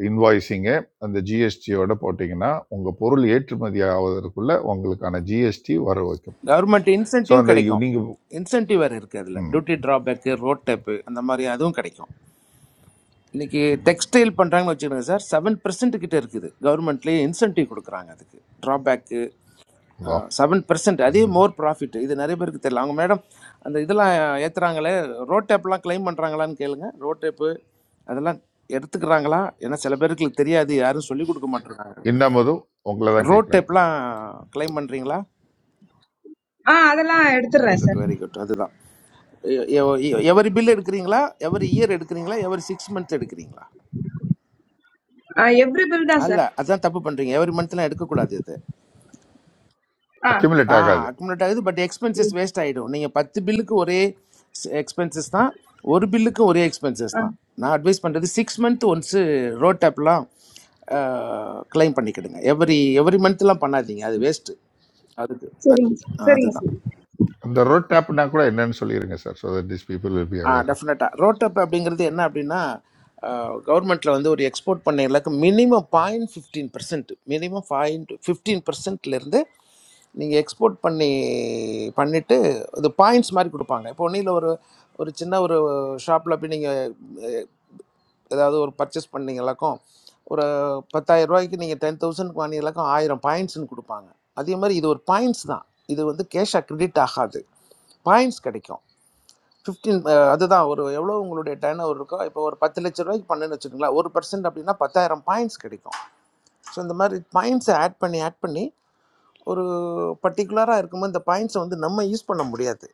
Speaker 8: இன்வாய்ஸிங்கு அந்த ஜிஎஸ்டியோட போட்டிங்கன்னா உங்கள் பொருள் ஏற்றுமதி ஆவதற்குள்ள உங்களுக்கான ஜிஎஸ்டி வர வைக்கும்
Speaker 17: கவர்மெண்ட்
Speaker 8: ஸோ
Speaker 17: இன்சென்டிவ்
Speaker 8: அந்த
Speaker 17: கிடைக்கும்
Speaker 8: நீங்கள்
Speaker 17: இன்சென்டிவ் வேறு இருக்குது அதில் டியூட்டி ட்ராபேக்கு ரோட் டேப்பு அந்த மாதிரி அதுவும் கிடைக்கும் இன்னைக்கு டெக்ஸ்டைல் பண்ணுறாங்கன்னு வச்சுக்கோங்க சார் செவன் பர்சன்ட் கிட்ட இருக்குது கவர்மெண்ட்லேயே இன்சென்டிவ் கொடுக்குறாங்க அதுக்கு ட்ராபேக்கு செவன் பர்சன்ட் அதே மோர் ப்ராஃபிட் இது நிறைய பேருக்கு தெரியல அவங்க மேடம் அந்த இதெல்லாம் ஏற்றுறாங்களே ரோட் டேப்லாம் க்ளைம் பண்ணுறாங்களான்னு கேளுங்க ரோட் டேப்பு அதெல்லாம் எடுத்துக்கிறாங்களா ஏன்னா சில பேருக்கு தெரியாது யாரும் சொல்லிக் கொடுக்க மாட்டேறாங்க
Speaker 8: இன்னமுதும் உங்களை தான்
Speaker 17: ரோட்
Speaker 8: கேட்குறாங்க
Speaker 17: டேப்லாம் க்ளைம் பண்ணுறீங்களா
Speaker 18: ஆ அதெல்லாம்
Speaker 17: வெரி
Speaker 18: எடுத்துடுறேன்
Speaker 17: குட்
Speaker 18: சார்
Speaker 17: வெரி குட் அதுதான் எவரி பில் எடுக்கிறீங்களா எவரி இயர் எடுக்கிறீங்களா எவரி சிக்ஸ் மந்த் எடுக்கிறீங்களா
Speaker 18: எவ்ரி பில் தான்
Speaker 17: அல்ல
Speaker 18: சார்
Speaker 17: அதான் தப்பு பண்ணுறீங்க எவரி மந்த்லாம் எடுக்கக்கூடாது இது
Speaker 18: ஆ
Speaker 8: அக்யூமுலேட்
Speaker 17: ஆ
Speaker 8: ஆகாது
Speaker 17: அக்குமுலேட் ஆகுது பட் எக்ஸ்பென்சஸ் வேஸ்ட் ஆகிடும் நீங்கள் பத்து பில்லுக்கு ஒரே எக்ஸ்பென்சஸ் தான் ஒரு பில்லுக்கு ஒரே எக்ஸ்பென்சஸ்
Speaker 18: ஆ
Speaker 17: தான் நான் அட்வைஸ் பண்ணுறது சிக்ஸ் மந்த் ஒன்ஸு ரோட் டேப்லாம் கிளைம் பண்ணிக்கிடுங்க எவ்ரி எவ்ரி மந்த்லாம் பண்ணாதீங்க அது வேஸ்ட்டு அதுக்கு அது
Speaker 18: சரிங்க சார்
Speaker 17: ஆ,
Speaker 18: சரிங்க
Speaker 17: அதுதான்
Speaker 18: சார்
Speaker 8: அந்த ரோட் டேப்னா கூட என்னன்னு சொல்லிடுங்க sir so that this people will be
Speaker 17: uh
Speaker 8: aware of
Speaker 17: டெஃபினட்டாக ரோட்டப் அப்படிங்கிறது என்ன அப்படின்னா கவர்மெண்ட்டில் வந்து ஒரு எக்ஸ்போர்ட் பண்ண இலக்கு minimum point fifteen percent minimum point fifteen பர்சன்ட்லேருந்து நீங்கள் எக்ஸ்போர்ட் பண்ணி பண்ணிவிட்டு இது பாயிண்ட்ஸ் மாதிரி கொடுப்பாங்க இப்போ ஒன்றும் ஒரு ஒரு சின்ன ஒரு ஷாப்பில் போய் நீங்கள் ஏதாவது ஒரு பர்ச்சேஸ் பண்ணீங்களாக்கும் ஒரு பத்தாயிரம் ரூபாய்க்கு நீங்கள் டென் தௌசண்ட் வாங்கினீங்களாக்கும் ஆயிரம் பாயிண்ட்ஸ்னு கொடுப்பாங்க அதே மாதிரி இது ஒரு பாயிண்ட்ஸ் தான் இது வந்து கேஷாக கிரெடிட் ஆகாது பாயிண்ட்ஸ் கிடைக்கும் ஃபிஃப்டீன் அதுதான் ஒரு எவ்வளோ உங்களுடைய டர்ன் ஓவர் இருக்கோ இப்போ ஒரு பத்து லட்ச ரூபாய்க்கு பண்ணுன்னு வச்சுக்கோங்களேன் ஒரு பர்சன்ட் அப்படின்னா பத்தாயிரம் பாயிண்ட்ஸ் கிடைக்கும் ஸோ இந்த மாதிரி பாயிண்ட்ஸை ஆட் பண்ணி ஆட் பண்ணி ஒரு பர்டிகுலராக இருக்கும்போது இந்த பாயிண்ட்ஸை வந்து நம்ம யூஸ் பண்ண முடியாது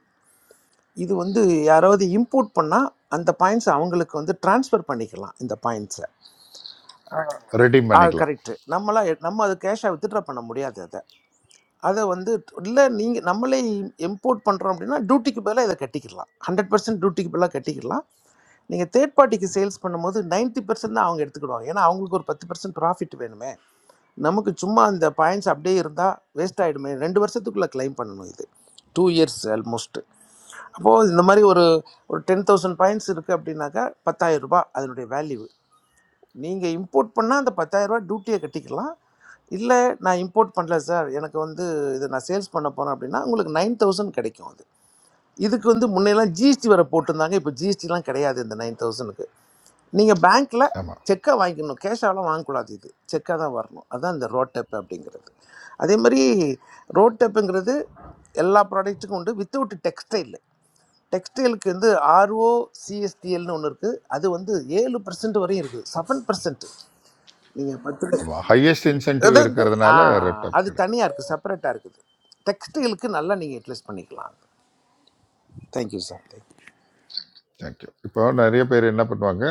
Speaker 17: இது வந்து யாராவது இம்போர்ட் பண்ணால் அந்த பாயிண்ட்ஸை அவங்களுக்கு வந்து ட்ரான்ஸ்ஃபர் பண்ணிக்கலாம் இந்த பாயிண்ட்ஸை
Speaker 8: ரெடீம்
Speaker 17: ஆ
Speaker 8: பண்ணிக்கலாம்
Speaker 17: கரெக்டு நம்மளாம் எ- நம்ம அது கேஷாக வித்ட்ரா பண்ண முடியாது அதை அதை வந்து இல்லை நீங்கள் நம்மளே இம்போர்ட் பண்ணுறோம் அப்படின்னா டியூட்டிக்கு பதிலாக இதை கட்டிக்கலாம் ஹண்ட்ரட் பர்சன்ட் டியூட்டிக்கு பதிலாக கட்டிக்கலாம் நீங்கள் தேர்ட் பார்ட்டிக்கு சேல்ஸ் பண்ணும்போது 90% பர்சன்ட் தான் அவங்க எடுத்துக்கிடுவாங்க ஏன்னா அவங்களுக்கு ஒரு பத்து பர்சன்ட் ப்ராஃபிட் வேணுமே நமக்கு சும்மா அந்த பாயிண்ட்ஸ் அப்படியே இருந்தால் வேஸ்ட் ஆகிடுமே ரெண்டு வருஷத்துக்குள்ளே கிளைம் பண்ணணும் இது டூ இயர்ஸ் ஆல்மோஸ்ட் அப்போது இந்த மாதிரி ஒரு ஒரு டென் தௌசண்ட் பாயிண்ட்ஸ் இருக்குது அப்படின்னாக்கா பத்தாயிரம் ரூபாய் அதனுடைய வேல்யூ நீங்கள் இம்போர்ட் பண்ணால் அந்த 10000 ரூபாய் டியூட்டியை கட்டிக்கலாம் இல்லை நான் இம்போர்ட் பண்ணல சார் எனக்கு வந்து இதை நான் சேல்ஸ் பண்ண போகிறேன் அப்படின்னா உங்களுக்கு நைன் தௌசண்ட் கிடைக்கும் அது இதுக்கு வந்து முன்னையெல்லாம் ஜிஎஸ்டி வர போட்டிருந்தாங்க இப்போ ஜிஎஸ்டிலாம் கிடையாது இந்த நைன் தௌசண்ட்க்கு. நீங்கள் பேங்க்கில்
Speaker 8: ஆமாம்
Speaker 17: செக்காக வாங்கிக்கணும் கேஷாலாம் வாங்கக்கூடாது இது செக்காக தான் வரணும் அதுதான் இந்த ரோட் டெப் அப்படிங்கிறது அதே மாதிரி ரோட் டெப்புங்கிறது எல்லா ப்ராடக்ட்டுக்கும் உண்டு வித்தவுட் டெக்ஸ்டைல் டெக்ஸ்டைலுக்கு வந்து ஆர்ஓ சிஎஸ்டிஎல்னு ஒன்று இருக்குது அது வந்து ஏழு பர்சன்ட் வரையும் இருக்குது செவன் பர்சன்ட் நீங்கள் பத்து
Speaker 8: ஆமாம் ஹையஸ்ட் இன்சென்டிவ்
Speaker 17: அது வந்து ஆ
Speaker 8: இருக்கிறதுனால ரெப்டாப்
Speaker 17: அது
Speaker 8: கிடையாது
Speaker 17: தனியாக இருக்குது செப்பரேட்டாக இருக்குது டெக்ஸ்டைலுக்கு நல்லா நீங்கள் யூட்டிலைஸ் பண்ணிக்கலாம் தேங்க்யூ சார் தேங்க்யூ
Speaker 8: தேங்க்யூ இப்போ நிறைய பேர் என்ன பண்ணுவாங்க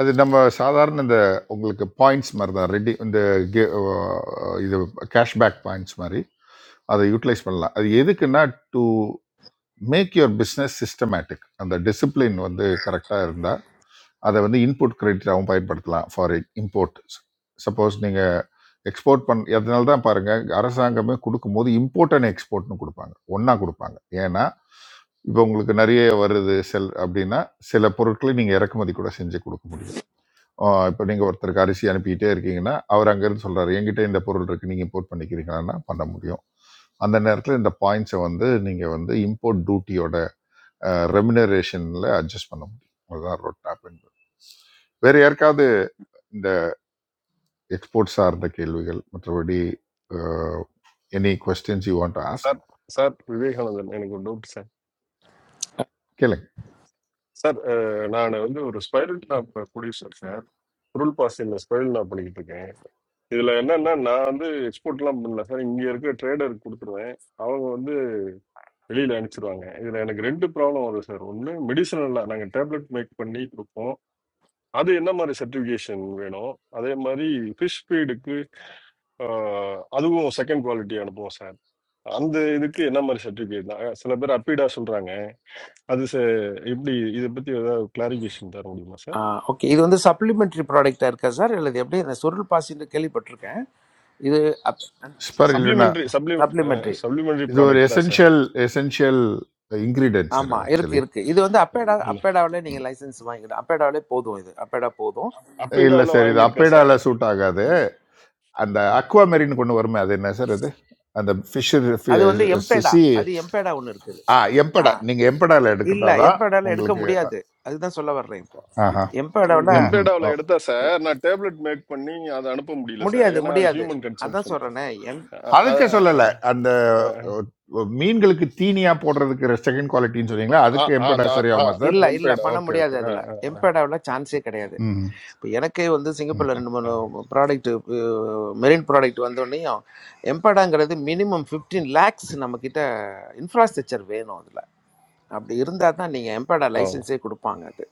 Speaker 8: அது நம்ம சாதாரண இந்த உங்களுக்கு பாயிண்ட்ஸ் மாதிரி தான் ரெடி இந்த gi- அஹ் இது கேஷ்பேக் பாயிண்ட்ஸ் மாதிரி அதை யூட்டிலைஸ் பண்ணலாம் அது எதுக்குன்னா to make your business systematic அந்த டிசிப்ளின் வந்து கரெக்டாக இருந்தால் அதை வந்து இன்புட் கிரெடிட்டாகவும் பயன்படுத்தலாம் ஃபார் இம்போர்ட் சப்போஸ் நீங்கள் எக்ஸ்போர்ட் பண் அதனால தான் பாருங்கள் அரசாங்கமே கொடுக்கும்போது இம்போர்ட் அண்ட் எக்ஸ்போர்ட்னு கொடுப்பாங்க ஒன்றா கொடுப்பாங்க ஏன்னா இப்போ உங்களுக்கு நிறைய வருது செல் அப்படின்னா சில பொருட்களை நீங்கள் இறக்குமதி கூட செஞ்சு கொடுக்க முடியும் ஆஹ் இப்போ நீங்கள் ஒருத்தருக்கு அரிசி அனுப்பிக்கிட்டே இருக்கீங்கன்னா அவர் அங்கேருந்து சொல்கிறாரு என்கிட்ட இந்த பொருள் இருக்குது நீங்கள் இம்போர்ட் பண்ணிக்கிறீங்களான்னா பண்ண முடியும் அந்த நேரத்தில் இந்த பாயிண்ட்ஸை வந்து நீங்கள் வந்து இம்போர்ட் டியூட்டியோட ரெமினரேஷனில் அட்ஜஸ்ட் பண்ண முடியும் அதுதான் ரோட் மேப் என்பது வேறு யாருக்காவது இந்த எக்ஸ்போர்ட் சார்ந்த கேள்விகள் மற்றபடி any questions you want to ask
Speaker 21: sir sir Vivekanandan எனக்கு ஒரு டவுட் சார்
Speaker 8: கேளுங்க
Speaker 21: சார் நான் வந்து ஒரு ஸ்பைரல் டாப் ப்ரொடியூசர் சார் குருல் பாசியில் ஸ்பைரல் டாப் பண்ணிக்கிட்டு இருக்கேன் இதில் என்னன்னா நான் வந்து எக்ஸ்போர்ட்லாம் பண்ணல சார் இங்கே இருக்க ட்ரேடருக்கு கொடுத்துருவேன் அவங்க வந்து வெளியில் அனுப்பிச்சிருவாங்க இதில் எனக்கு ரெண்டு ப்ராப்ளம் வரும் சார் ஒன்று மெடிசனலாக நாங்கள் டேப்லெட் மேக் பண்ணி கொடுப்போம் அது என்ன மாதிரி சர்டிஃபிகேஷன் வேணும் அதே மாதிரி ஃபிஷ் ஃபீடுக்கு அதுவும் செகண்ட் குவாலிட்டி அனுப்புவோம் சார் அந்த இதுக்கு என்ன மாதிரி சர்டிஃபிகேட் சில பேர் அப்பிடா சொல்கிறாங்க அது ச எப்படி இதை பத்தி ஏதாவது கிளாரிஃபிகேஷன் தர முடியுமா சார்
Speaker 17: ஓகே இது வந்து சப்ளிமெண்ட்ரி ப்ராடக்டாக இருக்கா சார் இல்லை இது எப்படி நான் சுருள் பாசின்னு கேள்விப்பட்டிருக்கேன் இது
Speaker 8: ஸ்பர் இல்லைன்னா
Speaker 21: சப்ளிமெண்ட்ரி சப்ளிமெண்ட்
Speaker 17: சப்ளிமெண்ட்ரி
Speaker 21: சப்ளிமெண்ட்ரி
Speaker 8: இது ஒரு
Speaker 21: ப்ராடக்ட் தான் sir
Speaker 8: essential essential ingredient sir
Speaker 17: ஆமா
Speaker 8: அது
Speaker 17: இருக்கு
Speaker 8: ஆக்சுவலி
Speaker 17: இருக்கு இது வந்து அப்பேடா
Speaker 21: ஆமா,
Speaker 17: அப்பேடாவிலே நீங்க லைசென்ஸ் வாங்கிக்கலாம் அப்பேடாவிலே போதும் இது அப்பேடா போதும்
Speaker 8: இல்லை
Speaker 21: அப்பிடாவில்
Speaker 8: சார் இது
Speaker 21: வாங்கியிருக்கேன் சார்
Speaker 8: அப்பேடால சூட் ஆகாது அந்த அக்வா மெரின் கொண்டு வருமே அது என்ன சார் அது அந்த ஃபிஷ்
Speaker 17: அது வந்து எம்பேடா
Speaker 8: சி
Speaker 17: அது எம்பேடா ஒன்று இருக்குது
Speaker 8: ஆ
Speaker 17: ஆ
Speaker 8: எம்படா நீங்க எம்படால
Speaker 17: இல்ல
Speaker 8: எடுக்கிறதா தான்
Speaker 17: எம்பேடால எடுக்க
Speaker 8: உங்களுக்கு
Speaker 17: முடியாது அதுதான் சொல்ல வர்றேன் இப்போ
Speaker 8: ஆஹா
Speaker 17: எம்பேடாவில்
Speaker 8: ம் ம் ஓ
Speaker 21: எம்பேடாவில் எடுத்தா சார் நான் டேப்லெட் மேக் பண்ணி அதை அனுப்ப முடியல சார்
Speaker 17: முடியாது
Speaker 21: ஏன்னா அது
Speaker 17: முடியாது
Speaker 21: ஹியூமன்
Speaker 17: அதான்
Speaker 21: கன்சம்ஷன்
Speaker 17: சொல்றேனே எம்
Speaker 8: அதுக்கு சொல்லலை அந்த ஒ, ஒ, மீன்களுக்கு தீனியா போடுறதுக்கு செகண்ட் குவாலிட்டின்னு சொன்னீங்களா அதுக்கு எம்படா சரியாகுமா சார்
Speaker 17: இல்ல இல்ல
Speaker 21: எம்பேடா
Speaker 17: பண்ண
Speaker 21: ஓகே
Speaker 17: முடியாது
Speaker 21: ஓகே
Speaker 17: அதுல எம்பேடாவில் சான்ஸே கிடையாது
Speaker 8: ம்
Speaker 17: இப்போ எனக்கே வந்து சிங்கப்பூரில்
Speaker 8: ம்
Speaker 17: ரெண்டு மூணு ப்ராடக்ட் மெரின் ப்ராடக்ட் வந்தோடனையும் எம்படாங்கிறது மினிமம் ஃபிஃப்டீன் லேக்ஸ் நம்மக்கிட்ட இன்ஃப்ராஸ்ட்ரக்சர் வேணும் அதில் அப்படி இருந்தால் தான் நீங்கள் எம்படா
Speaker 21: ஓ
Speaker 17: லைசன்ஸே கொடுப்பாங்க அது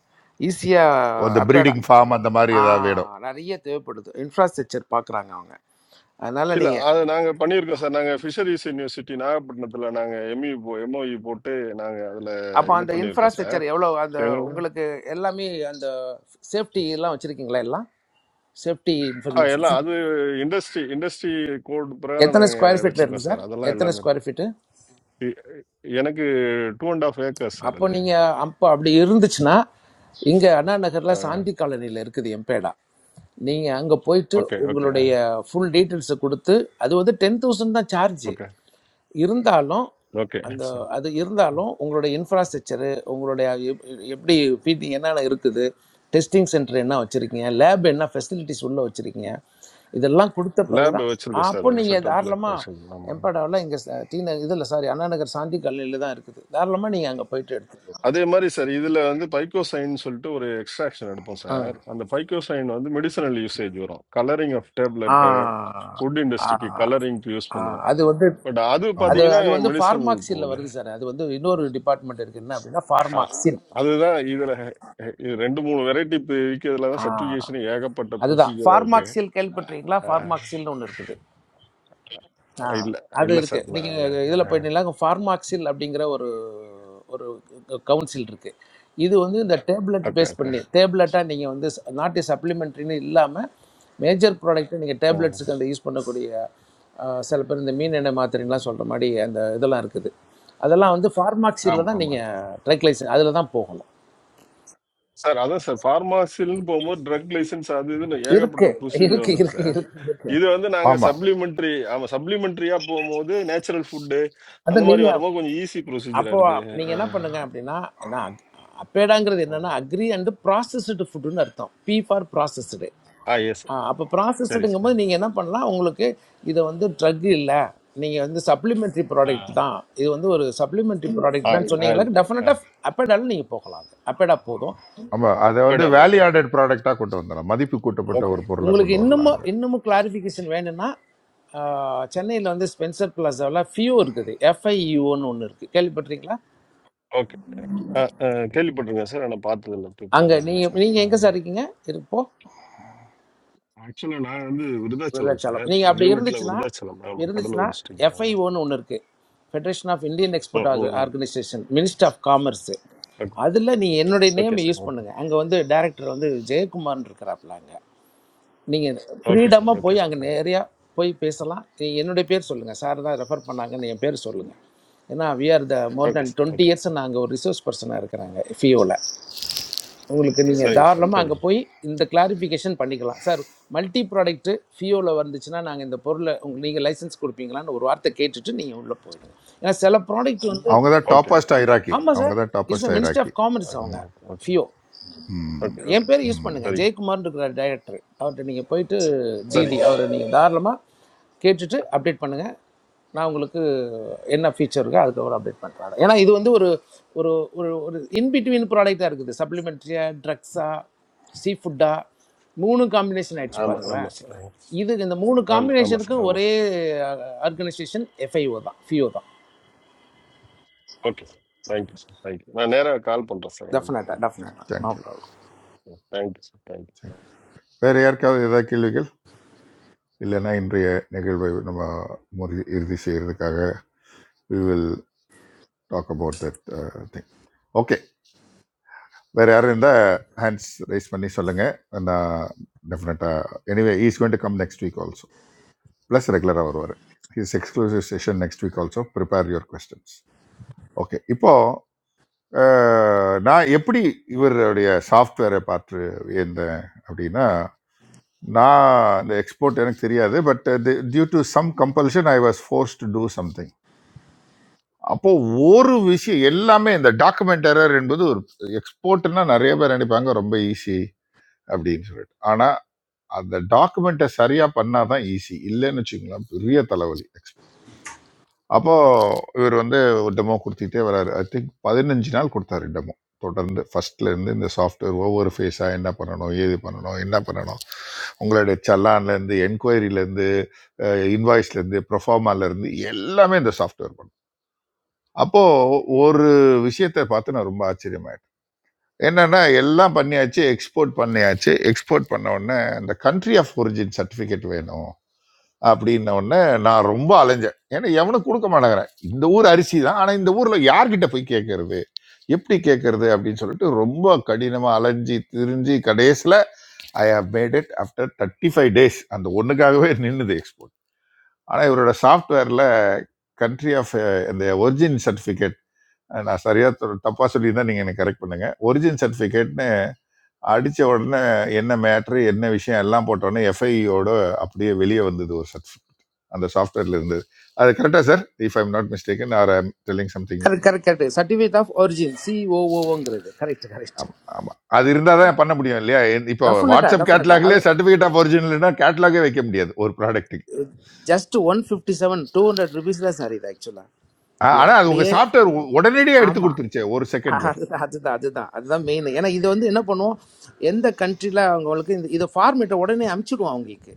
Speaker 17: ஈஸியாக
Speaker 8: அந்த
Speaker 17: அப்பேடா
Speaker 8: ப்ரீடிங் ஃபார்ம் அந்த மாதிரி
Speaker 17: ஆ
Speaker 8: ஏதாவது வேணும்
Speaker 17: நிறைய தேவைப்படுது இன்ஃப்ராஸ்ட்ரக்சர் பார்க்குறாங்க அவங்க அதனால்
Speaker 21: இல்ல
Speaker 17: நீங்கள்
Speaker 21: அது நாங்க பண்ணியிருக்கோம் சார் நாங்க ஃபிஷரிஸ் யூனிவர்சிட்டி நாகப்பட்டினத்துல நாங்க எம்இ எம்ஓஇ போட்டு நாங்க அதுல
Speaker 17: அப்போ
Speaker 21: இது
Speaker 17: அந்த
Speaker 21: பண்ணியிருக்கோம்
Speaker 17: இன்ஃப்ராஸ்ட்ரக்சர் எவ்வளோ அந்த
Speaker 21: சார்
Speaker 17: உங்களுக்கு எல்லாமே அந்த சேஃப்டி எல்லாம் வச்சுருக்கீங்களா எல்லாம் சேஃப்டி
Speaker 21: ஆ எல்லாம்
Speaker 17: இன்ஃபர்மேஷன்
Speaker 21: அது இண்டஸ்ட்ரி இண்டஸ்ட்ரி கோட் பிரகாரம்
Speaker 17: எத்தனை
Speaker 21: நாங்க
Speaker 17: ஸ்கொயர் ஃபீட்டில்
Speaker 21: வச்சிருக்கோம்
Speaker 17: இருக்குது
Speaker 21: சார்
Speaker 17: சார்
Speaker 21: அதெல்லாம்
Speaker 17: எத்தனை
Speaker 21: எல்லாமே இருக்கு.
Speaker 17: ஸ்கொயர் ஃபீட்டு
Speaker 21: இ- எனக்கு two and half acres sir
Speaker 17: அப்போ
Speaker 21: அது
Speaker 17: நீங்க அப்போ அப்படி இருந்துச்சுன்னா இங்க அண்ணா நகர்ல சாந்தி காலனியில் இருக்குது எம்பேடா நீங்க அங்க போயிட்டு
Speaker 21: ஓகே ஓகே
Speaker 17: உங்களுடைய ஃபுல் டீட்டெயில்ஸை கொடுத்து அது வந்து டென் தௌசண்ட் தான் சார்ஜ்
Speaker 21: ஓகே
Speaker 17: இருந்தாலும்
Speaker 21: ஓகே
Speaker 17: அந்த
Speaker 21: சார்
Speaker 17: அது இருந்தாலும் உங்களுடைய இன்ஃப்ராஸ்ட்ரக்சரு உங்களுடைய எப்- எப்படி ஃபீட்டிங் என்னென்ன இருக்குது டெஸ்டிங் சென்டர் என்ன வச்சுருக்கீங்க லேப் என்ன ஃபெசிலிட்டிஸ் உள்ளே வச்சுருக்கீங்க இதெல்லாம் கொடுத்த பிறகு
Speaker 21: லேப்
Speaker 17: தான்
Speaker 21: வச்சிருக்கோம் சார்
Speaker 17: அப்போ நீங்கள்
Speaker 21: செட்டப்ல
Speaker 17: தாராளமாக
Speaker 21: வச்சிருக்கோம் ஆமா
Speaker 17: எம்பாடாவில் இங்கே டி நகர் இதில் சாரி அண்ணா நகர் சாந்தி கல்லூரியில் தான் இருக்குது தாராளமாக நீங்கள் அங்கே போயிட்டு எடுத்துக்கலாம்
Speaker 21: அதே மாதிரி சார் இதுல வந்து பைக்கோசைன் சொல்லிட்டு ஒரு எக்ஸ்ட்ராக்ஷன் எடுப்போம்
Speaker 17: ஆ
Speaker 21: சார் அந்த பைக்கோசைன் வந்து மெடிசனல் யூசேஜ் வரும் colouring of
Speaker 17: uh
Speaker 21: tablet food
Speaker 17: uh
Speaker 21: இண்டஸ்ட்ரிக்கு கலரிங்க்கு யூஸ்
Speaker 17: ஆ.
Speaker 21: பண்ணுவோம்
Speaker 17: அது வந்து
Speaker 21: பட் அது
Speaker 17: அது
Speaker 8: ஆமாம்
Speaker 21: பாத்தீங்கன்னா
Speaker 17: அது வந்து
Speaker 21: மெடிசனல்
Speaker 17: ஃபார்மாக்சியில்
Speaker 21: போகுது
Speaker 17: வருது சார் அது வந்து இன்னொரு டிபார்ட்மெண்ட் இருக்கு என்ன அப்படின்னா
Speaker 21: அ-
Speaker 17: ஃபார்மாக்சின்
Speaker 21: அதுதான் இதுல அஹ், இது ரெண்டு மூணு வெரைட்டி இப்போ விற்கிறதுல தான்
Speaker 17: ஆ
Speaker 21: சர்டிஃபிகேஷன் ஏகப்பட்ட
Speaker 17: அதுதான்
Speaker 21: ப்ரொசீஜரா இருக்கு
Speaker 17: ஃபார்மாக்சில் கேள்விப்பட்டிருக்கீங்களா
Speaker 21: அஹ்,
Speaker 17: ஃபார்மாக்சில்னு ஒன்று இருக்குது ஆ,
Speaker 21: இல்ல
Speaker 17: அது
Speaker 21: இல்ல
Speaker 17: இருக்கு
Speaker 21: சார் நான்
Speaker 17: நீங்கள் இதில் போயிட்டீங்களா ஃபார்மாக்சில் அப்படிங்கிற ஒரு ஒரு கவுன்சில் இருக்கு இது வந்து இந்த டேப்லெட்
Speaker 21: ஓகே
Speaker 17: பேஸ்
Speaker 21: ஓகே
Speaker 17: பண்ணி டேப்லெட்டாக நீங்கள் வந்து நாட்டு சப்ளிமெண்ட்ரின்னு இல்லாமல் மேஜர் ப்ராடக்ட்டை நீங்கள் டேப்லெட்ஸுக்கு அந்த யூஸ் பண்ணக்கூடிய ஆ, சில பேர் இந்த மீன் எண்ணெய் மாத்திரைலாம் சொல்கிற மாதிரி அந்த இதெல்லாம் இருக்குது அதெல்லாம் வந்து ஃபார்மாக்சியில்
Speaker 21: ஆமா
Speaker 17: தான்
Speaker 21: ஆமா
Speaker 17: நீங்கள் ட்ரைக்ளைசன் அதில் தான் போகணும்
Speaker 21: சார் அதான் சார் ஃபார்மாசின்னு போகும்போது ட்ரக் லைசன்ஸ் அது இதுன்னு ஏகப்பட்ட
Speaker 17: இருக்கு
Speaker 21: ப்ரொசீஜர்
Speaker 17: இருக்கு
Speaker 21: வந்துடும்
Speaker 17: இருக்கு
Speaker 21: சார்
Speaker 17: இருக்கு இருக்கு
Speaker 21: இது வந்து நாங்க
Speaker 8: ஆமாம்
Speaker 21: சப்ளிமெண்ட்ரி ஆமா சப்ளிமெண்ட்ரியா போகும்போது நேச்சுரல் ஃபுட்டு
Speaker 17: அது
Speaker 21: அந்த மாதிரி
Speaker 17: நீங்கள்
Speaker 21: வரும்போது கொஞ்சம் ஈஸி ப்ரொசீஜரா
Speaker 17: அப்போ
Speaker 21: இருக்கு
Speaker 17: நீங்கள் என்ன
Speaker 21: அஹ்,
Speaker 17: பண்ணுங்க அப்படின்னா ஏன்னா அப்பேடாங்கிறது
Speaker 21: ம்.
Speaker 17: என்னன்னா அக்ரி அண்டு ப்ராசஸ்டு ஃபுட்டுன்னு அர்த்தம் P for processed
Speaker 21: uh S
Speaker 17: அப்போ
Speaker 21: சரி
Speaker 17: ப்ராசஸ்டுங்கும்
Speaker 21: சார்
Speaker 17: போது நீங்கள் என்ன பண்ணலாம் உங்களுக்கு இதை வந்து ட்ரக் இல்லை நீங்கள் வந்து சப்ளிமெண்ட்ரி
Speaker 21: ஆ
Speaker 17: ப்ராடக்ட் தான் இது வந்து ஒரு சப்ளிமெண்ட்ரி
Speaker 21: ஆ
Speaker 17: ப்ராடக்ட் தான்
Speaker 21: ஆ,
Speaker 17: சொன்னீங்களா
Speaker 21: இது. ஆ.
Speaker 17: டெஃபினட்டாக அப்பேடாலும் நீங்கள் போகலாம் அது அப்பேடா போதும்
Speaker 8: ஆமாம் அதை வந்து
Speaker 21: போயிடாமல
Speaker 8: வேல்யூ ஆடட் ப்ராடக்டாக கொண்டு வந்துடலாம் மதிப்பு கூட்டப்பட்ட
Speaker 17: ஆமாம்
Speaker 21: ஓகே
Speaker 8: ஒரு பொருளாக
Speaker 17: உங்களுக்கு
Speaker 8: கொண்டு வரலாம்
Speaker 17: இன்னமும்
Speaker 8: அங்கே
Speaker 17: இன்னமும் கிளாரிஃபிகேஷன் வேணும்னா சென்னையில் வந்து ஸ்பென்சர் பிளாசாவில் ஃபியூ இருக்குது எஃப்ஐஇஓன்னு ஒன்று இருக்குது கேள்விப்பட்டிருக்கீங்களா
Speaker 21: ஓகே. அ, அ, கேள்விப்பட்டிருக்கேன் சார். ஆனா பார்த்ததில்ல. போய்
Speaker 17: அங்கே
Speaker 21: போனதில்ல
Speaker 17: நீங்கள்
Speaker 21: சார்.
Speaker 17: நீங்கள்
Speaker 21: அ.
Speaker 17: எங்கே சார் இருக்கீங்க இருப்போ
Speaker 21: ஆக்சுவலா நான் வந்து விருதாச்சலம்
Speaker 17: விருதாச்சலம்
Speaker 21: சார்.
Speaker 17: நீங்கள் அப்படி
Speaker 21: யூனிட்ல
Speaker 17: இருந்துச்சுன்னா
Speaker 21: விருதாச்சலம். ஆமா.
Speaker 17: இருந்துச்சுன்னா
Speaker 21: கடலூர் டிஸ்ட்ரிக்ட். ஆமா.
Speaker 17: எஃப்ஐஓன்னு ஒன்று இருக்குது ஃபெடரேஷன் ஆஃப் இந்தியன் எக்ஸ்போர்ட்
Speaker 21: ம், ம், ம்.
Speaker 17: Organisation minister of commerce
Speaker 21: okay
Speaker 17: அதில் நீங்கள் என்னுடைய
Speaker 21: ஓகே
Speaker 17: நேமை
Speaker 21: சார்.
Speaker 17: Use
Speaker 21: okay.
Speaker 17: பண்ணுங்கள் அங்கே வந்து டைரக்டர் வந்து ஜெயக்குமார்னு இருக்கிறாப்புல அங்கே நீங்கள்
Speaker 21: ஓகே சார்.
Speaker 17: ஃப்ரீடமாக
Speaker 21: ஓகே
Speaker 17: போய் அங்கே
Speaker 21: சார். ஓகே.
Speaker 17: நேரா போய் பேசலாம் நீங்க என்னுடைய பேர் சொல்லுங்கள் சார் தான் ரெஃபர் பண்ணாங்கன்னு என் பேர் சொல்லுங்கள் ஏன்னா we are the more
Speaker 21: okay
Speaker 17: than
Speaker 21: sir.
Speaker 17: Twenty
Speaker 21: okay.
Speaker 17: Years நான் அங்கே ஒரு ரிசோர்ஸ் பர்சனாக இருக்கிறாங்க எஃப்இஓவில். உங்களுக்கு நீங்கள்
Speaker 21: சரிங்க சார்.
Speaker 17: தாராளமாக அங்கே
Speaker 21: சரிங்க.
Speaker 17: போய் இந்த கிளாரிஃபிகேஷன் பண்ணிக்கலாம் சார் மல்டி ப்ராடக்ட்டு ஃபியோவில் வந்துச்சுன்னா நாங்கள் இந்த பொருளை உங்களுக்கு நீங்கள் லைசன்ஸ் கொடுப்பீங்களான்னு ஒரு வார்த்தை கேட்டுட்டு நீங்கள் உள்ளே போயிடுங்க ஏன்னா சில ப்ராடக்ட் வந்து
Speaker 8: அவங்க தான்
Speaker 21: ஓகே.
Speaker 8: டாப்பஸ்ட் ஐராக்கி
Speaker 17: ஆமாம்
Speaker 8: அவங்க
Speaker 17: சார்
Speaker 8: தான்
Speaker 17: இஸ்
Speaker 8: டாப்பஸ்ட்
Speaker 17: அ மினிஸ்டர்
Speaker 8: ஐராக்கி
Speaker 17: ஆஃப் காமர்ஸ்
Speaker 21: ஓகே.
Speaker 17: அவங்க
Speaker 8: ஆமாம்
Speaker 21: okay. Okay.
Speaker 17: FIEO
Speaker 8: hmm
Speaker 21: okay.
Speaker 17: என்
Speaker 21: ஓகே.
Speaker 17: பேர் யூஸ் பண்ணுங்கள்
Speaker 21: சரி.
Speaker 8: ம்
Speaker 17: ஜெயக்குமார்னு இருக்கிற டைரக்டர் அவர்கிட்ட நீங்கள் போயிட்டு
Speaker 21: சரி.
Speaker 17: டிடி அவரை நீங்கள் தாராளமாக கேட்டுட்டு அப்டேட் பண்ணுங்கள் நான் உங்களுக்கு என்ன ஃபீச்சர் இருக்கோ அதுக்கப்புறம் அப்டேட் பண்ணுறேன் ஏன்னா இது வந்து ஒரு ஒரு ஒரு ஒரு இன்பிட்வீன் ப்ராடக்டாக இருக்குது சப்ளிமெண்ட்ரியாக ட்ரக்ஸாக சீ ஃபுட்டாக மூணு காம்பினேஷன் ஆயிடுச்சு
Speaker 21: ஆமா.
Speaker 17: பாருங்களேன்
Speaker 21: ஆமா சார்.
Speaker 17: இது இந்த மூணு
Speaker 21: ஆமா. ஆமா சார்.
Speaker 17: காம்பினேஷனுக்கும்
Speaker 21: ஆமா
Speaker 17: ஒரே
Speaker 21: சார்.
Speaker 17: ஆர்கனைசேஷன் எஃப்ஐஓ தான் ஃபிஓ தான்
Speaker 21: okay sir. Thank you sir. Thank you. நான் நேரா கால் பண்றேன் சார் உங்களுக்கு.
Speaker 17: டெஃபினட்டாக
Speaker 21: ஓகே.
Speaker 17: டெஃபினட்டாக no
Speaker 8: thank you
Speaker 17: problem
Speaker 21: thank you sir. Thank you.
Speaker 8: Thank you வேறு யாருக்காவது ஏதாவது கேள்விகள் இல்லைன்னா இன்றைய நிகழ்வை நம்ம முறி இறுதி செய்கிறதுக்காக we will talk about that thing okay வேறு யாரும் இருந்தால் ஹேண்ட்ஸ் ரைஸ் பண்ணி சொல்லுங்கள் நான் டெஃபினட்டாக anyway is going to come next week also plus ரெகுலராக வருவார் his exclusive session next week also prepare your questions okay இப்போ அஹ், நான் எப்படி இவருடைய சாஃப்ட்வேரை பார்த்து இருந்தேன் அப்படின்னா நான் இந்த எக்ஸ்போர்ட் எனக்கு தெரியாது but due to some compulsion I was force to do something அப்போ ஒரு விஷயம் எல்லாமே இந்த டாக்குமெண்ட் எரர் என்பது ஒரு எக்ஸ்போர்ட்னா நிறைய பேர் நினைப்பாங்க ரொம்ப ஈஸி அப்படின்னு சொல்லிட்டு ஆனா அந்த டாக்குமெண்ட்டை சரியா பண்ணாதான் ஈஸி இல்லைன்னு வச்சுக்கலாம் பெரிய தலைவலி எக்ஸ்போர்ட் அப்போ இவர் வந்து ஒரு டெமோ கொடுத்துட்டே வராரு ஐ திங்க் பதினஞ்சு நாள் கொடுத்தாரு டெமோ தொடர்ந்து ஃபர்ஸ்ட்ல இருந்து இந்த சாஃப்ட்வேர் ஒவ்வொரு ஃபேஸா என்ன பண்ணணும் ஏது பண்ணணும் என்ன பண்ணணும் உங்களுடைய சல்லான்ல இருந்து என்கொயரியில இருந்து இன்வாய்ஸ்ல இருந்து ப்ரொஃபார்மால இருந்து எல்லாமே இந்த சாஃப்ட்வேர் அப்போ ஒரு விஷயத்தை பார்த்து நான் ரொம்ப ஆச்சரியமாயிட்டேன் என்னன்னா எல்லாம் பண்ணியாச்சு எக்ஸ்போர்ட் பண்ணியாச்சு எக்ஸ்போர்ட் பண்ண உடனே அந்த கண்ட்ரி ஆஃப் ஒரிஜின் சர்டிஃபிகேட் வேணும் அப்படின்ன உடனே நான் ரொம்ப அலைஞ்சேன் ஏன்னா எவனும் கொடுக்க மாட்டேங்கிறேன் இந்த ஊர் அரிசி தான் ஆனா இந்த ஊர்ல யார்கிட்ட போய் கேட்கறது எப்படி கேட்கறது அப்படின்னு சொல்லிட்டு ரொம்ப கடினமா அலைஞ்சி திரிஞ்சு கடைசியில I have made it after thirty five days அந்த ஒண்ணுக்காகவே நின்னுது எக்ஸ்போர்ட் ஆனா இவரோட சாஃப்ட்வேர்ல கண்ட்ரி ஆஃப் அந்த ஒரிஜின் சர்டிஃபிகேட் அஹ் நான் சரியா தொ- தப்பா சொல்லியிருந்தா நீங்க எனக்கு கரெக்ட் பண்ணுங்க ஒரிஜின் சர்டிபிகேட்னு அடிச்ச உடனே என்ன மேட்ரு என்ன விஷயம் எல்லாம் போட்ட உடனே எஃப்ஐயோட அப்படியே வெளியே வந்தது ஒரு சர்டிஃபிகேட் அந்த சாஃப்ட்வேர்ல இருந்தது அது கரெக்டா sir if I'm not mistaken or I'm telling something
Speaker 17: correct correct correct certificate of origin சிஓஓங்கிறது கரெக்ட் கரெக்ட்
Speaker 8: ஆமா ஆமா. அது இருந்தால் தான் பண்ண முடியும் இல்லையா என்- இப்போ
Speaker 17: டெஃபினட்டா
Speaker 8: வாட்ஸ்அப்
Speaker 17: டெஃபினட்டா அது
Speaker 8: கேட்லாக்லேயே சர்டிஃபிகேட் ஆஃப் ஒரிஜினல்னா கேட்லாகே வைக்க முடியாது ஒரு ப்ராடக்ட்டுக்கு
Speaker 17: just one fifty seven two hundred rupees தான் சார் இது ஆக்சுவலாக இது
Speaker 8: ஆனா அது உங்க
Speaker 17: அப்படியே
Speaker 8: சாஃப்ட்வேர் உடனடியாக எடுத்து
Speaker 17: ஆமா
Speaker 8: கொடுத்துருச்சே ஒரு செகண்ட்ல
Speaker 17: அதுதான் அதுதான் அதுதான் அதுதான் மெயின் ஏன்னா இது வந்து என்ன பண்ணுவோம் எந்த கண்ட்ரியில் அவங்களுக்கு இந்த இதை ஃபார்மேட்டை உடனே அமுச்சிடுவோம் அவங்களுக்கு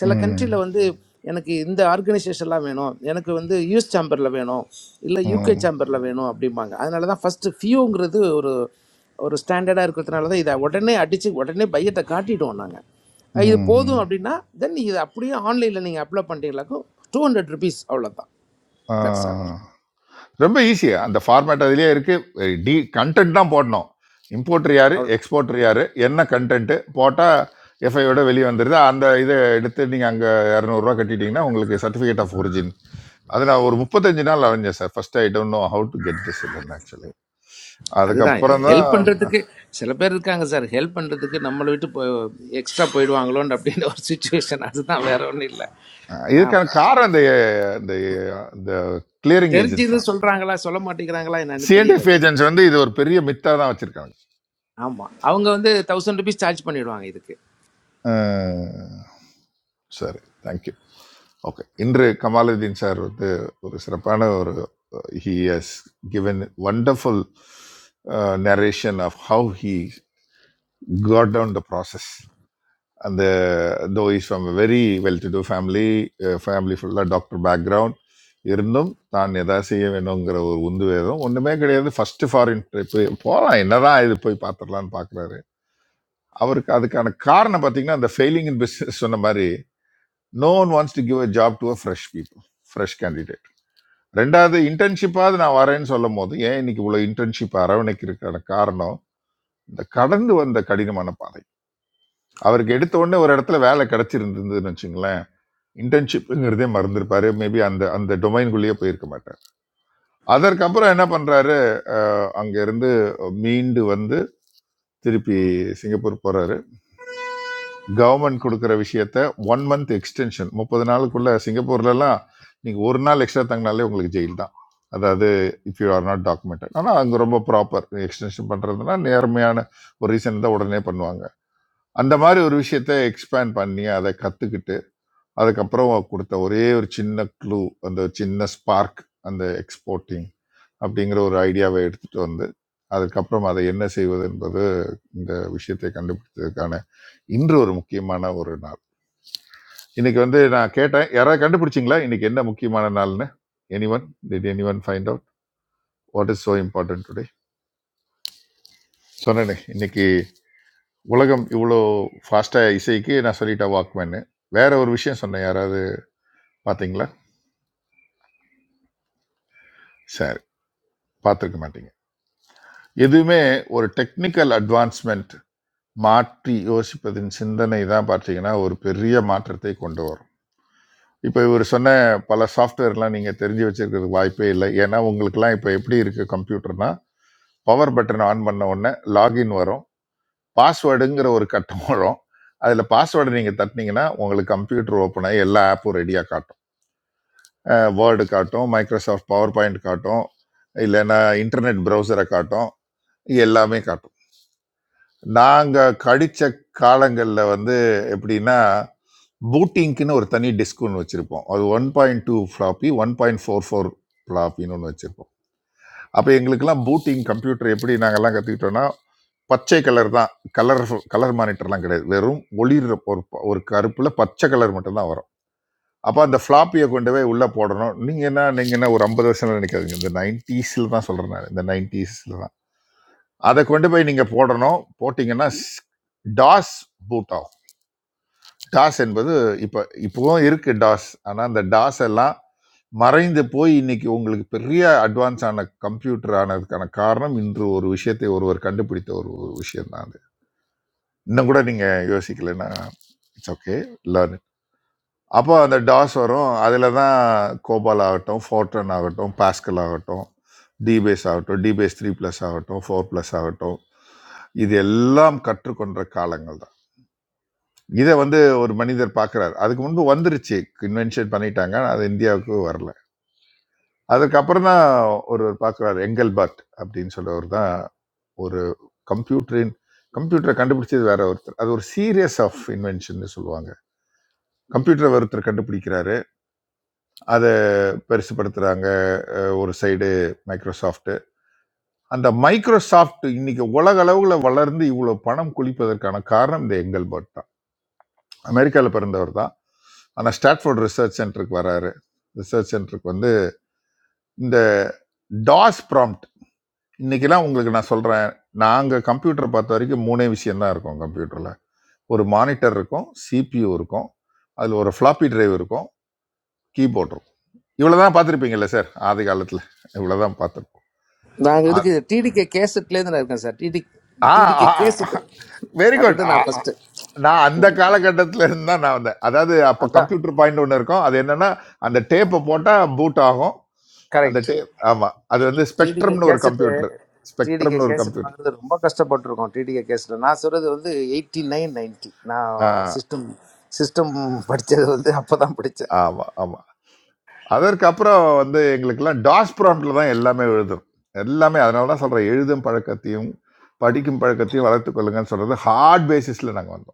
Speaker 17: சில
Speaker 8: ம்
Speaker 17: கண்ட்ரியில் வந்து எனக்கு இந்த ஆர்கனைசேஷன்லாம் வேணும் எனக்கு வந்து யூஎஸ் சேம்பரில் வேணும் இல்லை யூகே சேம்பரில் வேணும் அப்படிம்பாங்க அதனால தான் ஃபஸ்ட்டு ஃபியூங்கிறது ஒரு ஒரு ஸ்டாண்டர்டாக இருக்கிறதுனால தான் இதை உடனே அடித்து உடனே பையத்தை காட்டிடுவோம் நாங்கள் இது
Speaker 8: ம் ம்
Speaker 17: போதும் அப்படின்னா தென் இது அப்படியே ஆன்லைனில் நீங்கள் அப்ளை பண்ணுறீங்களாக்கும் டூ ஹண்ட்ரட் ருபீஸ் அவ்வளோதான் தட்ஸ்
Speaker 8: ஆ ரொம்ப ஈஸி அந்த ஃபார்மேட் அதுலேயே இருக்குது டி கண்டென்ட் தான் போடணும் இம்போர்ட்டர் யார்
Speaker 17: ஆல்
Speaker 8: எக்ஸ்போர்ட்டர் யார் என்ன கண்டென்ட்டு போட்டால் எஃப்ஐயோட வெளியே வந்துடுது அந்த இதை எடுத்து நீங்கள் அங்கே இரநூறுவா கட்டிட்டீங்கன்னா உங்களுக்கு சர்டிஃபிகேட் ஆஃப் ஒரிஜின் அது நான் ஒரு முப்பத்தஞ்சு நாள் அலைஞ்சேன் sir first I don't know how to get this done actually
Speaker 17: அதுதான்
Speaker 8: அதுக்கப்புறம் தான்
Speaker 17: ஹெல்ப் பண்றதுக்கு சில பேர் இருக்காங்க சார் ஹெல்ப் பண்றதுக்கு நம்மளை விட்டு போ எக்ஸ்ட்ரா போயிடுவாங்களோன்னு அப்படின்னு ஒரு சுச்சுவேஷன் அதுதான் வேற ஒன்றும் இல்லை நான்
Speaker 8: இதுக்கான காரணம் இந்த இந்த இந்த கிளியரிங் ஏஜென்ட்ஸ்
Speaker 17: தெரிஞ்சது
Speaker 8: தான்
Speaker 17: சொல்றாங்களா சொல்ல மாட்டேங்கிறாங்களா என்னன்னு தெரியல
Speaker 8: சிஎன்டிஎஃப்
Speaker 17: அது
Speaker 8: ஏஜென்ட்ஸ் வந்து இது ஒரு பெரிய மித்தாக தான் வச்சுருக்காங்க
Speaker 17: ஆமா அவங்க வந்து தௌசண்ட் ருபீஸ் சார்ஜ் பண்ணிடுவாங்க இதுக்கு
Speaker 8: சரி தேங்க்யூ ஓகே இன்று கமாலுதீன் சார் வந்து ஒரு சிறப்பான ஒரு he has given wonderful narration of how he got down the process அந்த though is from very well to do family family ஃபுல்லாக டாக்டர் பேக்ரவுண்ட் இருந்தும் தான் எதாவது செய்ய வேணுங்கிற ஒரு உந்து வேதம் ஒன்றுமே கிடையாது ஃபஸ்ட்டு ஃபாரின் ட்ரிப்பு போகலாம் என்னதான் இது போய் பார்த்துடலான்னு பார்க்குறாரு அவருக்கு அதுக்கான காரணம் பார்த்தீங்கன்னா அந்த ஃபெயிலிங் இன் பிஸ்னஸ் சொன்ன மாதிரி no one wants to give a job to a fresh people fresh candidate ரெண்டாவது இன்டர்ன்ஷிப்பாவது நான் வரேன்னு சொல்லும் போது ஏன் இன்னைக்கு இவ்வளோ இன்டர்ன்ஷிப் அரவணைக்கிறதுக்கான காரணம் இந்த கடந்து வந்த கடினமான பாதை அவருக்கு எடுத்த உடனே ஒரு இடத்துல வேலை கிடைச்சிருந்ததுன்னு வச்சுங்களேன் இன்டர்ன்ஷிப்ங்கிறதே மறந்துருப்பாரு மேபி அந்த அந்த டொமைனுக்குள்ளேயே போயிருக்க மாட்டார் அதற்கப்புறம் என்ன பண்றாரு அங்க இருந்து மீண்டு வந்து திருப்பி சிங்கப்பூர் போறாரு கவர்மெண்ட் கொடுக்குற விஷயத்த ஒன் மந்த் எக்ஸ்டென்ஷன் முப்பது நாளுக்குள்ள சிங்கப்பூர்லலாம் நீங்கள் ஒரு நாள் எக்ஸ்ட்ரா தங்கினாலே உங்களுக்கு ஜெயில் தான் அதாவது if you are not documented ஆனால் அங்கே ரொம்ப ப்ராப்பர் எக்ஸ்டென்ஷன் பண்ணுறதுனா நேர்மையான ஒரு ரீசன் தான் உடனே பண்ணுவாங்க அந்த மாதிரி ஒரு விஷயத்த எக்ஸ்பேண்ட் பண்ணி அதை கற்றுக்கிட்டு அதுக்கப்புறம் கொடுத்த ஒரே ஒரு சின்ன க்ளூ அந்த சின்ன ஸ்பார்க் அந்த எக்ஸ்போர்ட்டிங் அப்படிங்கிற ஒரு ஐடியாவை எடுத்துட்டு வந்து அதுக்கப்புறம் அதை என்ன செய்வது என்பது இந்த விஷயத்தை கண்டுபிடித்ததுக்கான இன்று ஒரு முக்கியமான ஒரு நாள் இன்னைக்கு வந்து நான் கேட்டேன் யாராவது கண்டுபிடிச்சிங்களா இன்னைக்கு என்ன முக்கியமான நாள்னு anyone did anyone find out what is so important today சொன்னேனே இன்னைக்கு உலகம் இவ்வளோ ஃபாஸ்ட்டாக இசைக்கு நான் சொல்லிட்டேன் வாக்மேன்னு வேற ஒரு விஷயம் சொன்னேன் யாராவது பார்த்தீங்களா சரி பார்த்துருக்க மாட்டீங்க எதுவுமே ஒரு டெக்னிக்கல் அட்வான்ஸ்மெண்ட் மாற்றி யோசிப்பதின் சிந்தனை தான் பார்த்தீங்கன்னா ஒரு பெரிய மாற்றத்தை கொண்டு வரும் இப்போ இவர் சொன்ன பல சாஃப்ட்வேர்லாம் நீங்கள் தெரிஞ்சு வச்சிருக்கிறதுக்கு வாய்ப்பே இல்லை ஏன்னா உங்களுக்குலாம் இப்போ எப்படி இருக்குது கம்ப்யூட்டர்னா பவர் பட்டனை ஆன் பண்ண உடனே லாகின் வரும் பாஸ்வேர்டுங்கிற ஒரு கட்டம் வரும் அதில் பாஸ்வேர்டு நீங்கள் தட்டினீங்கன்னா உங்களுக்கு கம்ப்யூட்டர் ஓப்பன் ஆகி எல்லா ஆப்பும் ரெடியாக காட்டும் வேர்டு காட்டும் மைக்ரோசாஃப்ட் பவர் பாயிண்ட் காட்டும் இல்லைன்னா இன்டர்நெட் ப்ரௌசரை காட்டும் எல்லாமே காட்டும் நாங்க கடிச்ச காலங்கள்ல வந்து எப்படின்னா, பூட்டிங்க்குன்னு ஒரு தனி டிஸ்க் ஒண்ணு வச்சிருப்போம். அது 1.2 ஃப்ளாப்பி, 1.44 ஃப்ளாப்பின்னு ஒண்ணு வச்சிருப்போம். அப்ப எங்களுக்கெல்லாம் பூட்டிங் கம்ப்யூட்டர் எப்படி நாங்கெல்லாம் கத்துக்கிட்டோம்னா, பச்சை கலர் தான். கலர் கலர் மானிட்டர்லாம் கிடையாது. வெறும் ஒளிர்ற ஒரு ப- ஒரு கருப்புல பச்சை கலர் மட்டும் தான் வரும். அப்ப அந்த ஃப்ளாப்பிய கொண்டு போய் உள்ள போடணும். நீங்க என்ன நீங்க என்ன ஒரு 50 வருஷம்லாம் நினைக்காதீங்க. இந்த 90ஸ்ல தான் சொல்றேன் நானு. இந்த 90ஸ்ல அதை கொண்டு போய் நீங்கள் போடணும் போட்டிங்கன்னா ஸ்- டாஸ் பூட் ஆகும் டாஸ் என்பது இப்போ இப்போவும் இருக்குது டாஸ் ஆனால் அந்த டாஸ் எல்லாம் மறைந்து போய் இன்னைக்கு உங்களுக்கு பெரிய அட்வான்ஸ் ஆன கம்ப்யூட்டர் ஆனதுக்கான காரணம் இன்று ஒரு விஷயத்தை ஒருவர் கண்டுபிடித்த ஒரு விஷயம் தான் அது இன்னும் கூட நீங்கள் யோசிக்கலைன்னா இட்ஸ் ஓகே லேர்ன் அப்போ அந்த டாஸ் வரும் அதில் தான் கோபால் ஆகட்டும் ஃபோர்டன் ஆகட்டும் பாஸ்கல் ஆகட்டும் டிபேஸ் ஆகட்டும் டிபேஸ் த்ரீ ப்ளஸ் ஆகட்டும் ஃபோர் ப்ளஸ் ஆகட்டும் இது எல்லாம் கற்றுக்கொண்ட காலங்கள் தான் இதை வந்து ஒரு மனிதர் பார்க்குறாரு அதுக்கு முன்பு வந்துருச்சு இன்வென்ஷன் பண்ணிட்டாங்க ஆனா அது இந்தியாவுக்கு வரல அதுக்கப்புறம் தான் ஒருவர் பார்க்குறாரு எங்கல்பர்ட் அப்படின்னு சொல்றவர் தான் ஒரு கம்ப்யூட்டரின் கம்ப்யூட்டரை கண்டுபிடிச்சது வேற ஒருத்தர் அது ஒரு சீரியஸ் ஆஃப் இன்வென்ஷன் சொல்லுவாங்க கம்ப்யூட்டர் ஒருத்தர் கண்டுபிடிக்கிறாரு அதை பெருசுப்படுத்துறாங்க அஹ், ஒரு சைடு மைக்ரோசாஃப்ட் அந்த மைக்ரோசாஃப்ட் இன்னைக்கு உலக அளவுல வளர்ந்து இவ்வளவு பணம் குளிப்பதற்கான காரணம் இந்த எங்கல்பர்ட் அமெரிக்காவில் பிறந்தவர் தான் ஆனால் ஸ்டாட்ஃபோர்ட் ரிசர்ச் சென்டருக்கு வராரு ரிசர்ச் சென்டருக்கு வந்து இந்த டாஸ் ப்ராம்ப்ட் இன்னைக்கெல்லாம் உங்களுக்கு நான் சொல்கிறேன் நாங்கள் கம்ப்யூட்டர் பார்த்த வரைக்கும் மூணே விஷயம்தான் இருக்கும் கம்ப்யூட்டரில் ஒரு மானிட்டர் இருக்கும் சிபியூ இருக்கும் அதில் ஒரு ஃப்ளாப்பி டிரைவ் இருக்கும் கீபோர்ட் இருக்கும் இவ்வளோ தான் பார்த்துருப்பீங்கல்ல சார் ஆதி காலத்தில் இவ்வளோ தான் பார்த்துருப்போம்
Speaker 17: நாங்கள் இதுக்கு டிடிகே கேசட்ல இருந்து நான் இருக்கேன் sir DD
Speaker 8: ah
Speaker 17: TDK cassette
Speaker 8: very good
Speaker 17: அதுதான் நான் ஃபர்ஸ்ட்
Speaker 8: நான் அந்த காலகட்டத்தில் இருந்து தான் நான் வந்தேன் அதாவது அப்போ
Speaker 17: அதான்
Speaker 8: கம்ப்யூட்டர் பாயிண்ட் ஒன்று இருக்கும் அது என்னன்னா அந்த டேப்பை போட்டால் பூட் ஆகும் அந்த
Speaker 17: கரெக்ட்
Speaker 8: டேப் ஆமாம் அது வந்து
Speaker 17: டிடிகே
Speaker 8: ஸ்பெக்ட்ரம்னு ஒரு
Speaker 17: கேசட்டு
Speaker 8: கம்ப்யூட்டர்
Speaker 17: டிடிகே
Speaker 8: ஸ்பெக்ட்ரம்னு ஒரு
Speaker 17: கேசட்
Speaker 8: கம்ப்யூட்டர்
Speaker 17: வாங்குறது ரொம்ப கஷ்டப்பட்டிருக்கோம் டிடிகே கேசட் நான் சொல்கிறது வந்து எயிட்டி நைன் நைன்ட்டி நான் சிஸ்டம் சிஸ்டம் படித்தது வந்து அப்போ தான் படித்தேன்
Speaker 8: ஆமாம் ஆமாம் அதற்கப்புறம் வந்து எங்களுக்கெல்லாம் டாஸ் ப்ராம்ப்டில் தான் எல்லாமே எழுதும் எல்லாமே அதனால தான் சொல்கிறேன் எழுதும் பழக்கத்தையும் படிக்கும் பழக்கத்தையும் வளர்த்துக் கொள்ளுங்கன்னு சொல்கிறது ஹார்ட் பேசிஸில் நாங்கள் வந்தோம்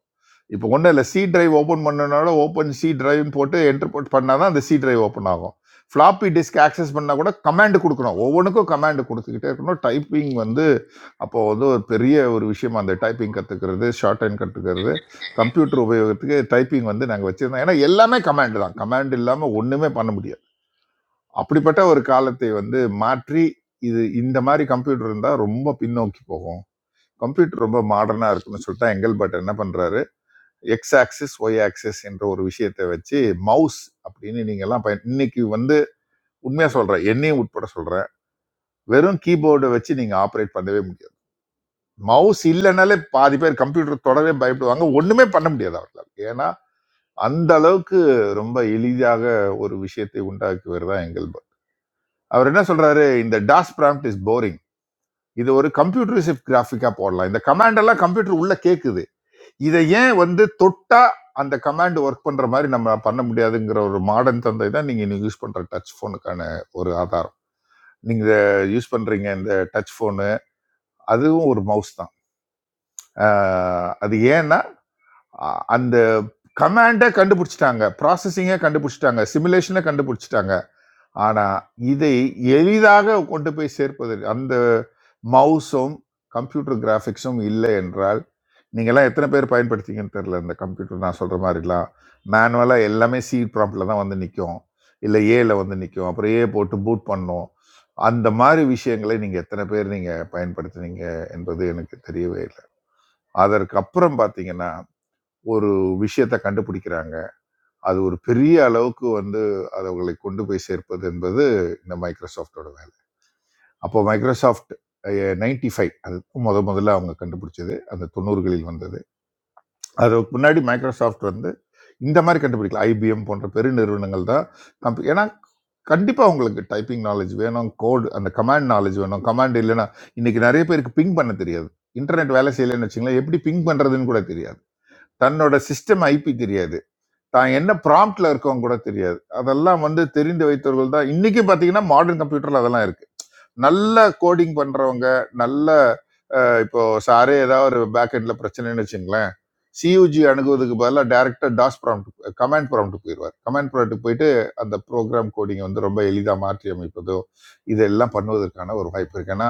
Speaker 8: இப்போ ஒன்றும் இல்லை சி டிரைவ் ஓப்பன் பண்ணனால ஓப்பன் சி டிரைவ்னு போட்டு என்டர் பண்ணால் தான் அந்த சி டிரைவ் ஓப்பன் ஆகும் ஃப்ளாப்பி டிஸ்க் ஆக்சஸ் பண்ணால் கூட கமாண்ட் கொடுக்கணும் ஒவ்வொன்றுக்கும் கமாண்ட் கொடுத்துக்கிட்டே இருக்கணும் டைப்பிங் வந்து அப்போ வந்து ஒரு பெரிய ஒரு விஷயம் அந்த டைப்பிங் கற்றுக்கிறது ஷார்ட் ஹேண்ட் கற்றுக்கிறது கம்ப்யூட்டர் உபயோகத்துக்கு டைப்பிங் வந்து நாங்கள் வச்சுருந்தோம் ஏன்னா எல்லாமே கமாண்ட் தான் கமாண்ட் இல்லாமல் ஒன்றுமே பண்ண முடியாது அப்படிப்பட்ட ஒரு காலத்தை வந்து மாற்றி இது இந்த மாதிரி கம்ப்யூட்டர் இருந்தால் ரொம்ப பின்னோக்கி போகும் கம்ப்யூட்டர் ரொம்ப மாடர்னாக இருக்குன்னு சொல்லிட்டு எங்கல்பர்ட் என்ன பண்ணுறாரு எக்ஸ் ஆக்சிஸ் ஒய் ஆக்சிஸ் என்ற ஒரு விஷயத்தை வச்சு மவுஸ் அப்படின்னு நீங்க எல்லாம் பயன் இன்னைக்கு வந்து உண்மையா சொல்றேன் என்னையும் உட்பட சொல்றேன் வெறும் கீபோர்டை வச்சு நீங்க ஆப்ரேட் பண்ணவே முடியாது மவுஸ் இல்லைனாலே பாதி பேர் கம்ப்யூட்டர் தொடவே பயப்படுவாங்க ஒண்ணுமே பண்ண முடியாது அவர்களால் ஏன்னா அந்த அளவுக்கு ரொம்ப எளிதாக ஒரு விஷயத்தை உண்டாக்குவது தான் எங்கல்பர் அவர் என்ன சொல்றாரு இந்த டாஸ் prompt இஸ் போரிங் இது ஒரு கம்ப்யூட்டரிசிவ் கிராஃபிக்கா போடலாம் இந்த கமாண்ட் எல்லாம் கம்ப்யூட்டர் உள்ள கேக்குது இதை ஏன் வந்து தொட்டா அந்த கமாண்ட் ஒர்க் பண்ற மாதிரி நம்ம பண்ண முடியாதுங்கிற ஒரு மாடர்ன் தந்தை தான் நீங்க இன்னைக்கு யூஸ் பண்ற டச் போனுக்கான ஒரு ஆதாரம் நீங்க இதை யூஸ் பண்றீங்க இந்த டச் போனு அதுவும் ஒரு மவுஸ் தான் அஹ் அது ஏன்னா அ- அந்த கமாண்டை கண்டுபிடிச்சிட்டாங்க ப்ராசஸிங்கை கண்டுபிடிச்சிட்டாங்க சிமுலேஷனை கண்டுபிடிச்சிட்டாங்க ஆனா, இதை எளிதாக கொண்டு போய் சேர்ப்பதற்கு அந்த மவுஸும், கம்ப்யூட்டர் கிராபிக்ஸும் இல்லை என்றால், நீங்கலாம் எத்தன பேர் பயன்படுத்தீங்கன்னு தெரியல. இந்த கம்ப்யூட்டர் நான் சொல்ற மாரிலாம். மேனுவலா எல்லாமே சி ப்ராம்ப்ட்ல தான் வந்து நிக்கும். இல்ல ஏல வந்து நிக்கும். அப்புறம் ஏ போட்டு பூட் பண்ணும். அந்த மாரி விஷயங்களை நீங்க எத்தன பேர் நீங்க பயன்படுத்துனீங்க என்பது எனக்கு தெரியவே இல்ல. அதற்கு அப்புறம் பார்த்தீங்கன்னா, ஒரு விஷயத்த கண்டுபிடிக்கிறாங்க. அது ஒரு பெரிய அளவுக்கு வந்து அது அவங்களை கொண்டு போய் சேர்ப்பது என்பது இந்த மைக்ரோசாஃப்டோட வேலை அப்போ மைக்ரோசாஃப்ட் நைன்டி ஃபைவ் அது முத முதல்ல அவங்க கண்டுபிடிச்சது அந்த தொண்ணூறுகளில் வந்தது அதுக்கு முன்னாடி மைக்ரோசாஃப்ட் வந்து இந்த மாதிரி கண்டுபிடிக்கல ஐபிஎம் போன்ற பெரு நிறுவனங்கள் தான் கம்ப- ஏன்னா கண்டிப்பாக உங்களுக்கு டைப்பிங் நாலேஜ் வேணும் கோட் அந்த கமாண்ட் நாலேஜ் வேணும் கமாண்ட் இல்லைன்னா இன்னைக்கு நிறைய பேருக்கு பிங் பண்ண தெரியாது இன்டர்நெட் வேலை செய்யலைன்னு வச்சுங்களேன் எப்படி பிங் பண்ணுறதுன்னு கூட தெரியாது தன்னோட சிஸ்டம் ஐபி தெரியாது தான் என்ன ப்ராம்ப்ட்ல இருக்கவங்க கூட தெரியாது அதெல்லாம் வந்து தெரிந்து வைத்தவர்கள் தான் இன்னைக்கு பாத்தீங்கன்னா மாடர்ன் கம்ப்யூட்டர்ல அதெல்லாம் இருக்கு நல்ல கோடிங் பண்றவங்க நல்ல அஹ், இப்போ சாரே ஏதாவது ஒரு பேக் எண்ட்ல பிரச்சனைன்னு வச்சுங்களேன் சியூஜி அணுகுவதுக்கு பதிலாக டைரக்டா டாஸ் ப்ராம்ப்ட் கமாண்ட் ப்ராம்ப்ட் போயிடுவார் கமாண்ட் ப்ராம்ப்ட் போயிட்டு அந்த ப்ரோக்ராம் கோடிங்கை வந்து ரொம்ப எளிதாக மாற்றி அமைப்பதோ இதெல்லாம் பண்ணுவதற்கான ஒரு வாய்ப்பு இருக்கு ஏன்னா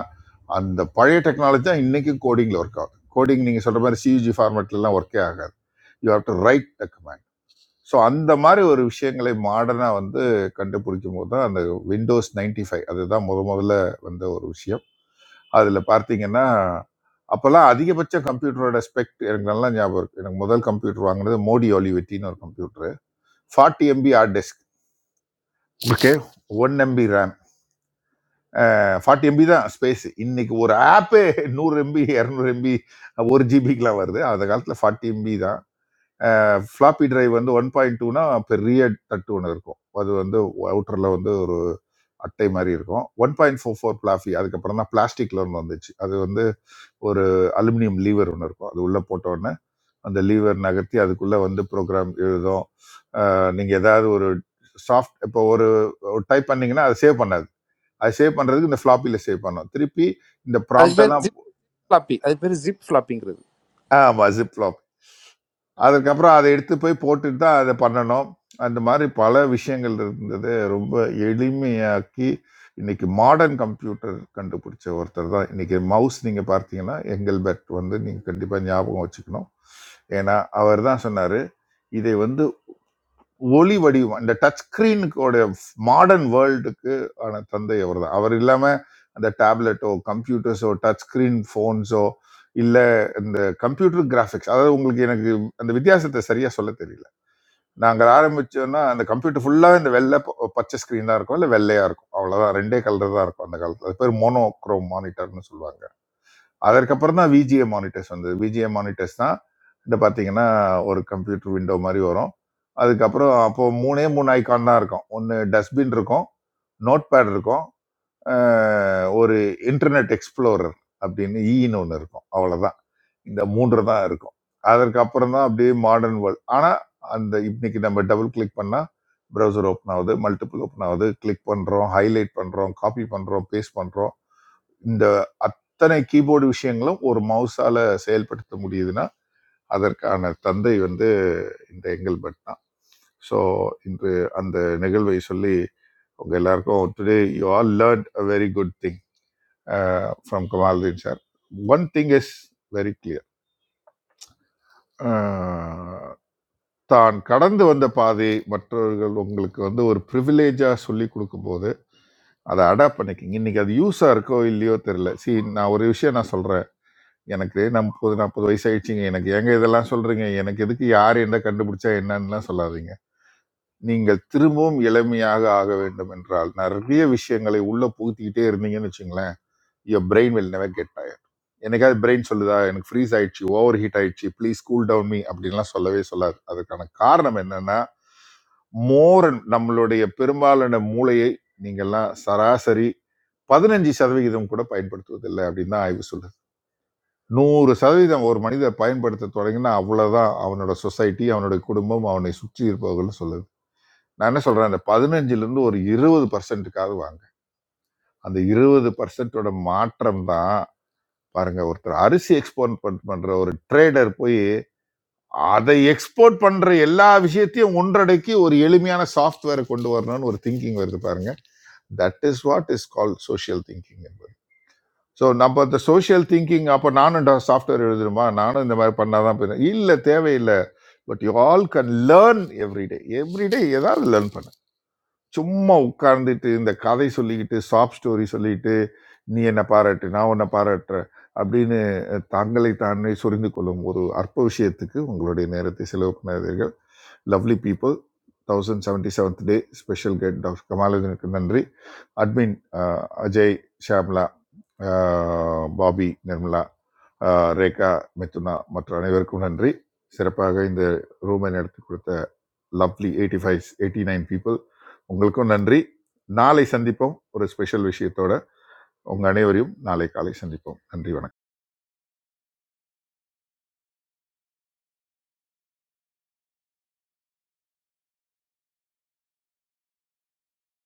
Speaker 8: அந்த பழைய டெக்னாலஜி தான் இன்னைக்கு கோடிங்ல ஒர்க் ஆகுது கோடிங் நீங்க சொல்ற மாதிரி சியூஜி ஃபார்மேட்ல எல்லாம் ஒர்க்கே ஆகாது you have to write the command. So அந்த மாதிரி ஒரு விஷயங்களை மாடர்னாக வந்து கண்டுபிடிக்கும் போது தான் அந்த விண்டோஸ் 95 ஃபைவ் அதுதான் முத முதல்ல வந்த ஒரு விஷயம் அதில் பார்த்தீங்கன்னா அப்போல்லாம் அதிகபட்ச கம்ப்யூட்டரோட ஸ்பெக்ட் எனக்கு நல்லா ஞாபகம் இருக்குது எனக்கு முதல் கம்ப்யூட்டர் வாங்கினது மோடி ஒலிவெட்டின்னு ஒரு computer forty MB hard disk okay one MB RAM forty MB தான் ஸ்பேஸ் இன்னைக்கு ஒரு ஆப்பே நூறு எம்பி இரநூறு எம்பி ஒரு ஜிபிக்கெலாம் வருது அந்த காலத்தில் ஃபார்ட்டி எம்பி தான் ஃப்ளாப்பி டிரைவ் வந்து ஒன் பாயிண்ட் டூனா பெரிய தட்டு ஒன்று இருக்கும் அது வந்து அவுட்டரில் வந்து ஒரு அட்டை மாதிரி இருக்கும் one point four four floppy அதுக்கப்புறம் தான் பிளாஸ்டிக்ல ஒன்று வந்துச்சு அது வந்து ஒரு அலுமினியம் லீவர் ஒன்று இருக்கும் அது உள்ளே போட்டோடனே அந்த லீவர் நகர்த்தி அதுக்குள்ளே வந்து ப்ரோக்ராம் எழுதும் நீங்கள் ஏதாவது ஒரு சாஃப்ட் இப்போ ஒரு டைப் பண்ணீங்கன்னா அது சேவ் பண்ணாது அது சேவ் பண்ணுறதுக்கு இந்த ஃப்ளாப்பியில் சேவ் பண்ணும் திருப்பி இந்த
Speaker 17: அதுக்கு பேர்
Speaker 8: ப்ராம்ப்டெல்லாம்
Speaker 17: ஜிப் ஃப்ளாப்பி அதுக்கு பேர் ஜிப் ஃப்ளாப்பிங்கிறது
Speaker 8: ஆமாம் ஜிப் அதுக்கப்புறம் அதை எடுத்து போய் போட்டுட்டு தான் அதை பண்ணணும். அந்த மாதிரி பல விஷயங்கள் இருந்தது. ரொம்ப எளிமையாக்கி, இன்னைக்கு மாடர்ன் கம்ப்யூட்டர் கண்டுபிடிச்ச ஒருத்தர் தான். இன்னைக்கு மவுஸ் நீங்க பார்த்தீங்கன்னா, எங்கல்பர்ட் வந்து நீங்க கண்டிப்பா ஞாபகம் வச்சுக்கணும். ஏன்னா, அவர் தான் சொன்னாரு, "இதை வந்து ஒளி வடிவம் இந்த டச் ஸ்கிரீனுக்கோட மாடர்ன் வேர்ல்டுக்கு ஆன தந்தை அவர் தான் அவர் இல்லாம அந்த டேப்லெட்டோ கம்ப்யூட்டர்ஸோ டச் ஸ்கிரீன் ஃபோன்ஸோ இல்ல இந்த கம்ப்யூட்டர் கிராஃபிக்ஸ் அதாவது உங்களுக்கு எனக்கு அந்த வித்தியாசத்தை சரியா சொல்ல தெரியல நாங்கள் ஆரம்பிச்சோம்னா அந்த கம்ப்யூட்டர் ஃபுல்லா இந்த வெள்ளை ப- பச்சை ஸ்கிரீன் தான் இருக்கும் இல்ல வெள்ளையா இருக்கும் அவ்வளவுதான் ரெண்டே கலர் தான் இருக்கும் அந்த காலத்துல அது பேர் மோனோக்ரோம் மானிட்டர்னு சொல்லுவாங்க அதற்கப்புறம் தான் விஜிஏ மானிட்டர்ஸ் வந்தது விஜிஏ மானிட்டர்ஸ் தான் இந்த பார்த்தீங்கன்னா ஒரு கம்ப்யூட்டர் விண்டோ மாதிரி வரும் அதுக்கப்புறம் அப்போ மூணே மூணு ஐகான் தான் இருக்கும் ஒன்று டஸ்ட்பின் இருக்கும் நோட் பேட் இருக்கும் அஹ் ஒரு இன்டர்நெட் எக்ஸ்ப்ளோரர் அப்படின்னு ஈன்னு ஒன்று இருக்கும் அவ்வளோதான் இந்த மூன்று தான் இருக்கும் அதற்கப்புறம் தான் அப்படியே மாடர்ன் வேர்ல்ட் ஆனால் அந்த இன்னைக்கு நம்ம டபுள் கிளிக் பண்ணால் ப்ரௌசர் ஓப்பன் ஆகுது மல்டிபிள் ஓப்பன் ஆகுது கிளிக் பண்ணுறோம் ஹைலைட் பண்ணுறோம் காப்பி பண்ணுறோம் பேஸ்ட் பண்ணுறோம் இந்த அத்தனை கீபோர்டு விஷயங்களும் ஒரு மவுஸால செயல்படுத்த முடியுதுன்னா அதற்கான தந்தை வந்து இந்த எங்கல்பர்ட் தான் ஸோ இன்று அந்த நிகழ்வை சொல்லி உங்க எல்லாருக்கும் today you all learn a very good thing from Kamaluddin sir one thing is very clear தான் கடந்து வந்த பாதை மற்றவர்கள் உங்களுக்கு வந்து ஒரு ப்ரிவிலேஜாக சொல்லி கொடுக்கும்போது அதை அடாப்ட் பண்ணிக்கிங்க இன்னைக்கு அது யூஸாக இருக்கோ இல்லையோ தெரியல சி நான் ஒரு விஷயம் நான் சொல்கிறேன் எனக்கு நான் முப்பது நாற்பது வயசு ஆயிடுச்சுங்க எனக்கு ஏங்க இதெல்லாம் சொல்றீங்க எனக்கு எதுக்கு யார் என்ன கண்டுபிடிச்சா என்னன்னுலாம் சொல்லாதீங்க நீங்கள் திரும்பவும் இளமையாக ஆக வேண்டும் என்றால் நிறைய விஷயங்களை உள்ள புகுத்திக்கிட்டே இருந்தீங்கன்னு வச்சுங்களேன் your brain will never get tired என்னைக்காவது பிரெயின் சொல்லுதா எனக்கு ஃப்ரீஸ் ஆயிடுச்சு ஓவர் ஹீட் ஆயிடுச்சு ப்ளீஸ் கூல் டவுன் மீ அப்படின்லாம் சொல்லவே சொல்லாது அதுக்கான காரணம் என்னன்னா மோரன் நம்மளுடைய பெரும்பாலான மூளையை நீங்கள்லாம் சராசரி பதினஞ்சு சதவிகிதம் கூட பயன்படுத்துவதில்லை அப்படின்னு தான் ஆய்வு சொல்லுது நூறு சதவீதம் ஒரு மனிதர் பயன்படுத்த தொடங்கினா அவ்வளவுதான் அவனோட சொசைட்டி அவனுடைய குடும்பம் அவனை சுற்றி இருப்பவர்கள் சொல்லுது நான் என்ன சொல்றேன் அந்த பதினஞ்சுல இருந்து ஒரு இருபது பர்சன்ட்டுக்காவது வாங்க அந்த இருபது பர்சன்டோட மாற்றம் தான் பாருங்க ஒருத்தர் அரிசி எக்ஸ்போர்ட் பண்ற ஒரு ட்ரேடர் போய் அதை எக்ஸ்போர்ட் பண்ற எல்லா விஷயத்தையும் ஒன்றடக்கி ஒரு எளிமையான சாஃப்ட்வேரை கொண்டு வரணும்னு ஒரு திங்கிங் வருது பாருங்க that is what is call social thinking so நம்ம அந்த சோஷியல் திங்கிங் அப்போ நானும் சாஃப்ட்வேர் எழுதணுமா நானும் இந்த மாதிரி பண்ணாதான் போயிடும் இல்லை தேவையில்லை but you all can learn everyday everyday ஏதாவது லேர்ன் பண்ணு சும்மா உட்கார்ந்துட்டு இந்த கதை சொல்லிக்கிட்டு சாப் ஸ்டோரி சொல்லிட்டு நீ என்னை பாராட்டு நான் உன்னை பாராட்டுறேன் அப்படின்னு அஹ், தங்களை தானே சொரிந்து கொள்ளும் ஒரு அற்ப விஷயத்துக்கு உங்களுடைய நேரத்தை செலவு பண்ணாதீர்கள் lovely people thousand seventy seventh day special get doctor கமாலதனுக்கு நன்றி அட்மின் அஹ், அஜய் ஷாம்லா அஹ், பாபி நிர்மலா அஹ், ரேகா மிதுனா மற்றும் அனைவருக்கும் நன்றி சிறப்பாக இந்த ரூமை நடத்தி கொடுத்த lovely eighty five eighty nine people உங்களுக்கும் நன்றி நாளை சந்திப்போம் ஒரு ஸ்பெஷல் விஷயத்தோட உங்கள் அனைவரையும் நாளை காலை சந்திப்போம் நன்றி வணக்கம்